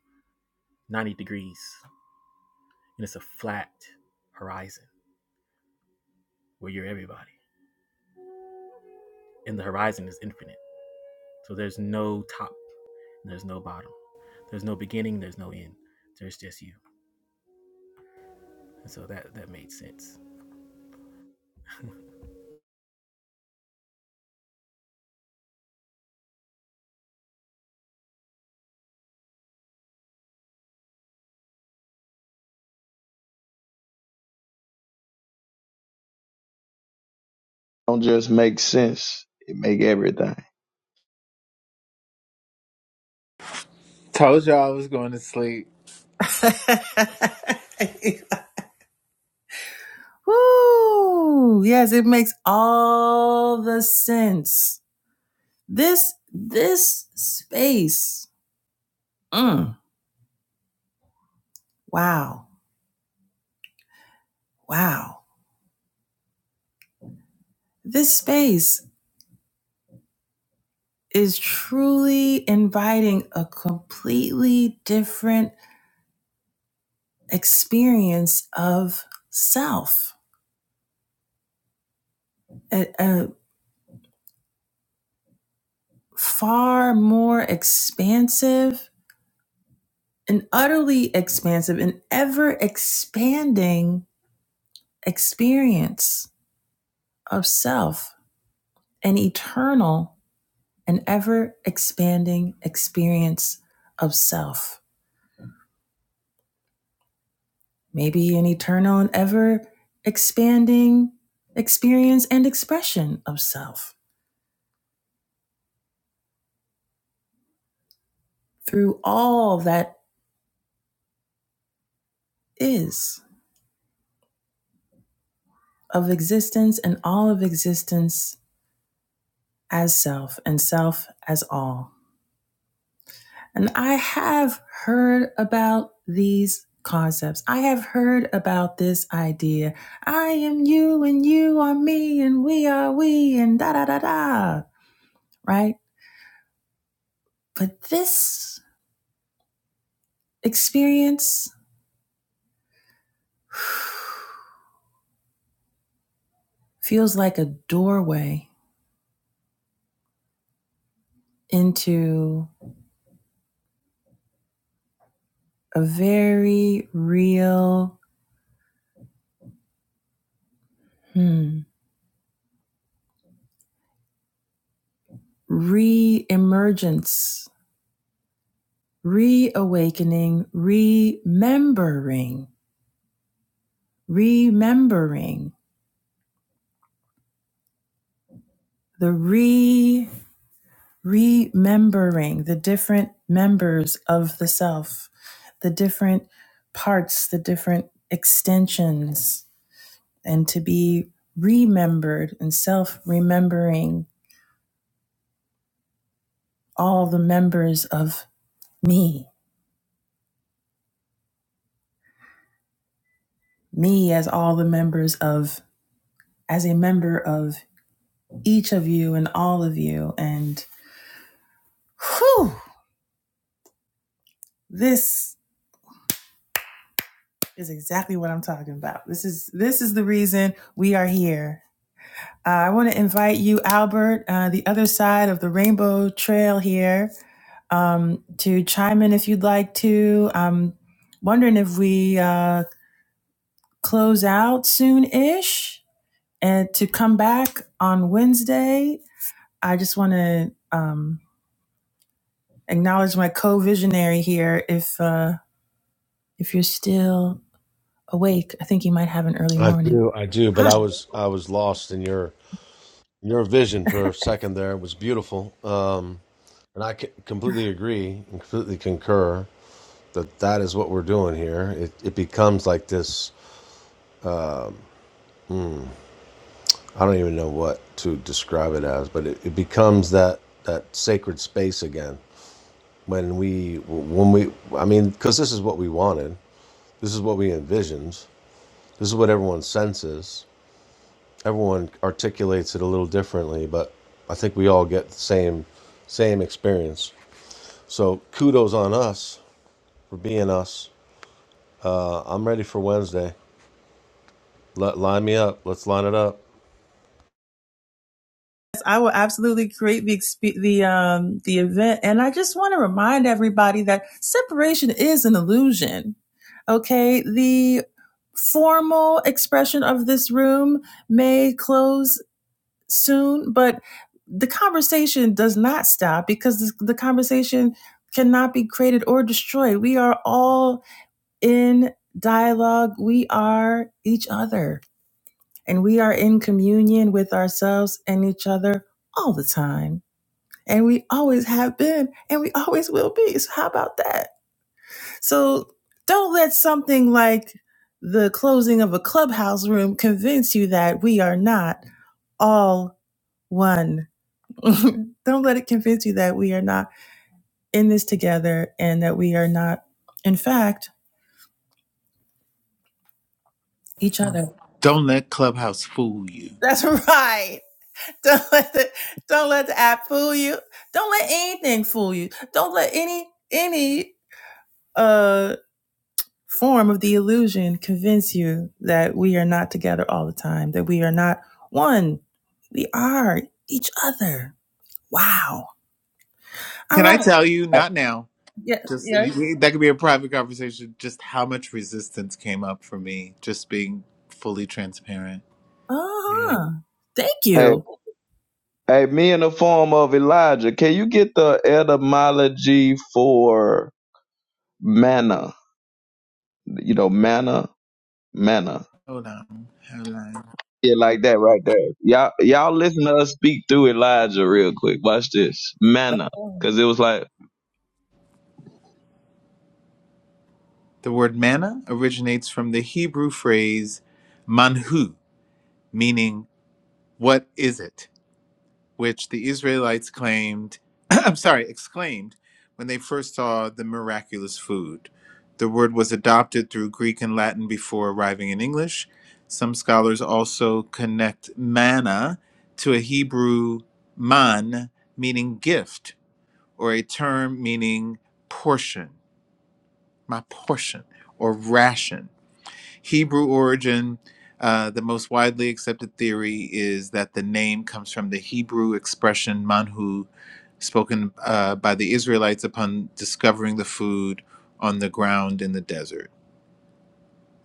90 degrees and it's a flat horizon where you're everybody. And the horizon is infinite. So there's no top, there's no bottom. There's no beginning, there's no end. There's just you. And so that that made sense. Don't just make sense. It make everything. Told y'all I was going to sleep. Woo! Yes, it makes all the sense. This this space. Mm, wow. Wow. This space is truly inviting a completely different experience of self. A, a far more expansive an utterly expansive and ever expanding experience of self, an eternal and ever expanding experience of self. Maybe an eternal and ever expanding experience and expression of self through all that is of existence and all of existence as self and self as all. And I have heard about these concepts. I have heard about this idea. I am you and you are me and we are we and da da da da. Right? But this experience feels like a doorway into a very real hmm, re emergence, reawakening, remembering, remembering the re remembering the different members of the self the different parts the different extensions and to be remembered and self remembering all the members of me me as all the members of as a member of each of you and all of you and whew this is exactly what i'm talking about this is this is the reason we are here Uh, I want to invite you, Albert, uh, the other side of the Rainbow Trail here, um, to chime in if you'd like to. I'm wondering if we uh, close out soon ish and to come back on Wednesday. I just want to um, acknowledge my co visionary here. If, uh, if you're still awake, I think you might have an early I morning. do, I do. But Hi. I was I was lost in your your vision for a second there. It was beautiful, um, and I c- completely agree and completely concur that that is what we're doing here. It it becomes like this. Um, I don't even know what to describe it as, but it, it becomes that that sacred space again when we when we. I mean, because this is what we wanted. This is what we envisioned. This is what everyone senses. Everyone articulates it a little differently, but I think we all get the same same experience. So kudos on us for being us. Uh, I'm ready for Wednesday. Let, line me up. Let's line it up. Yes, I will absolutely create the the um the event, and I just want to remind everybody that separation is an illusion. Okay, the formal expression of this room may close soon, but the conversation does not stop because the conversation cannot be created or destroyed. We are all in dialogue. We are each other, and we are in communion with ourselves and each other all the time and we always have been and we always will be. So how about that? So don't let something like the closing of a clubhouse room convince you that we are not all one. don't let it convince you that we are not in this together and that we are not in fact each other. Don't let Clubhouse fool you. That's right. Don't let the don't let the app fool you. Don't let anything fool you. Don't let any any uh. form of the illusion convince you that we are not together all the time, that we are not one. We are each other. Wow. All Can I right. tell you? Not now. Yeah. Just Yeah. we- we- that could be a private conversation. Just how much resistance came up for me, just being fully transparent. Uh Yeah. huh. Thank Hey. you. Hey, me in the form of Elijah, can you get the etymology for manna? You know, manna, manna. Hold on. Hold on. Yeah, like that right there. Y'all, y'all listen to us speak through Elijah real quick. Watch this. Manna. Cause it was like, The word manna originates from the Hebrew phrase manhu, meaning what is it, which the Israelites claimed, I'm sorry, exclaimed when they first saw the miraculous food. The word was adopted through Greek and Latin before arriving in English. Some scholars also connect manna to a Hebrew man, meaning gift, or a term meaning portion, my portion, or ration. Hebrew origin, uh, the most widely accepted theory is that the name comes from the Hebrew expression manhu, spoken uh, by the Israelites upon discovering the food on the ground in the desert.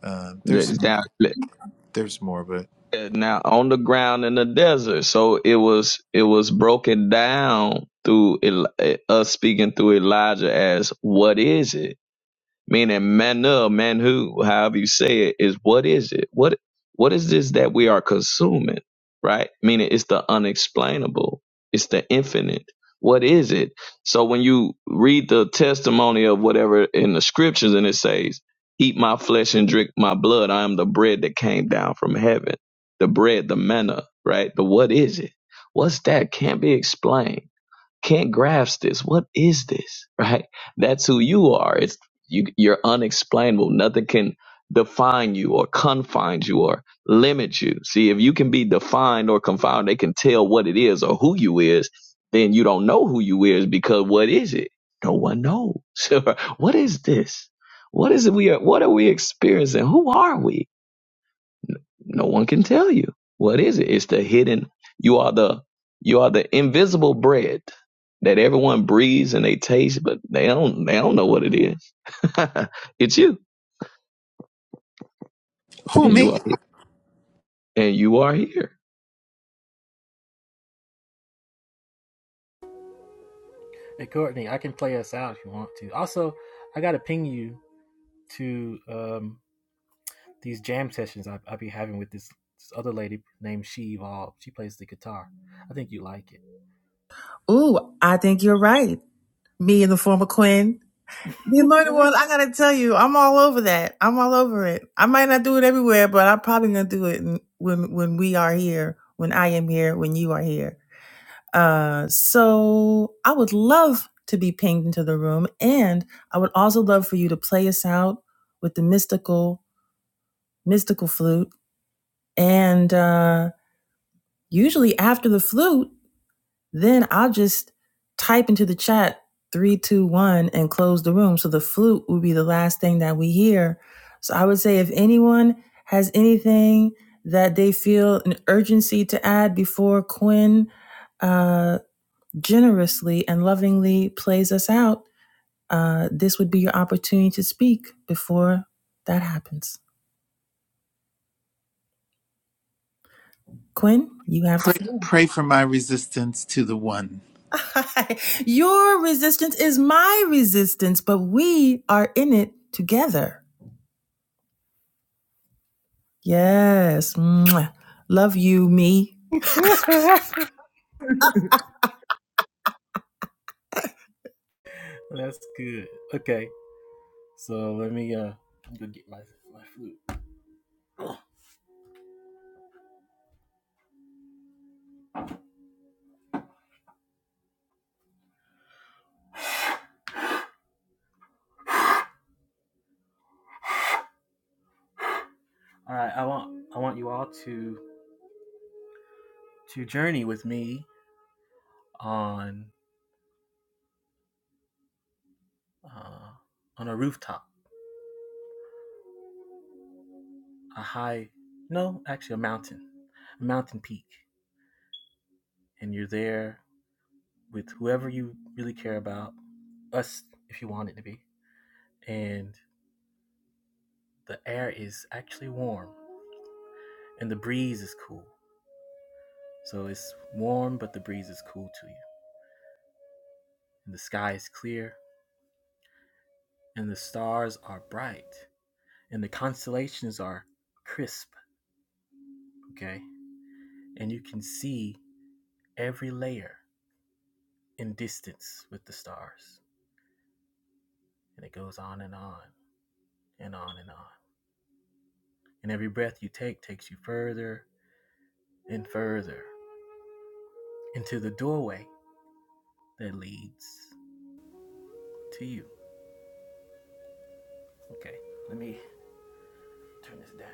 Uh, there's it's down there's more, but now on the ground in the desert. So it was, it was broken down through Eli- us speaking through Elijah as what is it? meaning manna, who, however you say it, is what is it? What what is this that we are consuming? Right? Meaning it's the unexplainable. It's the infinite. What is it? So when you read the testimony of whatever in the scriptures and it says, Eat my flesh and drink my blood, I am the bread that came down from heaven. The bread, the manna, right? The what is it? What's that? Can't be explained can't grasp this. What is this? Right? That's who you are. It's you you're unexplainable. Nothing can define you or confine you or limit you. See, if you can be defined or confined, they can tell what it is or who you is, then you don't know who you is because what is it? No one knows. what is this? What is it we are what are we experiencing? Who are we? No one can tell you. What is it? It's the hidden. You are the you are the invisible bread that everyone breathes and they taste, but they don't they don't know what it is. it's you. who And you are me? and you are here. Hey Courtney, I can play us out if you want to. Also, I gotta ping you to um these jam sessions I I be having with this, this other lady named She Evolve. She plays the guitar. I think you like it. Ooh, I think you're right. Me in the form of Quinn. The anointed one, I gotta tell you, I'm all over that. I'm all over it. I might not do it everywhere, but I'm probably gonna do it when when we are here, when I am here, when you are here. Uh, so I would love to be pinged into the room, and I would also love for you to play us out with the mystical, mystical flute. And uh, usually after the flute, then I'll just type into the chat three, two, one, and close the room. So the flute will be the last thing that we hear. So I would say if anyone has anything that they feel an urgency to add before Quinn uh, generously and lovingly plays us out, uh, this would be your opportunity to speak before that happens. Quinn, you have the Pray, floor. pray for my resistance to the one. Your resistance is my resistance, but we are in it together. Yes. Mwah. Love you, me. That's good. Okay, so let me uh go get my my flute. All right, I want I want you all to to journey with me on uh, on a rooftop, a high no, actually a mountain, a mountain peak, and you're there with whoever you really care about, us if you want it to be, and the air is actually warm and the breeze is cool. So it's warm, but the breeze is cool to you. And the sky is clear and the stars are bright and the constellations are crisp, okay? And you can see every layer in distance with the stars. And it goes on and on and on and on. And every breath you take takes you further and further into the doorway that leads to you. Okay, let me turn this down.